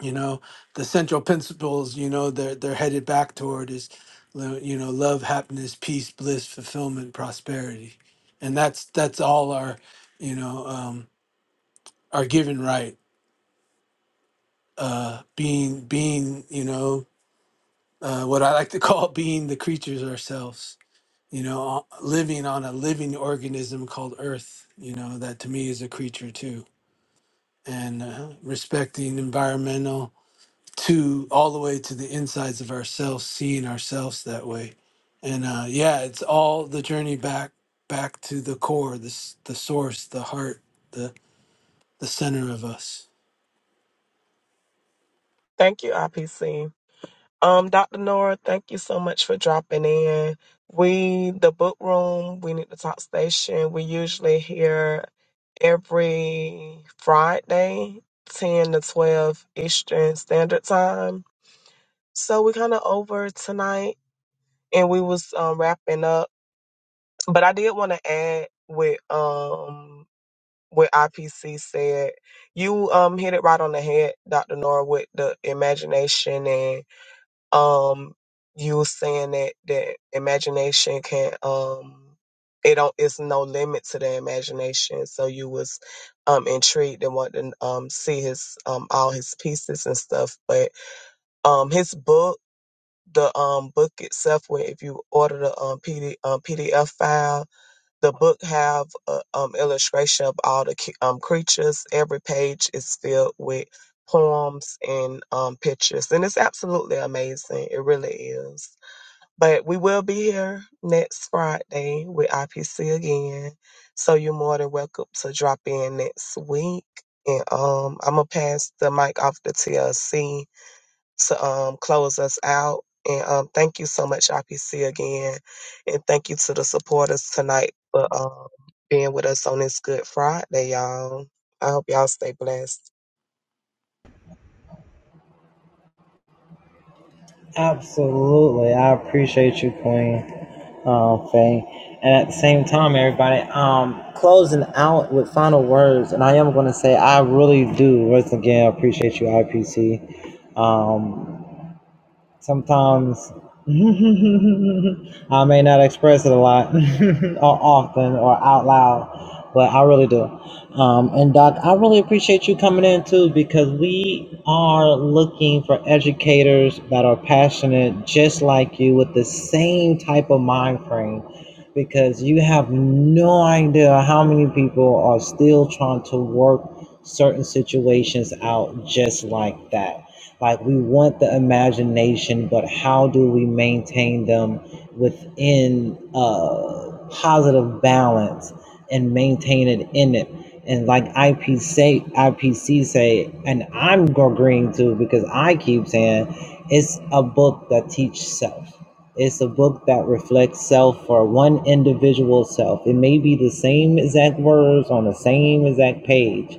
you know the central principles you know they're they're headed back toward is lo- you know love happiness peace bliss fulfillment prosperity and that's that's all our you know um our given right uh being being you know uh what i like to call being the creatures ourselves you know o- living on a living organism called earth you know that to me is a creature too and uh, respecting environmental to all the way to the insides of ourselves, seeing ourselves that way. And uh, yeah, it's all the journey back back to the core, this the s- the source, the heart, the the center of us.
Thank you, IPC. Um, Dr. Nora, thank you so much for dropping in. We, the book room, we need to talk station. We usually here every Friday, 10 to 12 Eastern Standard Time. So we're kind of over tonight and we was um, wrapping up. But I did want to add with, um, what IPC said, you um hit it right on the head, Dr. Nora, with the imagination um you were saying that that imagination can um it don't it's no limit to the imagination so you was um intrigued and wanted to um see his um all his pieces and stuff but um his book the um book itself where if you order the um, PD, um pdf file the book have a um, illustration of all the cu- um, creatures. Every page is filled with poems and um, pictures, and it's absolutely amazing. It really is. But we will be here next Friday with IPC again, so you're more than welcome to drop in next week. And um, I'm gonna pass the mic off to TLC to um, close us out. And um, thank you so much, IPC, again. And thank you to the supporters tonight for um, being with us on this Good Friday, y'all. I hope y'all stay blessed.
Absolutely, I appreciate you, Queen. Oh, Faye. And at the same time, everybody, um, closing out with final words, and I am going to say I really do once again appreciate you, IPC. Um, Sometimes I may not express it a lot or often or out loud, but I really do. Um, and Doc, I really appreciate you coming in too because we are looking for educators that are passionate just like you with the same type of mind frame because you have no idea how many people are still trying to work certain situations out just like that like we want the imagination, but how do we maintain them within uh, positive balance and maintain it in it? And like IPC, say- IPC say, and I'm agreeing to because I keep saying it's a book that teaches self. It's a book that reflects self for one individual self. It may be the same exact words on the same exact page,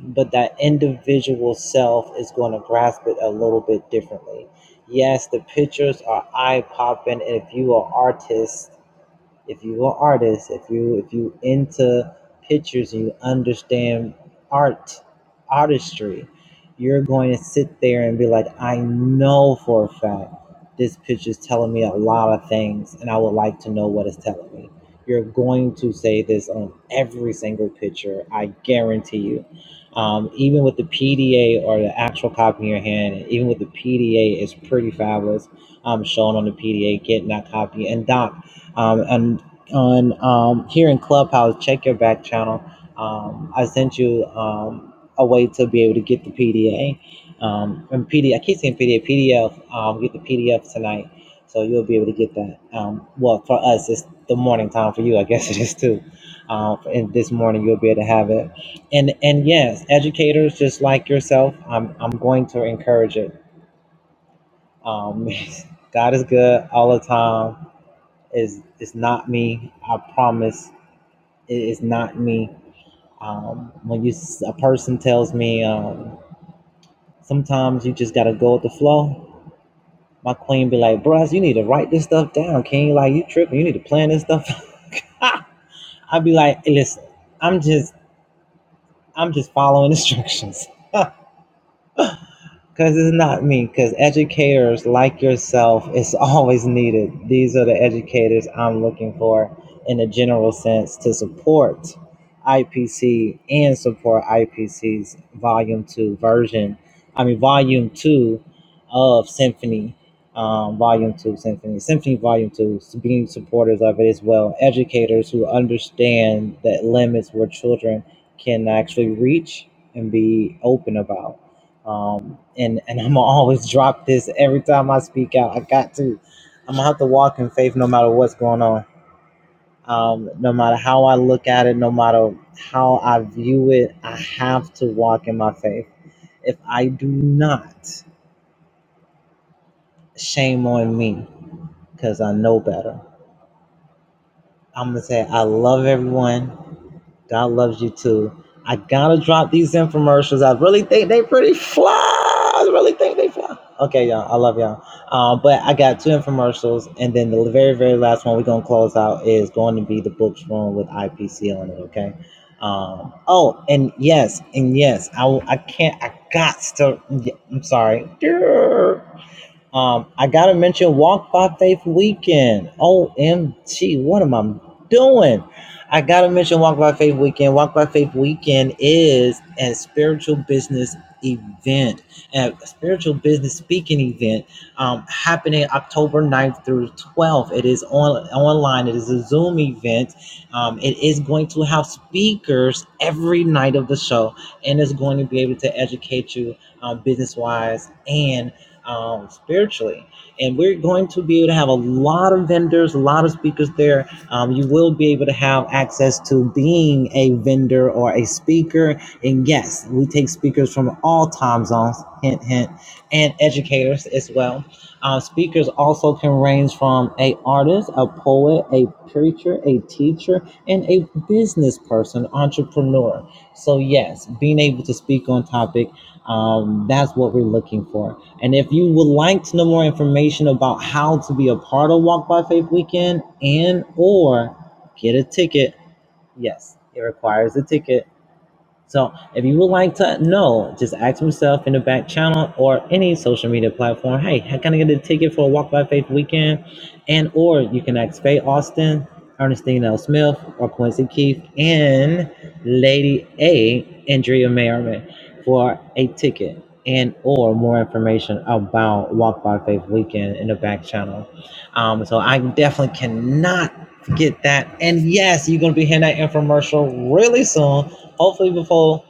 but that individual self is going to grasp it a little bit differently. Yes, the pictures are eye popping. If you are artist if you are artist, if you if you into pictures and you understand art, artistry, you're going to sit there and be like, I know for a fact this picture is telling me a lot of things, and I would like to know what it's telling me. You're going to say this on every single picture, I guarantee you. Um, even with the PDA or the actual copy in your hand, even with the PDA, it's pretty fabulous. Um, shown on the PDA, getting that copy. And Doc, um, and on um, here in Clubhouse, check your back channel. Um, I sent you um, a way to be able to get the PDA. Um, and PD, I keep saying PDA, PDF. Um, get the PDF tonight, so you'll be able to get that. Um, well, for us, it's the morning time. For you, I guess it is too. Um, and this morning, you'll be able to have it. And and yes, educators just like yourself, I'm I'm going to encourage it. Um, God is good all the time is it's not me. I promise it is not me. Um, when you a person tells me, um, sometimes you just gotta go with the flow. My queen be like, "Bruh, you need to write this stuff down, Can't you Like you tripping, you need to plan this stuff." I'd be like, "Listen, I'm just I'm just following instructions." Because it's not me, because educators like yourself is always needed. These are the educators I'm looking for in a general sense to support IPC and support IPC's volume two version. I mean, volume two of Symphony, um, volume two Symphony, Symphony volume two, being supporters of it as well. Educators who understand that limits where children can actually reach and be open about um, and and I'm gonna always drop this every time I speak out. I got to. I'm gonna have to walk in faith no matter what's going on. Um, no matter how I look at it, no matter how I view it, I have to walk in my faith. If I do not, shame on me, cause I know better. I'm gonna say I love everyone. God loves you too. I gotta drop these infomercials. I really think they pretty fly. I really think they fly. Okay, y'all. I love y'all. Um, but I got two infomercials, and then the very, very last one we're gonna close out is going to be the books room with IPC on it. Okay. Um, oh, and yes, and yes, I, I can't. I got to. I'm sorry. Um, I gotta mention Walk by Faith Weekend. OMG, what am I doing? I gotta mention Walk by Faith Weekend. Walk by Faith Weekend is a spiritual business event, a spiritual business speaking event um, happening October ninth through 12th. It is on online, it is a Zoom event. Um, it is going to have speakers every night of the show and it's going to be able to educate you um, business wise and um, spiritually. And we're going to be able to have a lot of vendors, a lot of speakers there. Um, you will be able to have access to being a vendor or a speaker. And yes, we take speakers from all time zones, hint, hint, and educators as well. Uh, speakers also can range from a artist, a poet, a preacher, a teacher, and a business person, entrepreneur. So yes, being able to speak on topic, um, that's what we're looking for. And if you would like to know more information about how to be a part of Walk by Faith Weekend and or get a ticket, yes, it requires a ticket. So if you would like to know, just ask myself in the back channel or any social media platform, hey, how can I get a ticket for a Walk by Faith weekend? And or you can ask Faye Austin, Ernestine L. Smith, or Quincy Keith and Lady A, Andrea Merriman, for a ticket and or more information about Walk by Faith weekend in the back channel. Um, so I definitely cannot forget that. And yes, you're gonna be hearing that infomercial really soon hopefully before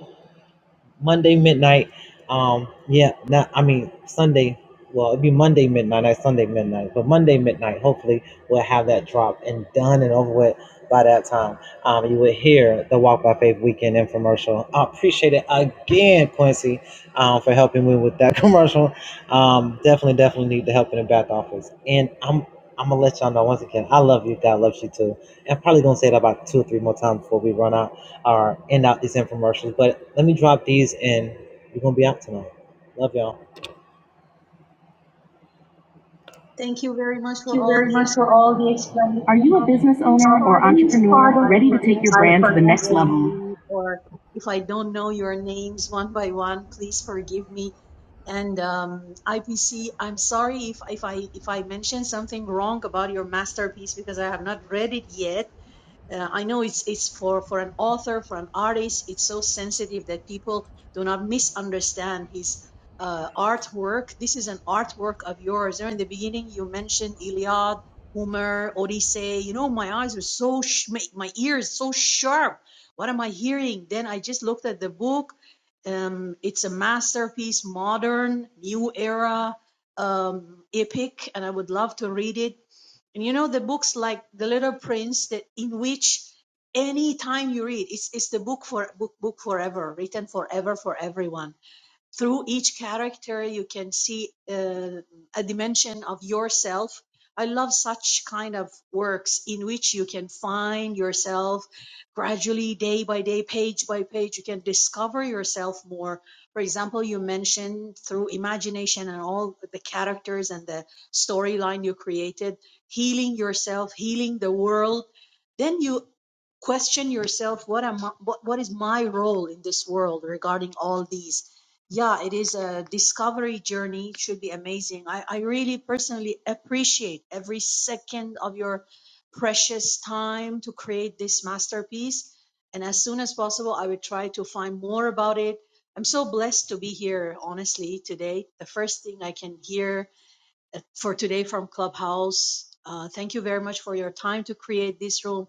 Monday midnight. Um, yeah, not I mean Sunday. Well, it'd be Monday midnight, not Sunday midnight, but Monday midnight. Hopefully, we'll have that drop and done and over with by that time. Um, you will hear the Walk by Faith Weekend infomercial. I appreciate it again, Quincy, um, for helping me with that commercial. Um, definitely, definitely need the help in the back office. And I'm I'm gonna let y'all know once again. I love you. God loves you too. And I'm probably gonna say it about two or three more times before we run out or end out these infomercials. But let me drop these and we're gonna be out tonight. Love y'all.
Thank you very much
Thank
for
you
all
very
the
much for all the
explanations.
explanation. Are you a
Um,
business
please
owner or
pardon me if
entrepreneur
I
ready to take your
pronounce your
brand to the
name
next level?
wrongly or if I don't know your names one by one, please forgive me. And um, IPC, I'm sorry if, if I if I mention something wrong about your masterpiece because I have not read it yet. Uh, I know it's it's for for an author, for an artist, it's so sensitive that people do not misunderstand his uh, artwork. This is an artwork of yours. There in the beginning, you mentioned Iliad, Homer, Odyssey. You know, my eyes were so sh- my, my ears so sharp. What am I hearing? Then I just looked at the book. Um, it's a masterpiece, modern, new era, um, epic, and I would love to read it and you know the books like The Little Prince that in which any time you read, it's it's the book for book book forever, written forever for everyone through each character you can see uh, a dimension of yourself i love such kind of works in which you can find yourself gradually day by day page by page you can discover yourself more for example you mentioned through imagination and all the characters and the storyline you created healing yourself healing the world then you question yourself what am I, what, what is my role in this world regarding all these yeah it is a discovery journey it should be amazing I, I really personally appreciate every second of your precious time to create this masterpiece and as soon as possible i will try to find more about it i'm so blessed to be here honestly today the first thing i can hear for today from Clubhouse. Uh, thank you very much for your time to create this room.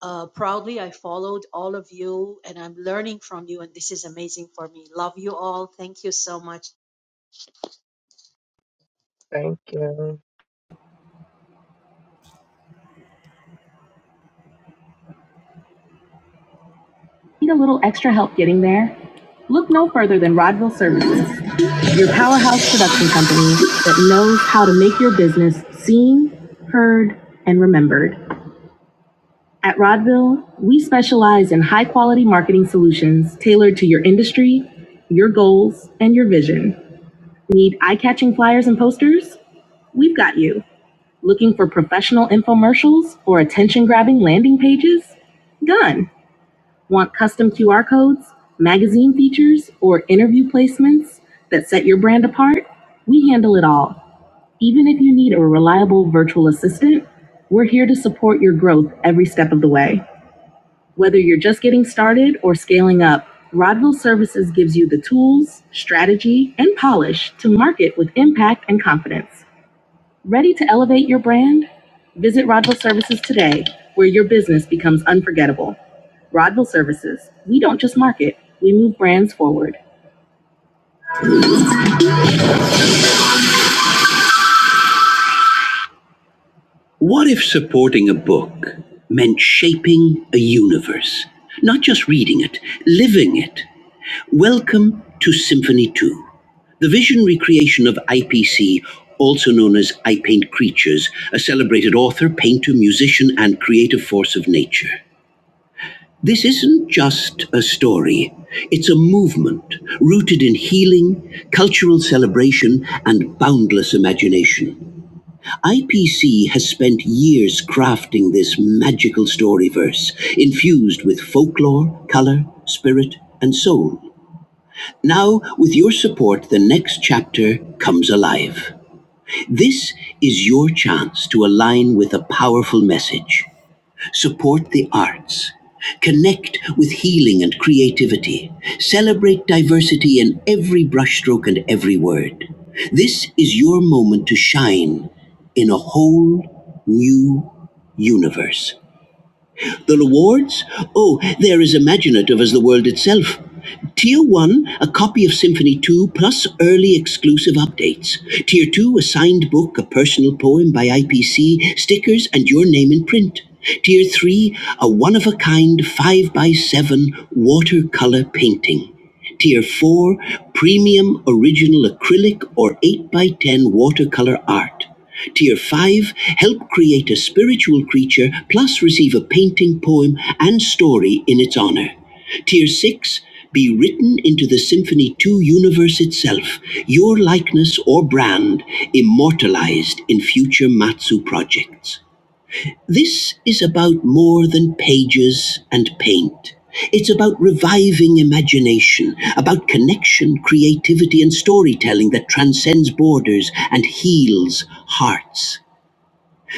Uh, proudly, I followed all of you and I'm learning from you, and this is amazing for me. Love you all. Thank you so much.
Thank you.
Need a little extra help getting there? Look no further than Rodville Services, your powerhouse production company that knows how to make your business seen, heard, and remembered. At Rodville, we specialize in high quality marketing solutions tailored to your industry, your goals, and your vision. Need eye-catching flyers and posters? We've got you. Looking for professional infomercials or attention-grabbing landing pages? Done. Want custom QR codes, magazine features, or interview placements that set your brand apart? We handle it all. Even if you need a reliable virtual assistant, we're here to support your growth every step of the way. Whether you're just getting started or scaling up, Rodville Services gives you the tools, strategy, and polish to market with impact and confidence. Ready to elevate your brand? Visit Rodville Services today, where your business becomes unforgettable. Rodville Services, we don't just market, we move brands forward. What if supporting a book meant shaping a universe? Not just reading it, living it. Welcome to Symphony 2, the visionary creation of IPC, also known as I Paint Creatures, a celebrated author, painter, musician, and creative force of nature. This isn't just a story, it's a movement rooted in healing, cultural celebration, and boundless imagination. IPC has spent years crafting this magical story verse, infused with folklore, color, spirit, and soul. Now, with your support, the next chapter comes alive. This is your chance to align with a powerful message. Support the arts. Connect with healing and creativity. Celebrate diversity in every brushstroke and every word. This is your moment to shine in a whole new universe. The rewards? Oh, they're as imaginative as the world itself. Tier 1, a copy of Symphony 2 plus early exclusive updates. Tier 2, a signed book, a personal poem by IPC, stickers, and your name in print. Tier 3, a one of a kind 5 by 7 watercolor painting. Tier 4, premium original acrylic or 8 by 10 watercolor art. Tier 5 help create a spiritual creature, plus receive a painting, poem, and story in its honor. Tier 6 be written into the Symphony 2 universe itself, your likeness or brand immortalized in future Matsu projects. This is about more than pages and paint. It's about reviving imagination, about connection, creativity, and storytelling that transcends borders and heals hearts.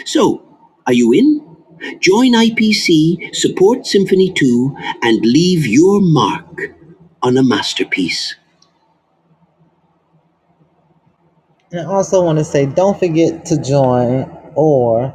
So, are you in? Join IPC, support Symphony 2, and leave your mark on a masterpiece. And I also want to say, don't forget to join or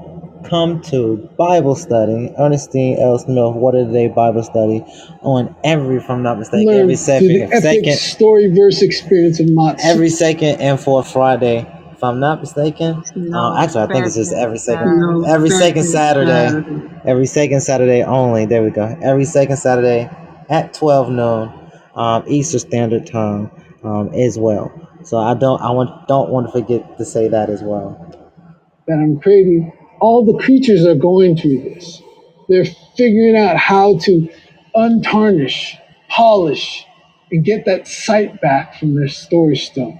come to Bible study, Ernestine L. Smith, What Are Today Bible Study, on every, if I'm not mistaken, Learn every through the second, epic second, story verse experience of Matsu. every second and fourth Friday, if I'm not mistaken. Uh,
No,
actually, I think it's just
second
every second, No,
Saturday.
every second second Saturday, Saturday. every second Saturday only. There we go. Every second Saturday at 12 noon, um, Eastern Standard Time, um, as well. So I don't I want don't want to forget to say that as well. that I'm creating, all the creatures are going through this. They're figuring out how to untarnish, polish, and get that sight back from their storage stone.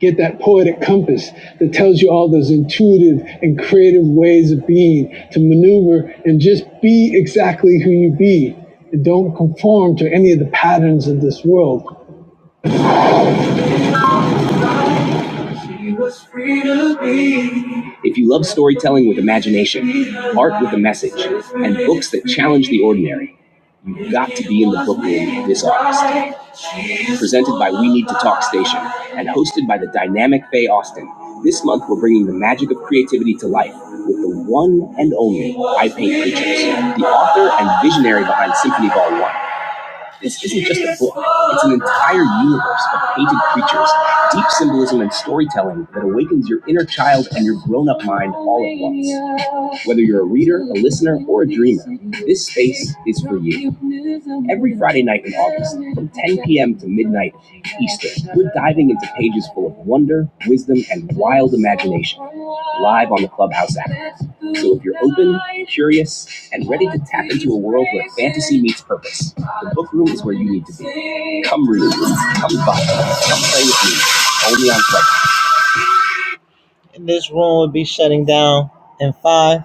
Get that poetic compass that tells you all those intuitive and creative ways of being to maneuver and just be exactly who you be. And don't conform to any of the patterns of this world If you love storytelling with imagination, art with a message, and books that challenge the ordinary, you've got to be in the book room this August. Presented by We Need to Talk Station and hosted by the dynamic Faye Austin, this month we're bringing the magic of creativity to life with the one and only I Paint Creatures, the author and visionary behind Symphony Vol. 1. This isn't just a book, it's an entire universe of painted creatures, deep symbolism and storytelling that awakens your inner child and your grown up mind all at once. Whether you're a reader, a listener, or a dreamer, this space is for you. Every Friday night in August, from 10 p.m. to midnight Eastern, we're diving into pages full of wonder, wisdom, and wild imagination, live on the Clubhouse app. So if you're open, curious, and ready to tap into a world where fantasy meets purpose, the book room is where you need to be. Come read, come buy, come play with me. Only on Clubhouse. And this room will be shutting down in five.